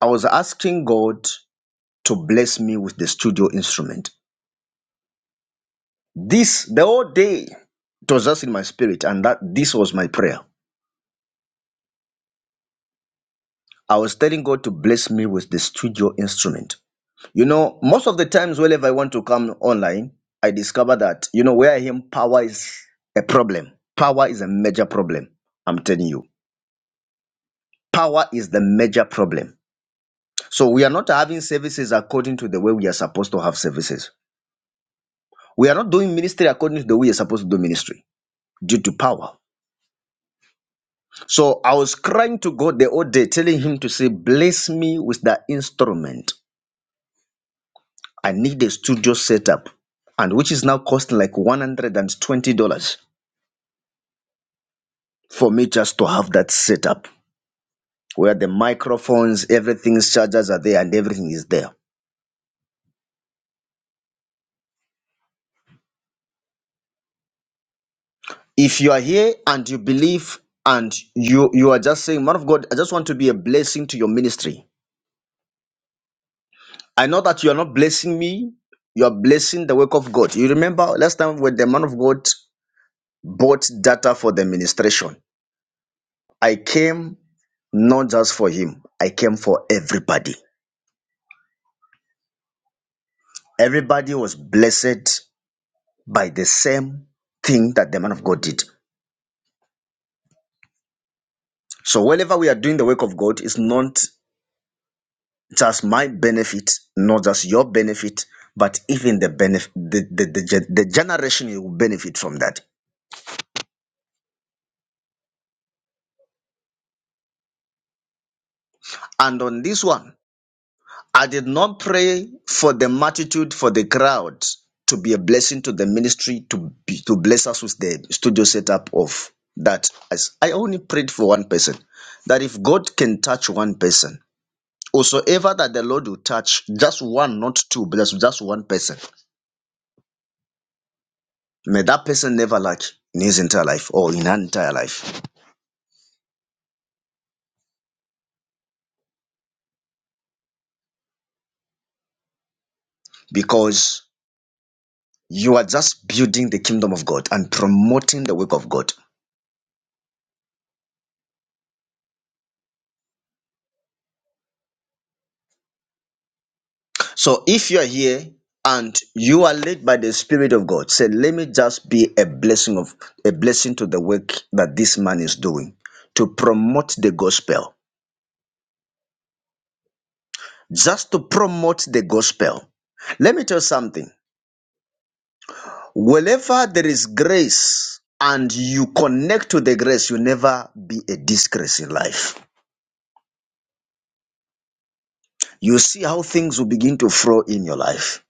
S1: I was asking God to bless me with the studio instrument. This, the whole day, it was just in my spirit, and that this was my prayer. I was telling God to bless me with the studio instrument. You know, most of the times, whenever I want to come online, I discover that, you know, where I am, power is a problem. Power is a major problem. I'm telling you, power is the major problem. So we are not having services according to the way we are supposed to have services. We are not doing ministry according to the way we are supposed to do ministry due to power. So I was crying to God the whole day, telling him to say, Bless me with that instrument. I need a studio setup, and which is now costing like $120 for me just to have that setup where the microphones, everything's chargers are there, and everything is there. If you are here and you believe and you you are just saying, Man of God, I just want to be a blessing to your ministry. I know that you are not blessing me, you are blessing the work of God. You remember last time when the man of God bought data for the ministration. I came not just for him, I came for everybody. Everybody was blessed by the same thing that the man of God did. So, whenever we are doing the work of God, it's not just my benefit, not just your benefit, but even the benefit, the, the, the, gen- the generation you will benefit from that. And on this one, I did not pray for the multitude, for the crowd to be a blessing to the ministry, to be, to bless us with the studio setup of that. As I only prayed for one person, that if God can touch one person, whosoever that the Lord will touch, just one, not two, but just just one person, may that person never lack in his entire life or in her entire life, because you are just building the kingdom of God and promoting the work of God So if you are here and you are led by the Spirit of God, say, let me just be a blessing of a blessing to the work that this man is doing to promote the gospel. Just to promote the gospel. Let me tell you something. Wherever there is grace and you connect to the grace, you never be a disgrace in life. You see how things will begin to flow in your life.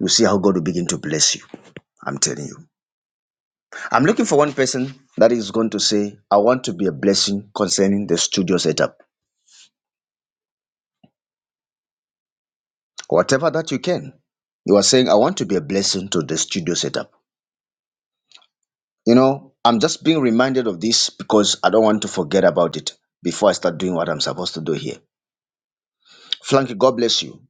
S1: You see how God will begin to bless you. I'm telling you. I'm looking for one person that is going to say, I want to be a blessing concerning the studio setup. Whatever that you can. You are saying, I want to be a blessing to the studio setup. You know, I'm just being reminded of this because I don't want to forget about it before I start doing what I'm supposed to do here. Flanky, God bless you.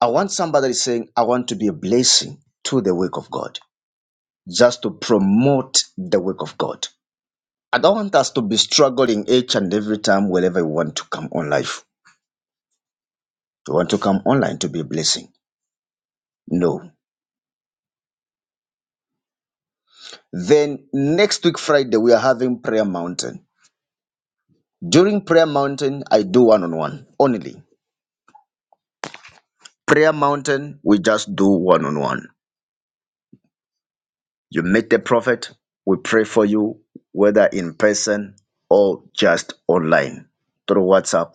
S1: I want somebody that is saying, I want to be a blessing to the work of God, just to promote the work of God. I don't want us to be struggling each and every time wherever we want to come on life You want to come online to be a blessing? No. Then next week, Friday, we are having Prayer Mountain. During Prayer Mountain, I do one on one only. Prayer Mountain, we just do one on one. You meet the prophet, we pray for you, whether in person or just online through WhatsApp.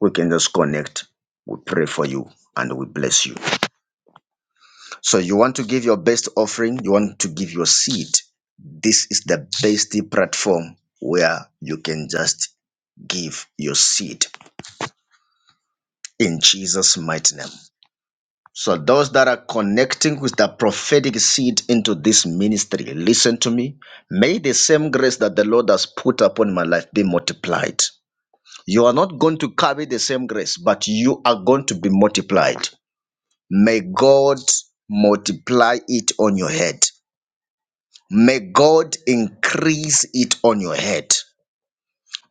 S1: We can just connect. We pray for you and we bless you. So you want to give your best offering, you want to give your seed. This is the best platform where you can just give your seed in Jesus' mighty name. So those that are connecting with the prophetic seed into this ministry, listen to me. May the same grace that the Lord has put upon my life be multiplied. You are not going to carry the same grace, but you are going to be multiplied. May God multiply it on your head. May God increase it on your head.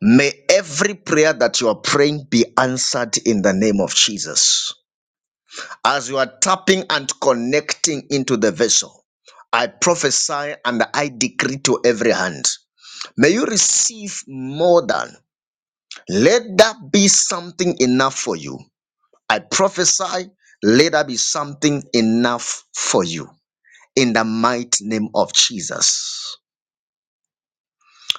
S1: May every prayer that you are praying be answered in the name of Jesus. As you are tapping and connecting into the vessel, I prophesy and I decree to every hand. May you receive more than. Let that be something enough for you. I prophesy, let that be something enough for you. In the mighty name of Jesus.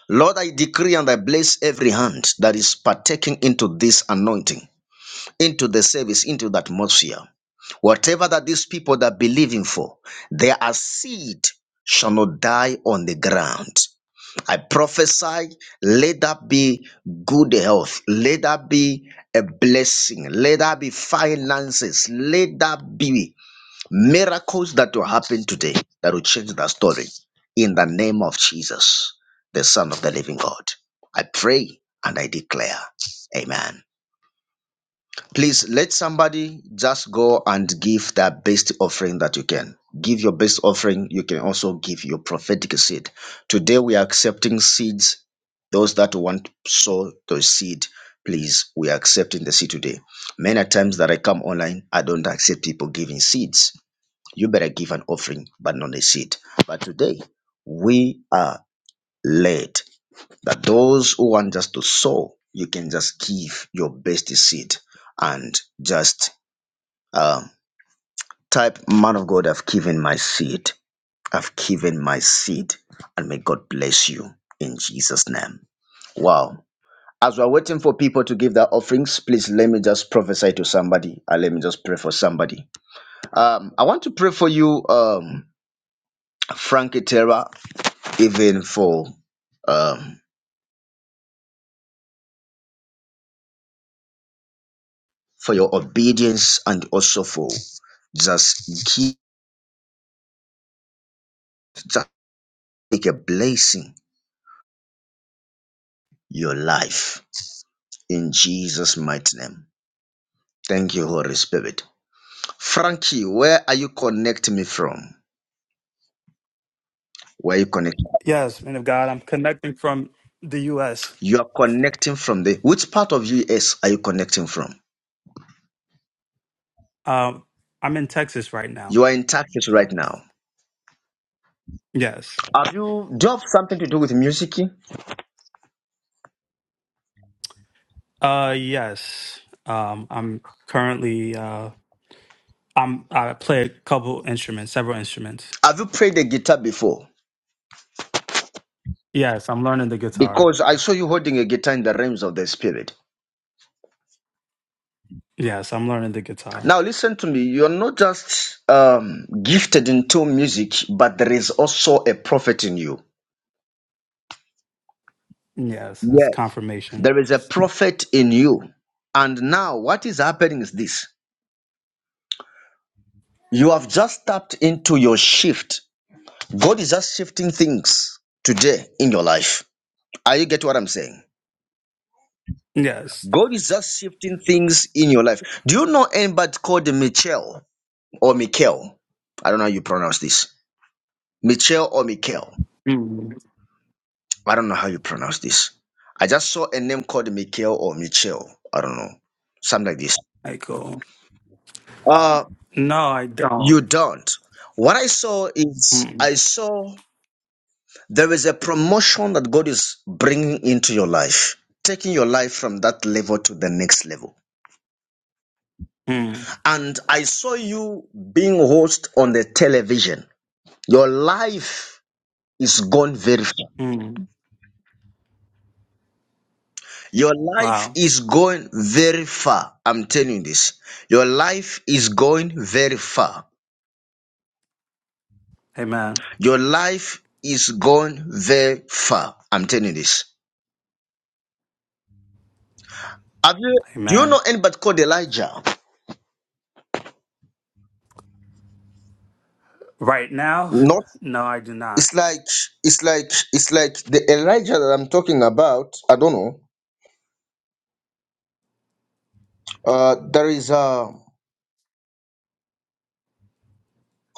S1: Lord, I decree and I bless every hand that is partaking into this anointing, into the service, into the atmosphere. Whatever that these people that believe in for, their seed shall not die on the ground. I prophesy, let that be good health, let that be a blessing, let that be finances, let that be Miracles that will happen today that will change that story in the name of Jesus, the Son of the Living God. I pray and I declare. Amen. Please let somebody just go and give their best offering that you can. Give your best offering. You can also give your prophetic seed. Today we are accepting seeds. Those that want to sow the seed, please, we are accepting the seed today. Many times that I come online, I don't accept people giving seeds you better give an offering, but not a seed. But today, we are led that those who want just to sow, you can just give your best seed and just um, type, Man of God, I've given my seed. I've given my seed. And may God bless you in Jesus' name. Wow. As we're waiting for people to give their offerings, please let me just prophesy to somebody. and let me just pray for somebody. Um, I want to pray for you, um, Frankie Terra. even for um, for your obedience and also for just keep just make a blessing your life in Jesus' mighty name. Thank you, Holy Spirit. Frankie, where are you connecting me from? Where are you connecting?
S9: Yes, man of God. I'm connecting from the U.S.
S1: You are connecting from the which part of US are you connecting from?
S9: Um, I'm in Texas right now.
S1: You are in Texas right
S9: Dallas.
S1: now.
S9: Yes.
S1: Have you do you have something to do with music?
S9: Uh, yes. Um, I'm currently. Uh, I'm. I play a couple instruments, several instruments.
S1: Have you played the guitar before?
S9: Yes, I'm learning the guitar.
S1: Because I saw you holding a guitar in the realms of the spirit.
S9: Yes, I'm learning the guitar.
S1: Now listen to me. You're not just um, gifted into music, but there is also a prophet in you.
S9: Yes, it's
S1: Yes.
S9: confirmation.
S1: There is a prophet in you. And now what is happening is this. You have just tapped into your shift. God is just shifting things today in your life. Are you get what I'm saying?
S9: Yes.
S1: God is just shifting things in your life. Do you know anybody called Michel or Mikel? I don't know how you pronounce this. Michel or Mikel.
S9: Mm.
S1: I don't know how you pronounce this. I just saw a name called Mikhail or Michel. I don't know. Something like this.
S9: I go.
S1: Uh,
S9: No, I
S1: you
S9: don't.
S1: don't. What I saw is
S9: Mm,
S1: I saw there is a promotion that God is bringing into your life, taking your life from that level to the next level.
S9: mm,
S1: And I saw you being host on the television. Your life is gone very far.
S9: mm.
S1: Your life
S9: Wow.
S1: is going very far. I'm telling you this. Your life is going very far.
S9: Amen.
S1: Your life is going very far. I'm telling you this. Have you do you
S9: Amen.
S1: know anybody called Elijah?
S9: Right now,
S1: Not
S9: no, I do not.
S1: it's like it's like it's like the Elijah that I'm talking about. I don't know. Uh there is uh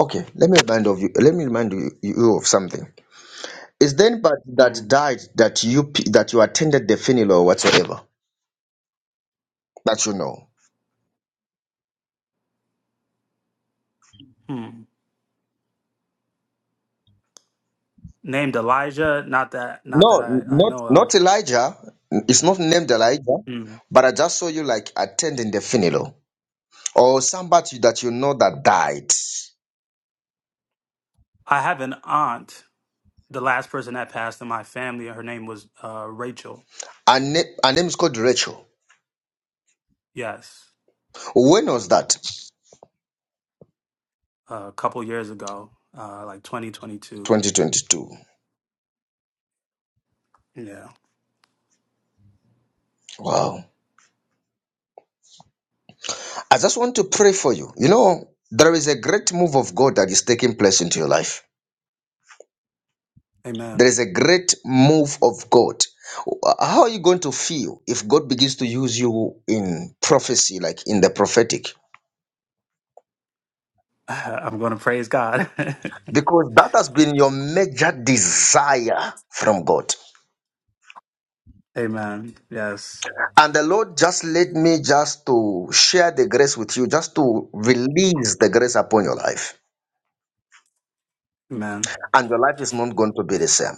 S1: okay, let me remind of you let me remind you, you of something. Is there anybody that
S9: Mm.
S1: died that you pe- that you attended the funeral or whatsoever that you know?
S9: Hmm. Named Elijah, not that not that I,
S1: No,
S9: I
S1: not
S9: know
S1: not
S9: of.
S1: Elijah. It's not named Elijah,
S9: Hmm.
S1: but I just saw you like attending the funeral or somebody that you know that died.
S9: I have an aunt, the last person that passed in my family, her name was uh, Rachel.
S1: Her, na- her name is called Rachel.
S9: Yes.
S1: When was that?
S9: a couple years ago, uh, like 2022.
S1: 2022.
S9: Yeah.
S1: Wow. I just want to pray for you. You know, there is a great move of God that is taking place into your life. There
S9: Amen.
S1: is a great move of God. How are you going to feel if God begins to use you in prophecy, like in the prophetic?
S9: I'm going to praise God.
S1: Because that has been your major desire from God.
S9: Amen. Yes.
S1: And the Lord just led me just to share the grace with you, just to release the grace upon your life.
S9: Amen.
S1: And your life is not going to be the same.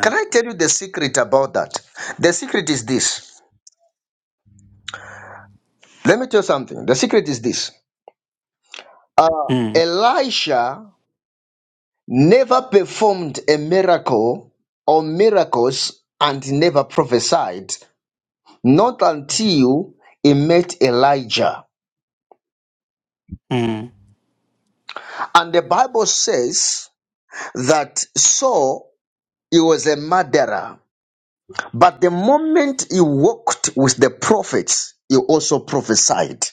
S1: Can I tell you the secret about that? The secret is this. Let me tell you something. The secret is this. Uh,
S9: Mm,
S1: Elisha never performed a miracle or miracles and never prophesied, not until he met Elijah.
S9: mm,
S1: And the Bible says that Saul, he was a murderer. But the moment he walked with the prophets, he also prophesied.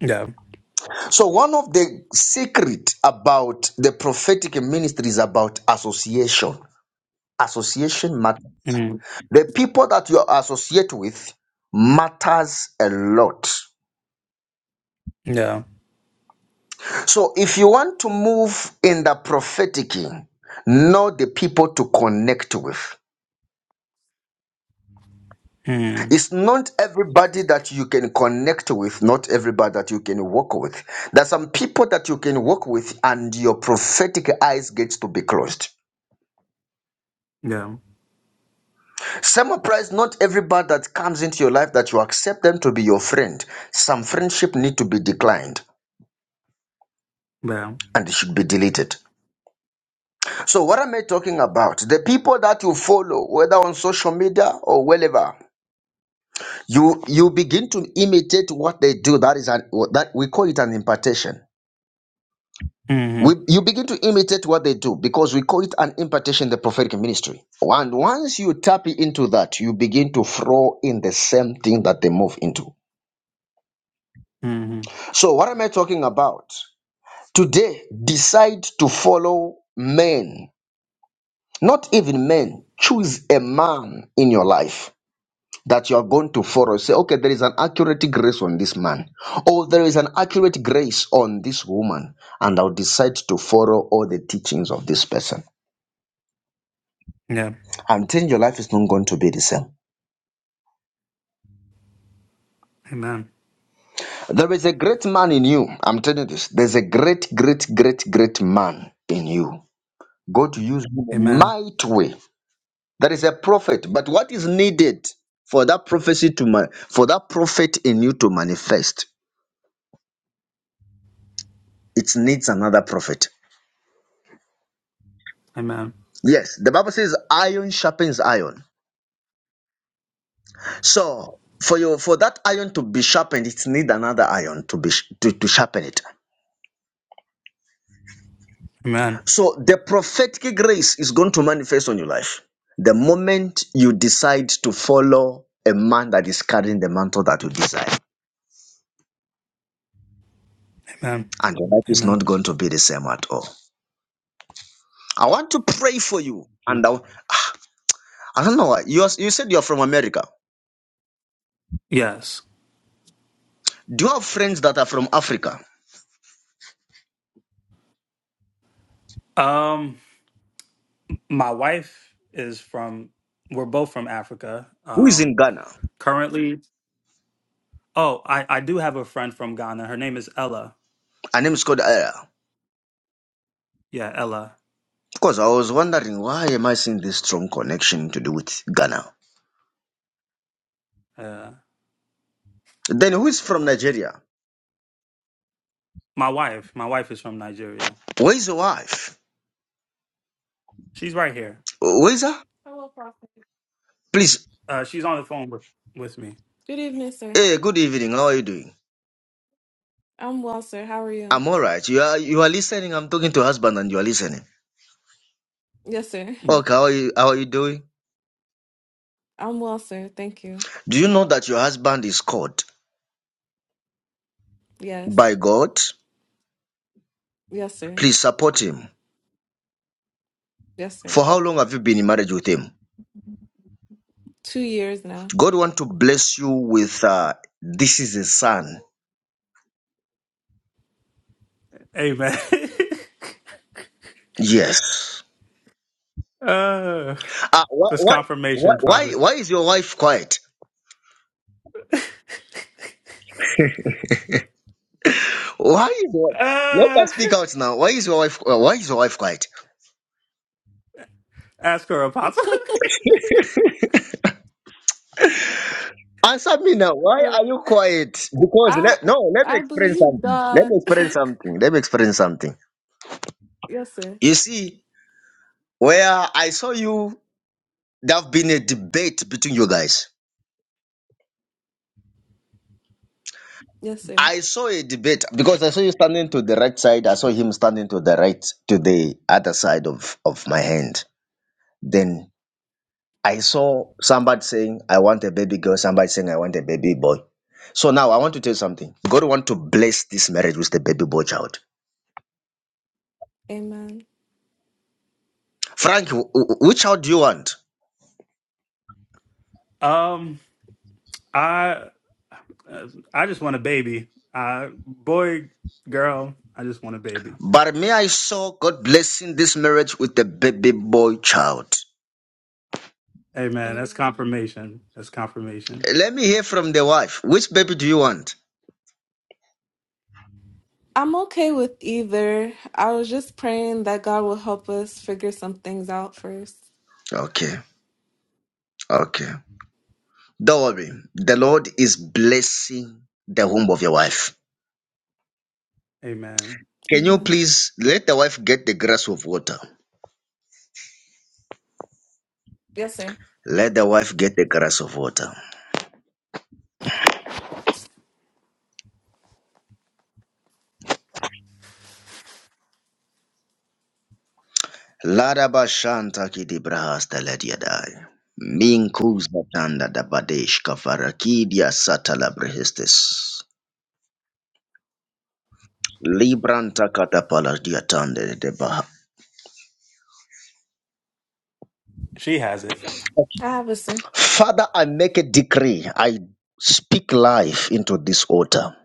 S9: yeah.
S1: So, one of the secret about the prophetic ministry is about association. Association matters.
S9: Mm,
S1: The people that you associate with matters a lot.
S9: yeah.
S1: So, if you want to move in the prophetic, know the people to connect with.
S9: Mm,
S1: It's not everybody that you can connect with, not everybody that you can work with. There are some people that you can work with, and your prophetic eyes gets to be closed.
S9: yeah.
S1: Some price, not everybody that comes into your life that you accept them to be your friend. Some friendship need to be declined
S9: Yeah.
S1: and it should be deleted. So, what am I talking about? The people that you follow, whether on social media or wherever, you you begin to imitate what they do. That is an, that we call it an impartation. we,
S9: Mm-hmm.
S1: you begin to imitate what they do because we call it an impartation, the prophetic ministry. And once you tap into that, you begin to throw in the same thing that they move into.
S9: Mm-hmm.
S1: So, what am I talking about? Today, decide to follow men, not even men. Choose a man in your life that you are going to follow. Say, okay, there is an accurate grace on this man, or there is an accurate grace on this woman, and I'll decide to follow all the teachings of this person.
S9: Yeah.
S1: I'm telling you, your life is not going to be the same.
S9: Amen.
S1: There is a great man in you. I'm telling you this. There's a great, great, great, great man in you. God used him in a
S9: Amen.
S1: mighty way. There is a prophet, but what is needed for that prophecy to man, for that prophet in you to manifest? It needs another prophet.
S9: Amen.
S1: Yes, the Bible says iron sharpens iron. So for your for that iron to be sharpened, it needs another iron to be sh- to, to sharpen it.
S9: Amen.
S1: So the prophetic grace is going to manifest on your life the moment you decide to follow a man that is carrying the mantle that you desire.
S9: Amen.
S1: And your life is
S9: Amen.
S1: not going to be the same at all. I want to pray for you. And I, I don't know why. You, are- you said you're from America.
S9: Yes.
S1: Do you have friends that are from Africa?
S9: Um, my wife is from. We're both from Africa.
S1: Who is in
S9: Um,
S1: Ghana?
S9: currently, oh, I I do have a friend from Ghana. Her name is Ella.
S1: Her name is called Aya.
S9: Yeah, Ella.
S1: Of course, I was wondering why am I seeing this strong connection to do with Ghana?
S9: Uh,
S1: Then who is from Nigeria?
S9: my wife. My wife is from Nigeria.
S1: Where is your wife?
S9: She's right here.
S1: Where is her?
S9: Hello, Prophet.
S1: Please
S9: Uh, she's on the phone with with me. Good evening, sir.
S1: Hey, good evening. How are you doing?
S9: I'm well, sir. How are you?
S1: I'm all right. You are you are listening. I'm talking to husband and you are listening.
S9: Yes, sir.
S1: Okay, how are you how are you doing?
S9: I'm well, sir. Thank you.
S1: Do you know that your husband is called
S9: Yes.
S1: by God?
S9: Yes, sir.
S1: Please support him.
S9: Yes, sir.
S1: For how long have you been in marriage with him?
S9: Two years now.
S1: God want to bless you with uh this is a son.
S9: Amen.
S1: Yes.
S9: Uh,
S1: Ah, why
S9: this
S1: why why
S9: confirmation
S1: why
S9: topic.
S1: why is your wife quiet? Why is your let
S9: Uh,
S1: us speak out now. Why is your wife uh, why is your wife quiet?
S9: ask her apostle.
S1: Answer me now. Why are you quiet? Because
S9: I
S1: let, no, let me
S9: I
S1: explain
S9: believe
S1: something. Let
S9: God.
S1: me explain something. Let me explain something.
S9: Yes, sir.
S1: You see, where I saw you, there have been a debate between you guys.
S9: Yes, sir.
S1: I saw a debate because I saw you standing to the right side. I saw him standing to the right, to the other side of, of my hand. Then I saw somebody saying, I want a baby girl. Somebody saying, I want a baby boy. So now I want to tell you something. God want to bless this marriage with the baby boy child.
S9: Amen.
S1: Frank, wh- wh- which child do you want?
S9: um, I uh, I just want a baby. I boy, girl, I just want a baby.
S1: But may I saw God blessing this marriage with a baby boy child.
S9: Amen. that's Amen. confirmation. That's confirmation.
S1: Let me hear from the wife. Which baby do you want?
S9: I'm okay with either. I was just praying that God will help us figure some things out first.
S1: Okay, okay. Don't worry. The Lord is blessing the womb of your wife.
S9: Amen.
S1: Can you
S9: Amen.
S1: please let the wife get the grass of water?
S9: Yes, sir.
S1: Let the wife get the grass of water. Ladaba shanta ki di brahas da ledi adai. Minkus batanda da badesh kavaraki dia satala brehestes. Libranta katapala diatande de baha.
S9: She has it. I have a sin.
S1: Father, I make a decree. I speak life into this altar.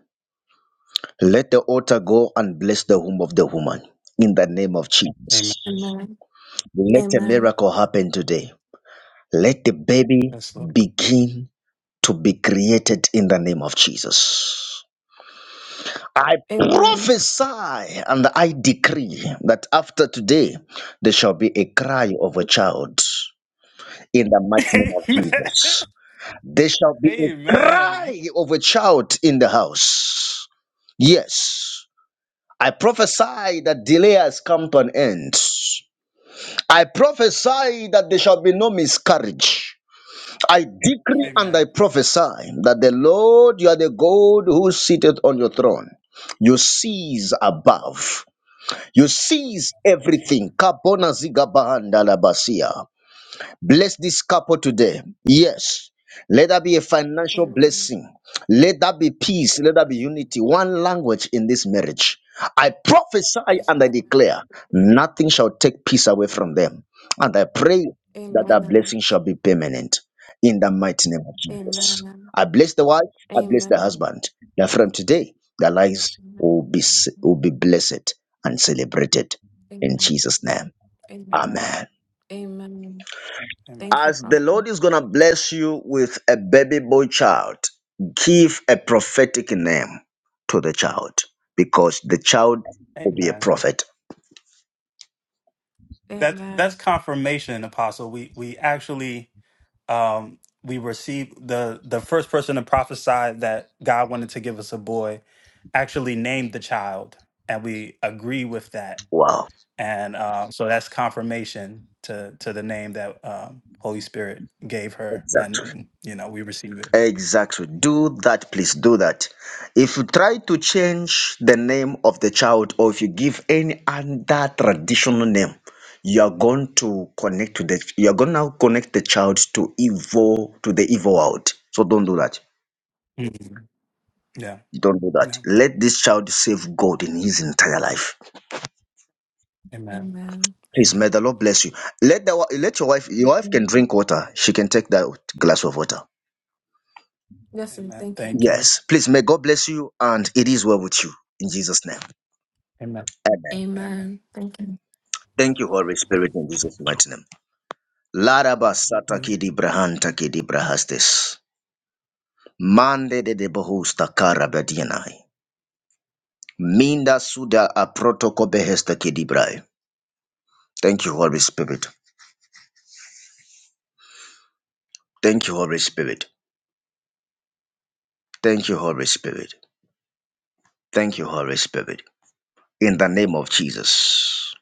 S1: Let the altar go and bless the womb of the woman in the name of
S9: Amen.
S1: Jesus.
S9: Amen.
S1: Let a
S9: Amen.
S1: miracle happen today. Let the baby
S9: Yes, Lord.
S1: begin to be created in the name of Jesus. I
S9: Amen.
S1: prophesy and I decree that after today there shall be a cry of a child in the mighty name of
S9: Amen.
S1: Jesus. There shall be a
S9: Amen. Amen.
S1: cry of a child in the house. Yes. I prophesy that delay has come to an end. I prophesy that there shall be no miscarriage. I decree and I
S9: Amen.
S1: prophesy that the Lord, you are the God who sitteth on your throne. You seize above. You seize
S9: Yes,
S1: everything.
S9: Lord.
S1: Kabona ziga bahanda la basia. Bless this couple today. Yes. Let that be a
S9: Yes, Lord.
S1: financial
S9: Amen.
S1: blessing. Let that be peace. Let that be
S9: Yes, Lord.
S1: unity. One language in this marriage. I prophesy
S9: Yes,
S1: and I
S9: God.
S1: declare nothing shall take peace away from them. And I pray that
S9: Amen.
S1: that
S9: Thank
S1: blessing shall
S9: you.
S1: be permanent in the mighty name of Jesus.
S9: Amen.
S1: I bless the wife.
S9: Amen.
S1: I bless the
S9: Amen.
S1: husband. That from today, their lives will
S9: Amen.
S1: be, will be blessed and celebrated
S9: Amen.
S1: in
S9: Amen.
S1: Jesus' name.
S9: Amen. Amen. Amen.
S1: Amen.
S9: Amen. Thank you,
S1: As the
S9: Prophet.
S1: Lord is going to bless you with a baby boy child, give a prophetic name to the child because the child will be a
S9: Amen.
S1: prophet.
S9: That's that's Amen. confirmation, Apostle. We we actually um, we received the the first person to prophesy that God wanted to give us a boy actually named the child, and we agree with that,
S1: Wow.
S9: and um, so that's confirmation to to the name that um, Holy Spirit gave her,
S1: Exactly.
S9: and you know we receive it.
S1: Exactly. Do that, please do that. If you try to change the name of the child or if you give any other traditional name, you are going to connect to the you are going to connect the child to evil to the evil world. So don't do that.
S9: Mhm. Yeah,
S1: Don't do that.
S9: No.
S1: Let this child save God in his entire life.
S9: Amen. Amen.
S1: Please,
S9: Amen.
S1: may the Lord bless you. Let the wi- let your wife your wife can
S9: Mm.
S1: drink water. She can take that glass of water.
S9: Yes, and Amen. thank you. Thank you.
S1: Yes. Please, may God bless you, and it is well with you in Jesus' name.
S9: Amen.
S1: Amen.
S9: Amen. Amen. Thank
S1: Thank you, Holy Spirit, in Jesus' mighty name. Laraba
S9: you.
S1: sataki di brahanta ki di brahastes. Mande de de bohusta karabadianai. Minda suda a protoko behesta ki di brai. Thank you, Holy Spirit. Thank you, Holy Spirit. Thank you, Holy Spirit. Thank you, Holy Spirit. In the name of Jesus.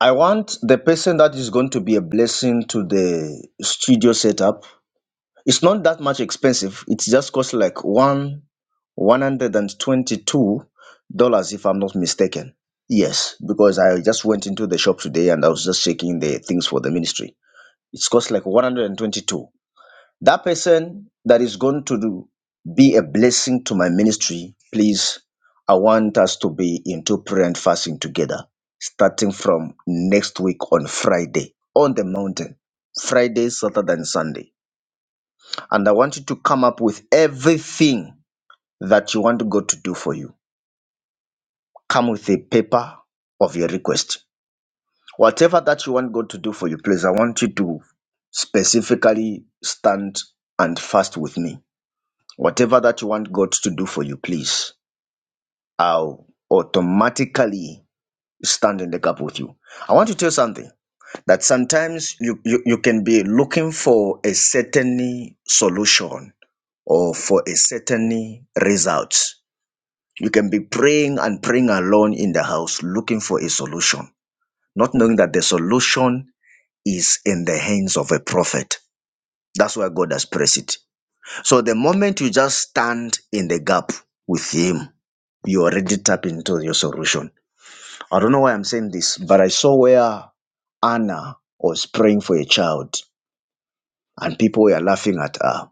S1: I want the person that is going to be a blessing to the studio setup. It's not that much expensive. It just costs like one one hundred and twenty-two dollars, if I'm not mistaken. Yes, because I just went into the shop today and I was just checking the things for the ministry. It's cost like one hundred and twenty-two. That person that is going to do, be a blessing to my ministry, please, I want us to be into prayer and fasting together, starting from next week on Friday on the mountain, Friday, Saturday, and Sunday. And I want you to come up with everything that you want God to do for you. Come with a paper of your request. Whatever that you want God to do for you, please, I want you to specifically stand and fast with me Whatever that you want God to do for you, please, I'll automatically stand in the gap with you. I want to tell you something that sometimes you, you, you can be looking for a certain solution or for a certain result. You can be praying and praying alone in the house looking for a solution, not knowing that the solution is in the hands of a prophet. That's why God has placed it. So the moment you just stand in the gap with him, you already tap into your solution. I don't know why I'm saying this, but I saw where Anna was praying for a child and people were laughing at her.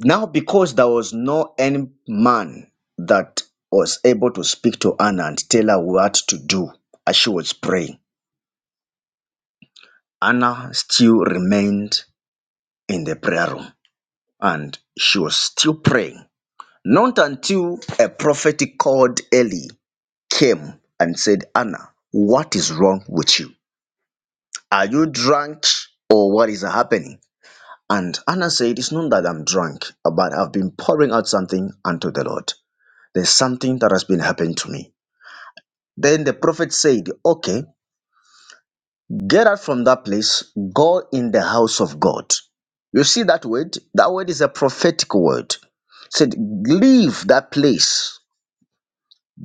S1: Now, because there was no any man that was able to speak to Anna and tell her what to do as she was praying, Anna still remained in the prayer room and she was still praying. Not until a prophet called Eli came and said, Anna, what is wrong with you? Are you drunk or what is happening? And Anna said, It's not that I'm drunk, but I've been pouring out something unto the Lord. There's something that has been happening to me. Then the prophet said, Okay, get out from that place, go in the house of God. You see that word? That word is a prophetic word. Said, Leave that place,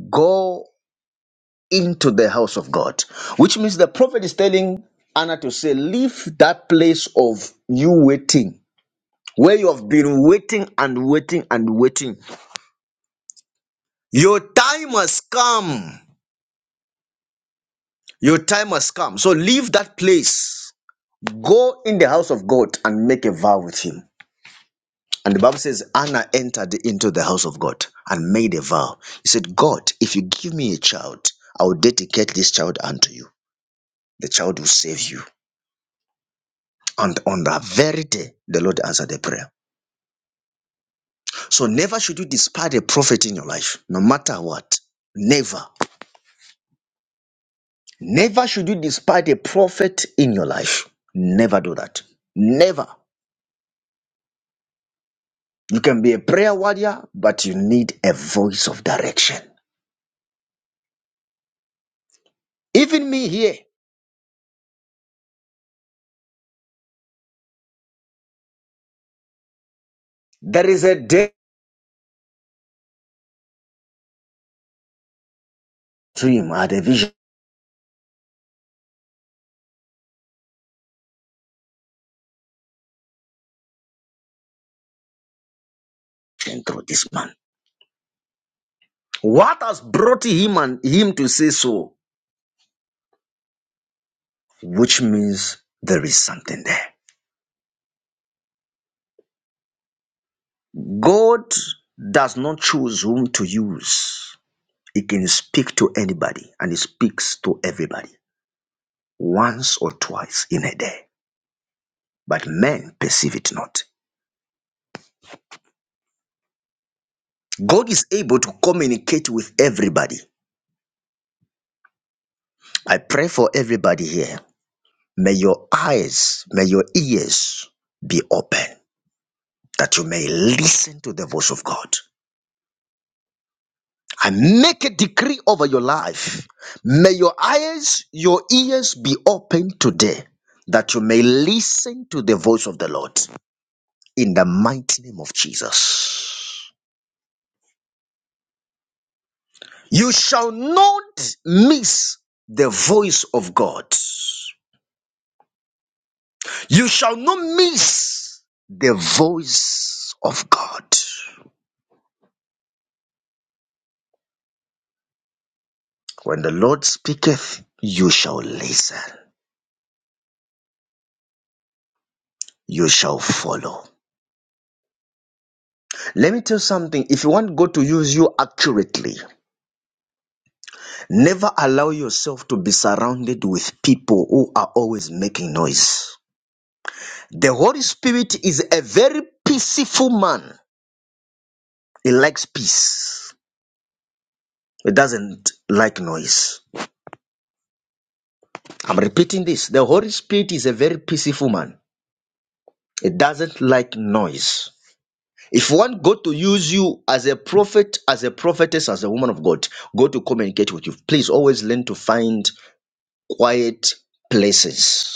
S1: go into the house of God, which means the prophet is telling Anna to say, Leave that place of you waiting, where you have been waiting and waiting and waiting. Your time has come. Your time has come. So leave that place. Go in the house of God and make a vow with him. And the Bible says, Anna entered into the house of God and made a vow. He said, God, if you give me a child, I will dedicate this child unto you. The child will save you. And on that very day, the Lord answered the prayer. So never should you despise a prophet in your life, no matter what. Never. Never should you despise a prophet in your life. Never do that. Never. You can be a prayer warrior, but you need a voice of direction. Even me here, there is a day to him at a vision through this man. What has brought him and him to say so? Which means there is something there. God does not choose whom to use. He can speak to anybody and he speaks to everybody once or twice in a day, but men perceive it not. God is able to communicate with everybody. I pray for everybody here. May your eyes, may your ears be open that you may listen to the voice of God. I make a decree over your life. May your eyes, your ears be open today that you may listen to the voice of the Lord in the mighty name of Jesus. You shall not miss the voice of God. You shall not miss the voice of God. When the Lord speaketh, you shall listen, you shall follow. Let me tell you something. If you want God to use you accurately, Never allow yourself to be surrounded with people who are always making noise. The Holy Spirit is a very peaceful man. He likes peace. He doesn't like noise. I'm repeating this. The Holy Spirit is a very peaceful man. He doesn't like noise. If you want God to use you as a prophet, as a prophetess, as a woman of God, God to communicate with you. Please always learn to find quiet places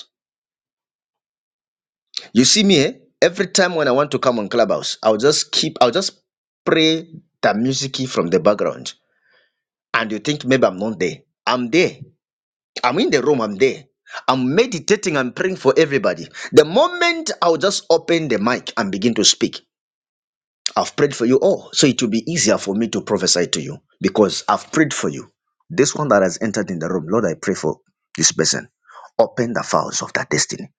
S1: You see me, eh? Every time when I want to come on Clubhouse, I'll just keep, I'll just play the music from the background. And you think maybe I'm not there. I'm there. I'm in the room. I'm there. I'm meditating and praying for everybody. The moment I'll just open the mic and begin to speak, I've prayed for you all. So it will be easier for me to prophesy to you because I've prayed for you. This one that has entered in the room, Lord, I pray for this person. Open the files of their destiny.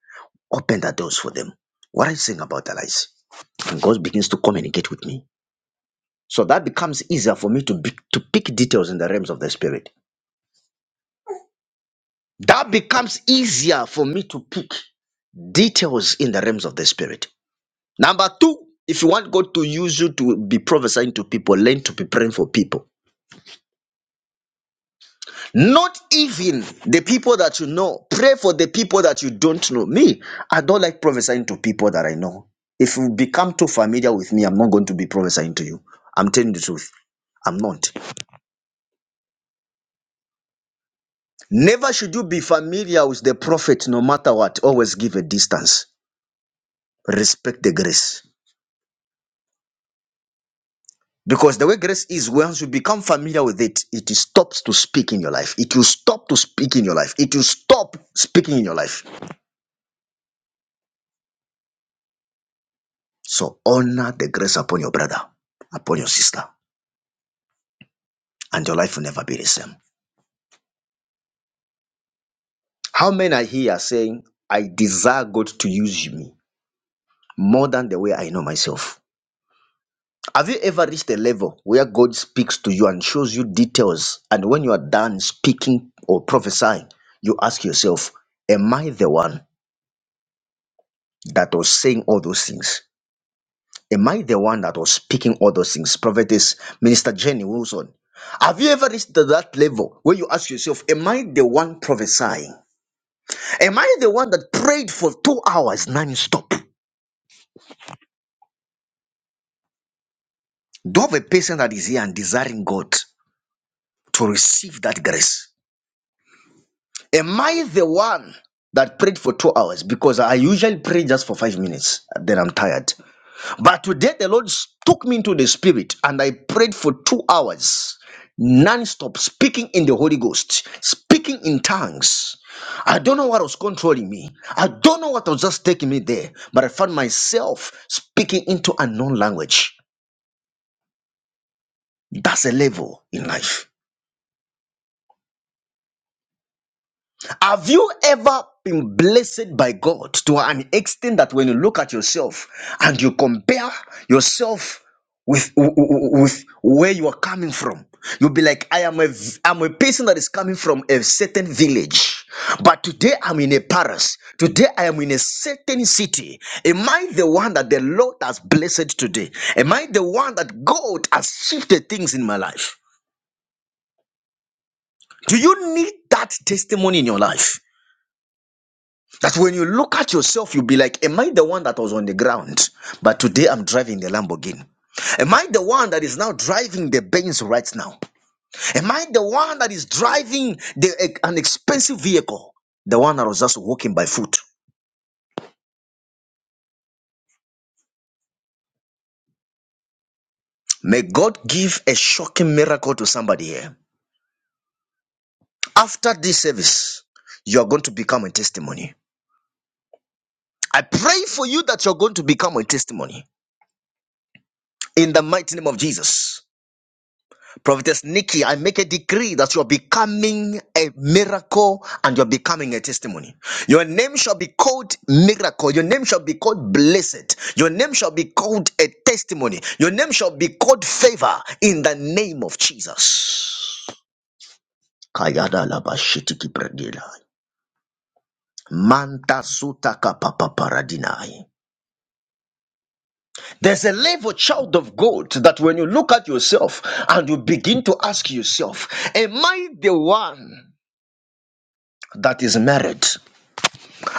S1: Open the doors for them. What are you saying about their lives? and God begins to communicate with me. So that becomes easier for me to, be, to pick details in the realms of the spirit. That becomes easier for me to pick details in the realms of the spirit. Number two, if you want God to use you to be prophesying to people, learn to be praying for people. Not even the people that you know. Pray for the people that you don't know. Me, I don't like prophesying to people that I know. If you become too familiar with me, I'm not going to be prophesying to you. I'm telling the truth. I'm not. Never should you be familiar with the prophet, no matter what. Always give a distance. Respect the grace. Because the way grace is, once you become familiar with it, it stops to speak in your life. It will stop to speak in your life. It will stop speaking in your life. So honor the grace upon your brother, upon your sister, and your life will never be the same. How many are here saying, I desire God to use me more than the way I know myself? Have you ever reached a level where God speaks to you and shows you details? And when you are done speaking or prophesying, you ask yourself, Am I the one that was saying all those things? Am I the one that was speaking all those things? Prophetess Minister Jenny Wilson. Have you ever reached to that level where you ask yourself, Am I the one prophesying? Am I the one that prayed for two hours non stop? Do you have a person that is here and desiring God to receive that grace? Am I the one that prayed for two hours? Because I usually pray just for five minutes, then I'm tired. But today the Lord took me into the spirit and I prayed for two hours, non-stop, speaking in the Holy Ghost, speaking in tongues. I don't know what was controlling me. I don't know what was just taking me there, but I found myself speaking into unknown language. That's a level in life. Have you ever been blessed by God to an extent that when you look at yourself and you compare yourself with, with where you are coming from, you'll be like, I am a I'm a person that is coming from a certain village. But today I'm in a Paris. Today I am in a certain city. Am I the one that the Lord has blessed today? Am I the one that God has shifted things in my life? Do you need that testimony in your life? That when you look at yourself, you'll be like, Am I the one that was on the ground? But today I'm driving the Lamborghini. Am I the one that is now driving the Benz right now? Am I the one that is driving the, eh, an expensive vehicle? The one that was just walking by foot. May God give a shocking miracle to somebody here. After this service, you are going to become a testimony. I pray for you that you're going to become a testimony in the mighty name of Jesus. Prophetess Nikki, I make a decree that you're becoming a miracle and you're becoming a testimony. Your name shall be called miracle. Your name shall be called blessed. Your name shall be called a testimony. Your name shall be called favor in the name of Jesus. Kayada laba predila. Manta suta kapapa paradinai. There's a level, child of God, that when you look at yourself and you begin to ask yourself, Am I the one? that is marriage.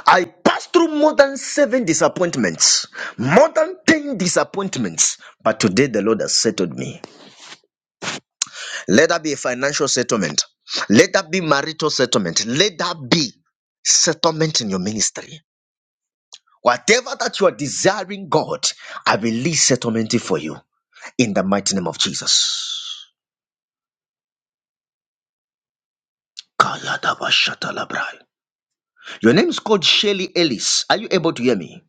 S1: I passed through more than seven disappointments, more than 10 disappointments, but today the Lord has settled me. Let that be a financial settlement, let that be marital settlement, let that be settlement in your ministry. Whatever that you are desiring, God, I release settlement for you in the mighty name of Jesus. Kayadabashatalabrai. Your name is called Shelly Ellis. Are you able to hear me?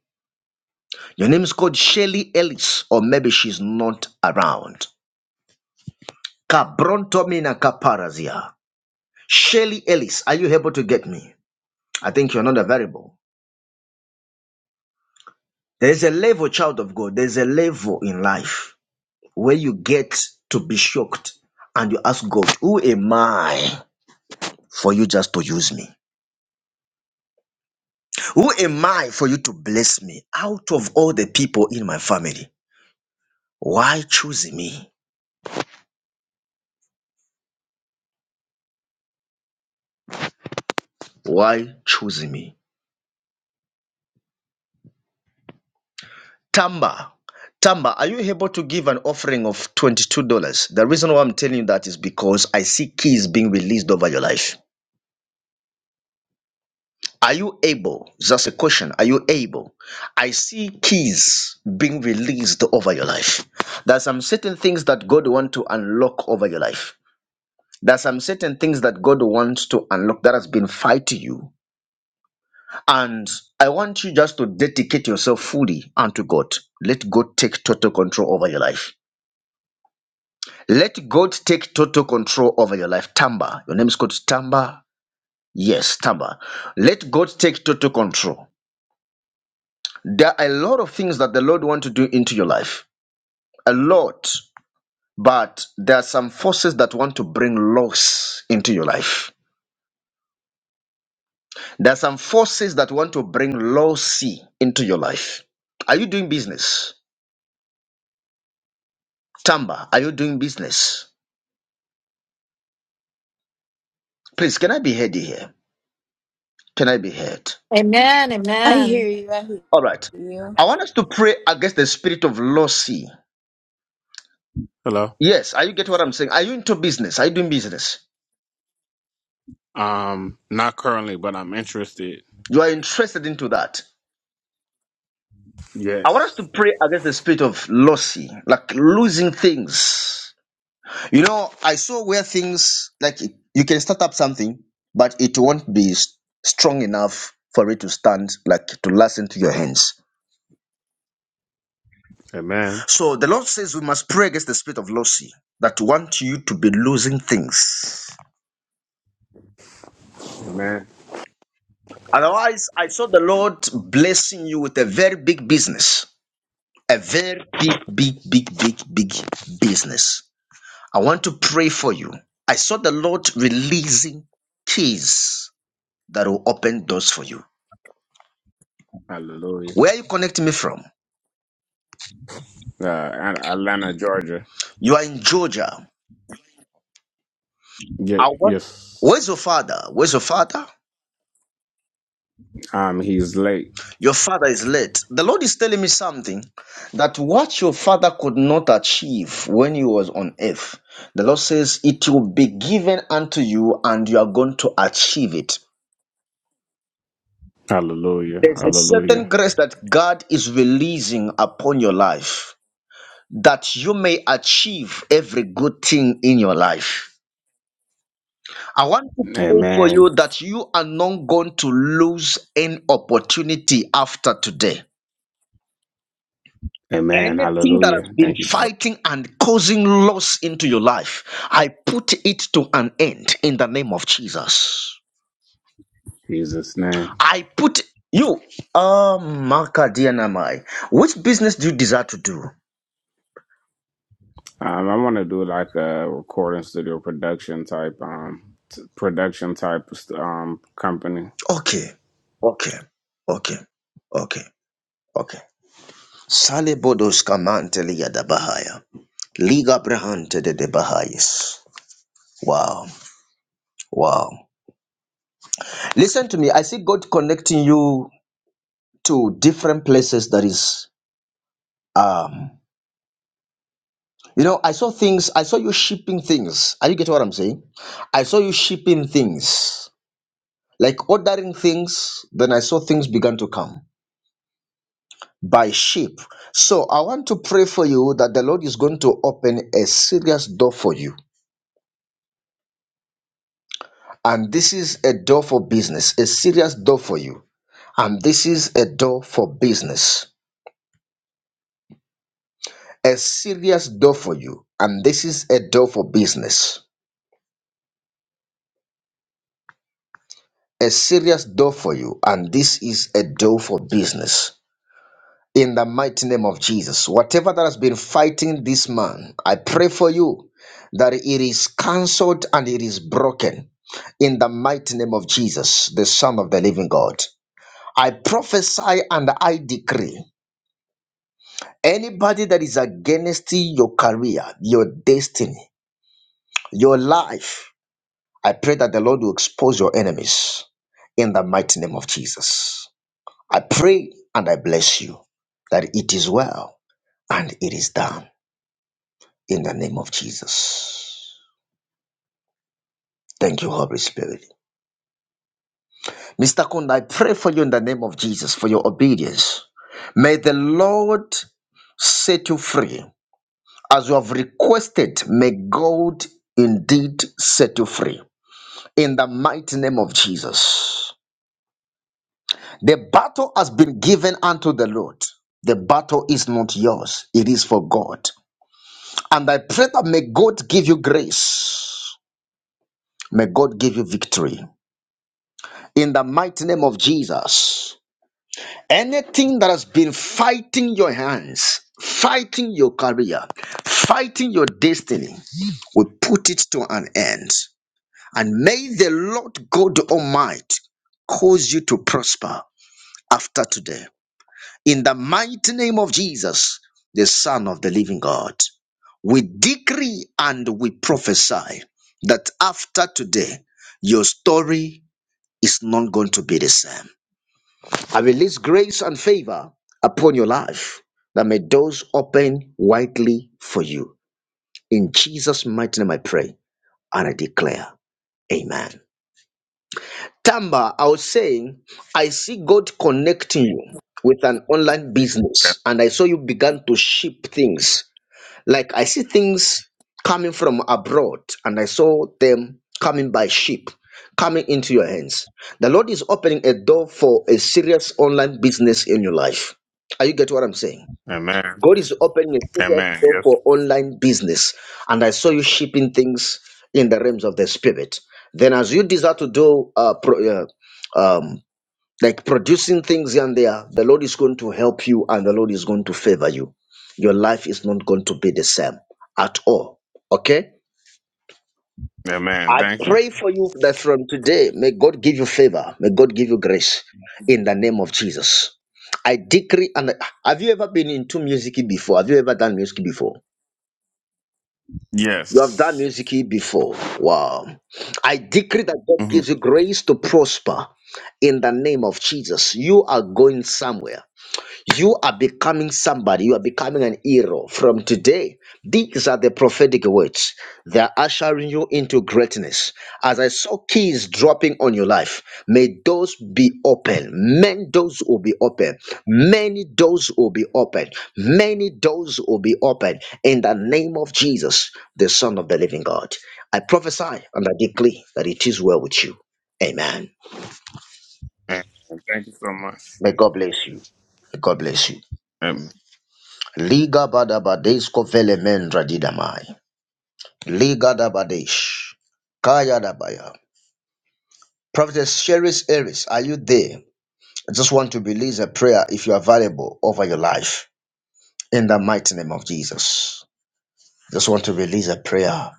S1: Your name's called Shelly Ellis, or maybe she's not around. Kabrontomina kaparazia. Shelly Ellis, are you able to get me? I think you're not a variable. There's a level, child of God, there's a level in life where you get to be shocked and you ask God, Who am I for you just to use me? Who am I for you to bless me out of all the people in my family? Why choose me? Why choose me? Tamba, Tamba, are you able to give an offering of $22? The reason why I'm telling you that is because I see keys being released over your life. Are you able? Just a question. Are you able? I see keys being released over your life. There's some certain things that God wants to unlock over your life. There's some certain things that God wants to unlock that has been fighting you. And I want you just to dedicate yourself fully unto God. Let God take total control over your life. Let God take total control over your life. Tamba. Your name is called Tamba. Yes, Tamba. Let God take total control. There are a lot of things that the Lord wants to do into your life. A lot. But there are some forces that want to bring loss into your life. There are some forces that want to bring lossy into your life. Are you doing business? Tamba, are you doing business? Please, can I be heard here? Can I be heard?
S10: Amen.
S2: I hear
S10: Amen.
S2: you. I hear
S1: All right.
S2: you.
S1: I want us to pray against the spirit of lossy.
S11: Hello.
S1: Yes, are you get what I'm saying? Are you into business? Are you doing business?
S11: Um, not currently, but I'm interested.
S1: You are interested into that. I want us
S11: Yes.
S1: to pray against the spirit of lossy, like losing things. You know, I saw where things like you can start up something, but it won't be s- strong enough for it to stand, like to last into your hands.
S11: Amen.
S1: So the Lord says we must pray against the spirit of lossy that want you to be losing things.
S11: Amen.
S1: Otherwise, I saw the Lord blessing you with a very big business. a very big, big, big, big, big business. I want to pray for you. I saw the Lord releasing keys that will open doors for you.
S11: Hallelujah.
S1: Where are you connecting me from?
S11: Uh, At- Atlanta, Georgia.
S1: You are in Georgia. I
S11: Ye-
S1: want.
S11: yes.
S1: Where's your father? Where's your father?
S11: Um, he's late.
S1: Your father is late. The Lord is telling me something that what your father could not achieve when he was on earth, the Lord says it will be given unto you and you are going to achieve it.
S11: Hallelujah.
S1: There's a certain
S11: Hallelujah.
S1: grace that God is releasing upon your life that you may achieve every good thing in your life. I want to pray for
S11: Amen.
S1: you that you are not going to lose any opportunity after today.
S11: Amen.
S1: Anything that has
S11: Hallelujah.
S1: been
S11: Thank you, Lord.
S1: fighting and causing loss into your life, I put it to an end in the name of Jesus.
S11: In Jesus' name.
S1: I put you, um, Maka Dianamai, which business do you desire to do?
S11: Um, I want to do like a recording studio production type, um, t- production type, um, company.
S1: Okay, okay, okay, okay, okay. Sale bodos kamanteli yadabahaya. Liga brahante de de bahayis. Wow, wow. Listen to me. I see God connecting you to different places that is um you know, I saw things, I saw you shipping things. Are you getting what I'm saying? I saw you shipping things. Like ordering things, then I saw things began to come. by sheep. So I want to pray for you that the Lord is going to open a serious door for you. And this is a door for business, a serious door for you. And this is a door for business, a serious door for you. And this is a door for business, a serious door for you. And this is a door for business in the mighty name of Jesus. Whatever that has been fighting this man, I pray for you that it is cancelled and it is broken in the mighty name of Jesus, the Son of the living God. I prophesy and I decree anybody that is against your career, your destiny, your life, I pray that the Lord will expose your enemies in the mighty name of Jesus. I pray and I bless you that it is well and it is done in the name of Jesus. Thank you, Holy Spirit. Mr. Kunda, I pray for you in the name of Jesus for your obedience. May the Lord set you free. As you have requested, may God indeed set you free. In the mighty name of Jesus. The battle has been given unto the Lord. The battle is not yours, it is for God. And I pray that may God give you grace. May God give you victory. in the mighty name of Jesus. Anything that has been fighting your hands, fighting your career, fighting your destiny, we put it to an end. And may the Lord God Almighty cause you to prosper after today. In the mighty name of Jesus, the Son of the Living God, we decree and we prophesy that after today, your story is not going to be the same I release grace and favor upon your life that may doors open widely for you. In Jesus' mighty name I pray and I declare, Amen. Tamba, I was saying, I see God connecting you with an online business, and I saw you began to ship things. Like I see things coming from abroad, and I saw them coming by ship, coming into your hands. The Lord is opening a door for a serious online business in your life. Are you get what I'm saying?
S11: Amen.
S1: God is opening a serious
S11: Amen.
S1: door
S11: Yes.
S1: for online business, and I saw you shipping things in the realms of the spirit. Then, as you desire to do uh, pro, uh, um, like producing things here and there, the Lord is going to help you and the Lord is going to favor you. Your life is not going to be the same at all. Okay?
S11: Amen.
S1: I
S11: Thank you.
S1: pray for you that from today, may God give you favor. May God give you grace in the name of Jesus. I decree and have you ever been into music before? Have you ever done music before? You have done
S11: Yes.
S1: music before. Wow. I decree that God gives you grace to prosper in the name of Jesus. You are going somewhere. You are becoming somebody. You are becoming an hero from today. These are the prophetic words. They are ushering you into greatness. As I saw keys dropping on your life, may doors be open. Many doors will be open. Many doors will be open. Many doors will be open. In the name of Jesus, the Son of the Living God, I prophesy and I declare that it is well with you. Amen.
S11: Amen. Thank you so much.
S1: May God bless you. May God bless you.
S11: Amen.
S1: Liga Badabadesh Kovele Mendra Didamai. Liga Dabadesh. Kaya Dabaya. Prophetess Sheris Eris, are you there? I just want to release a prayer if you are available over your life. In the mighty name of Jesus. Just want to release a prayer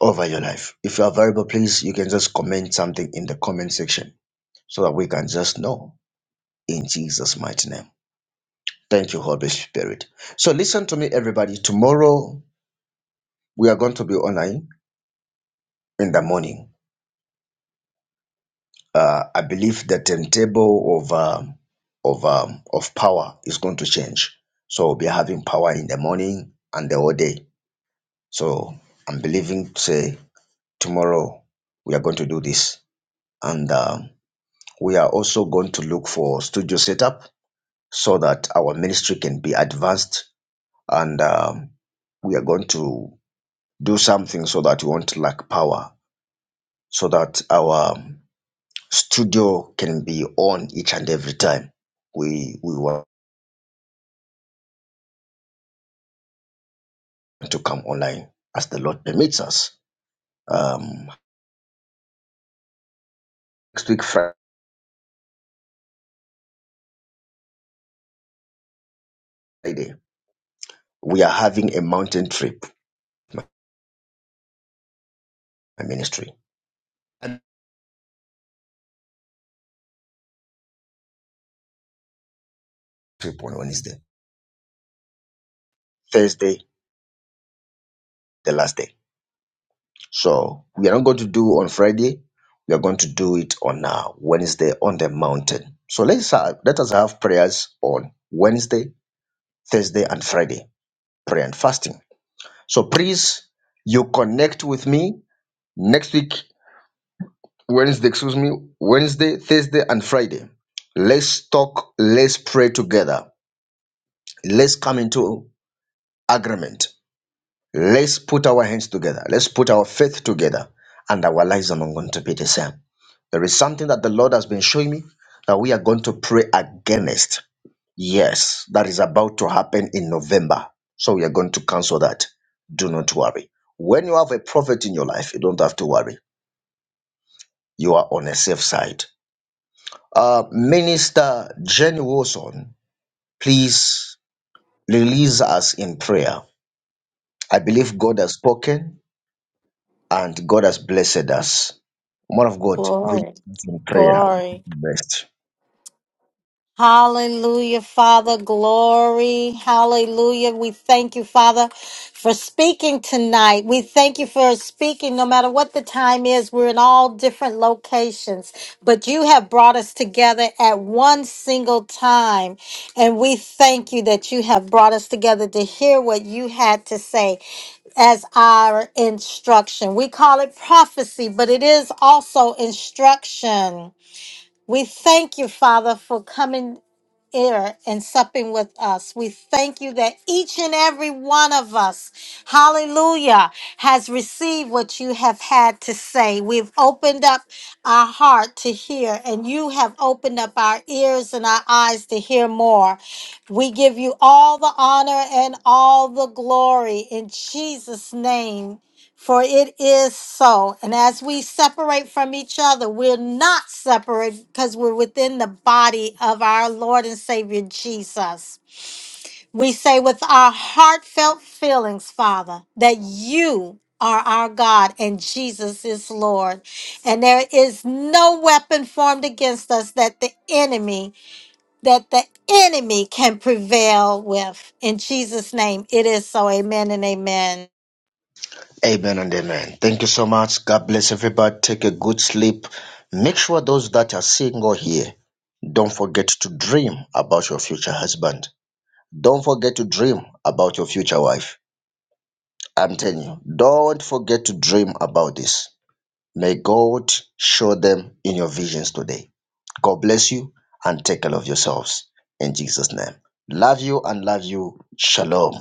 S1: over your life. If you are available, please, you can just comment something in the comment section so that we can just know in Jesus' mighty name. Thank you, Holy Spirit. So listen to me, everybody. Tomorrow we are going to be online in the morning. uh, I believe the timetable of um, of um, of power is going to change. So we'll be having power in the morning and the whole day. So I'm believing say tomorrow we are going to do this, and um, we are also going to look for studio setup so that our ministry can be advanced, and um, we are going to do something so that we won't lack power, so that our um, studio can be on each and every time we we want to come online as the Lord permits us. Um, next week Friday we are having a mountain trip. My my ministry trip on Wednesday, Thursday the last day. So we are not going to do on Friday. We are going to do it on uh, Wednesday on the mountain. So let's have, let us have prayers on Wednesday, Thursday, and Friday. Prayer and fasting. So please, you connect with me Next week, Wednesday, excuse me, Wednesday, Thursday, and Friday. Let's talk, let's pray together. Let's come into agreement. Let's put our hands together. Let's put our faith together. And our lives are not going to be the same. There is something that the Lord has been showing me that we are going to pray against. Yes, that is about to happen in November. So we are going to cancel that. Do not worry. When you have a prophet in your life, you don't have to worry. You are on a safe side Uh, Minister Jenny Wilson, please release us in prayer. I believe God has spoken and God has blessed us. Man of God, release
S10: Glory.
S1: us in prayer. We take
S10: Glory.
S1: the Rest.
S10: Hallelujah, Father. Glory. Hallelujah. We thank you, Father, for speaking tonight. We thank you for speaking no matter what the time is. We're in all different locations, but you have brought us together at one single time. And we thank you that you have brought us together to hear what you had to say. as our instruction. We call it prophecy, but it is also instruction. We thank you, Father, for coming here and supping with us. We thank you that each and every one of us, hallelujah, has received what you have had to say. We've opened up our heart to hear, and you have opened up our ears and our eyes to hear more. We give you all the honor and all the glory in Jesus' name. For it is so. And as we separate from each other, we're not separate because we're within the body of our Lord and Savior Jesus. We say with our heartfelt feelings, Father, that you are our God and Jesus is Lord. And there is no weapon formed against us that the enemy, that the enemy can prevail with. In Jesus' name, it is so. Amen and amen.
S1: Amen and amen. Thank you so much. God bless everybody. Take a good sleep. Make sure those that are single here don't forget to dream about your future husband. Don't forget to dream about your future wife. I'm telling you, don't forget to dream about this. May God show them in your visions today. God bless you and take care of yourselves in Jesus' name. Love you and love you. Shalom.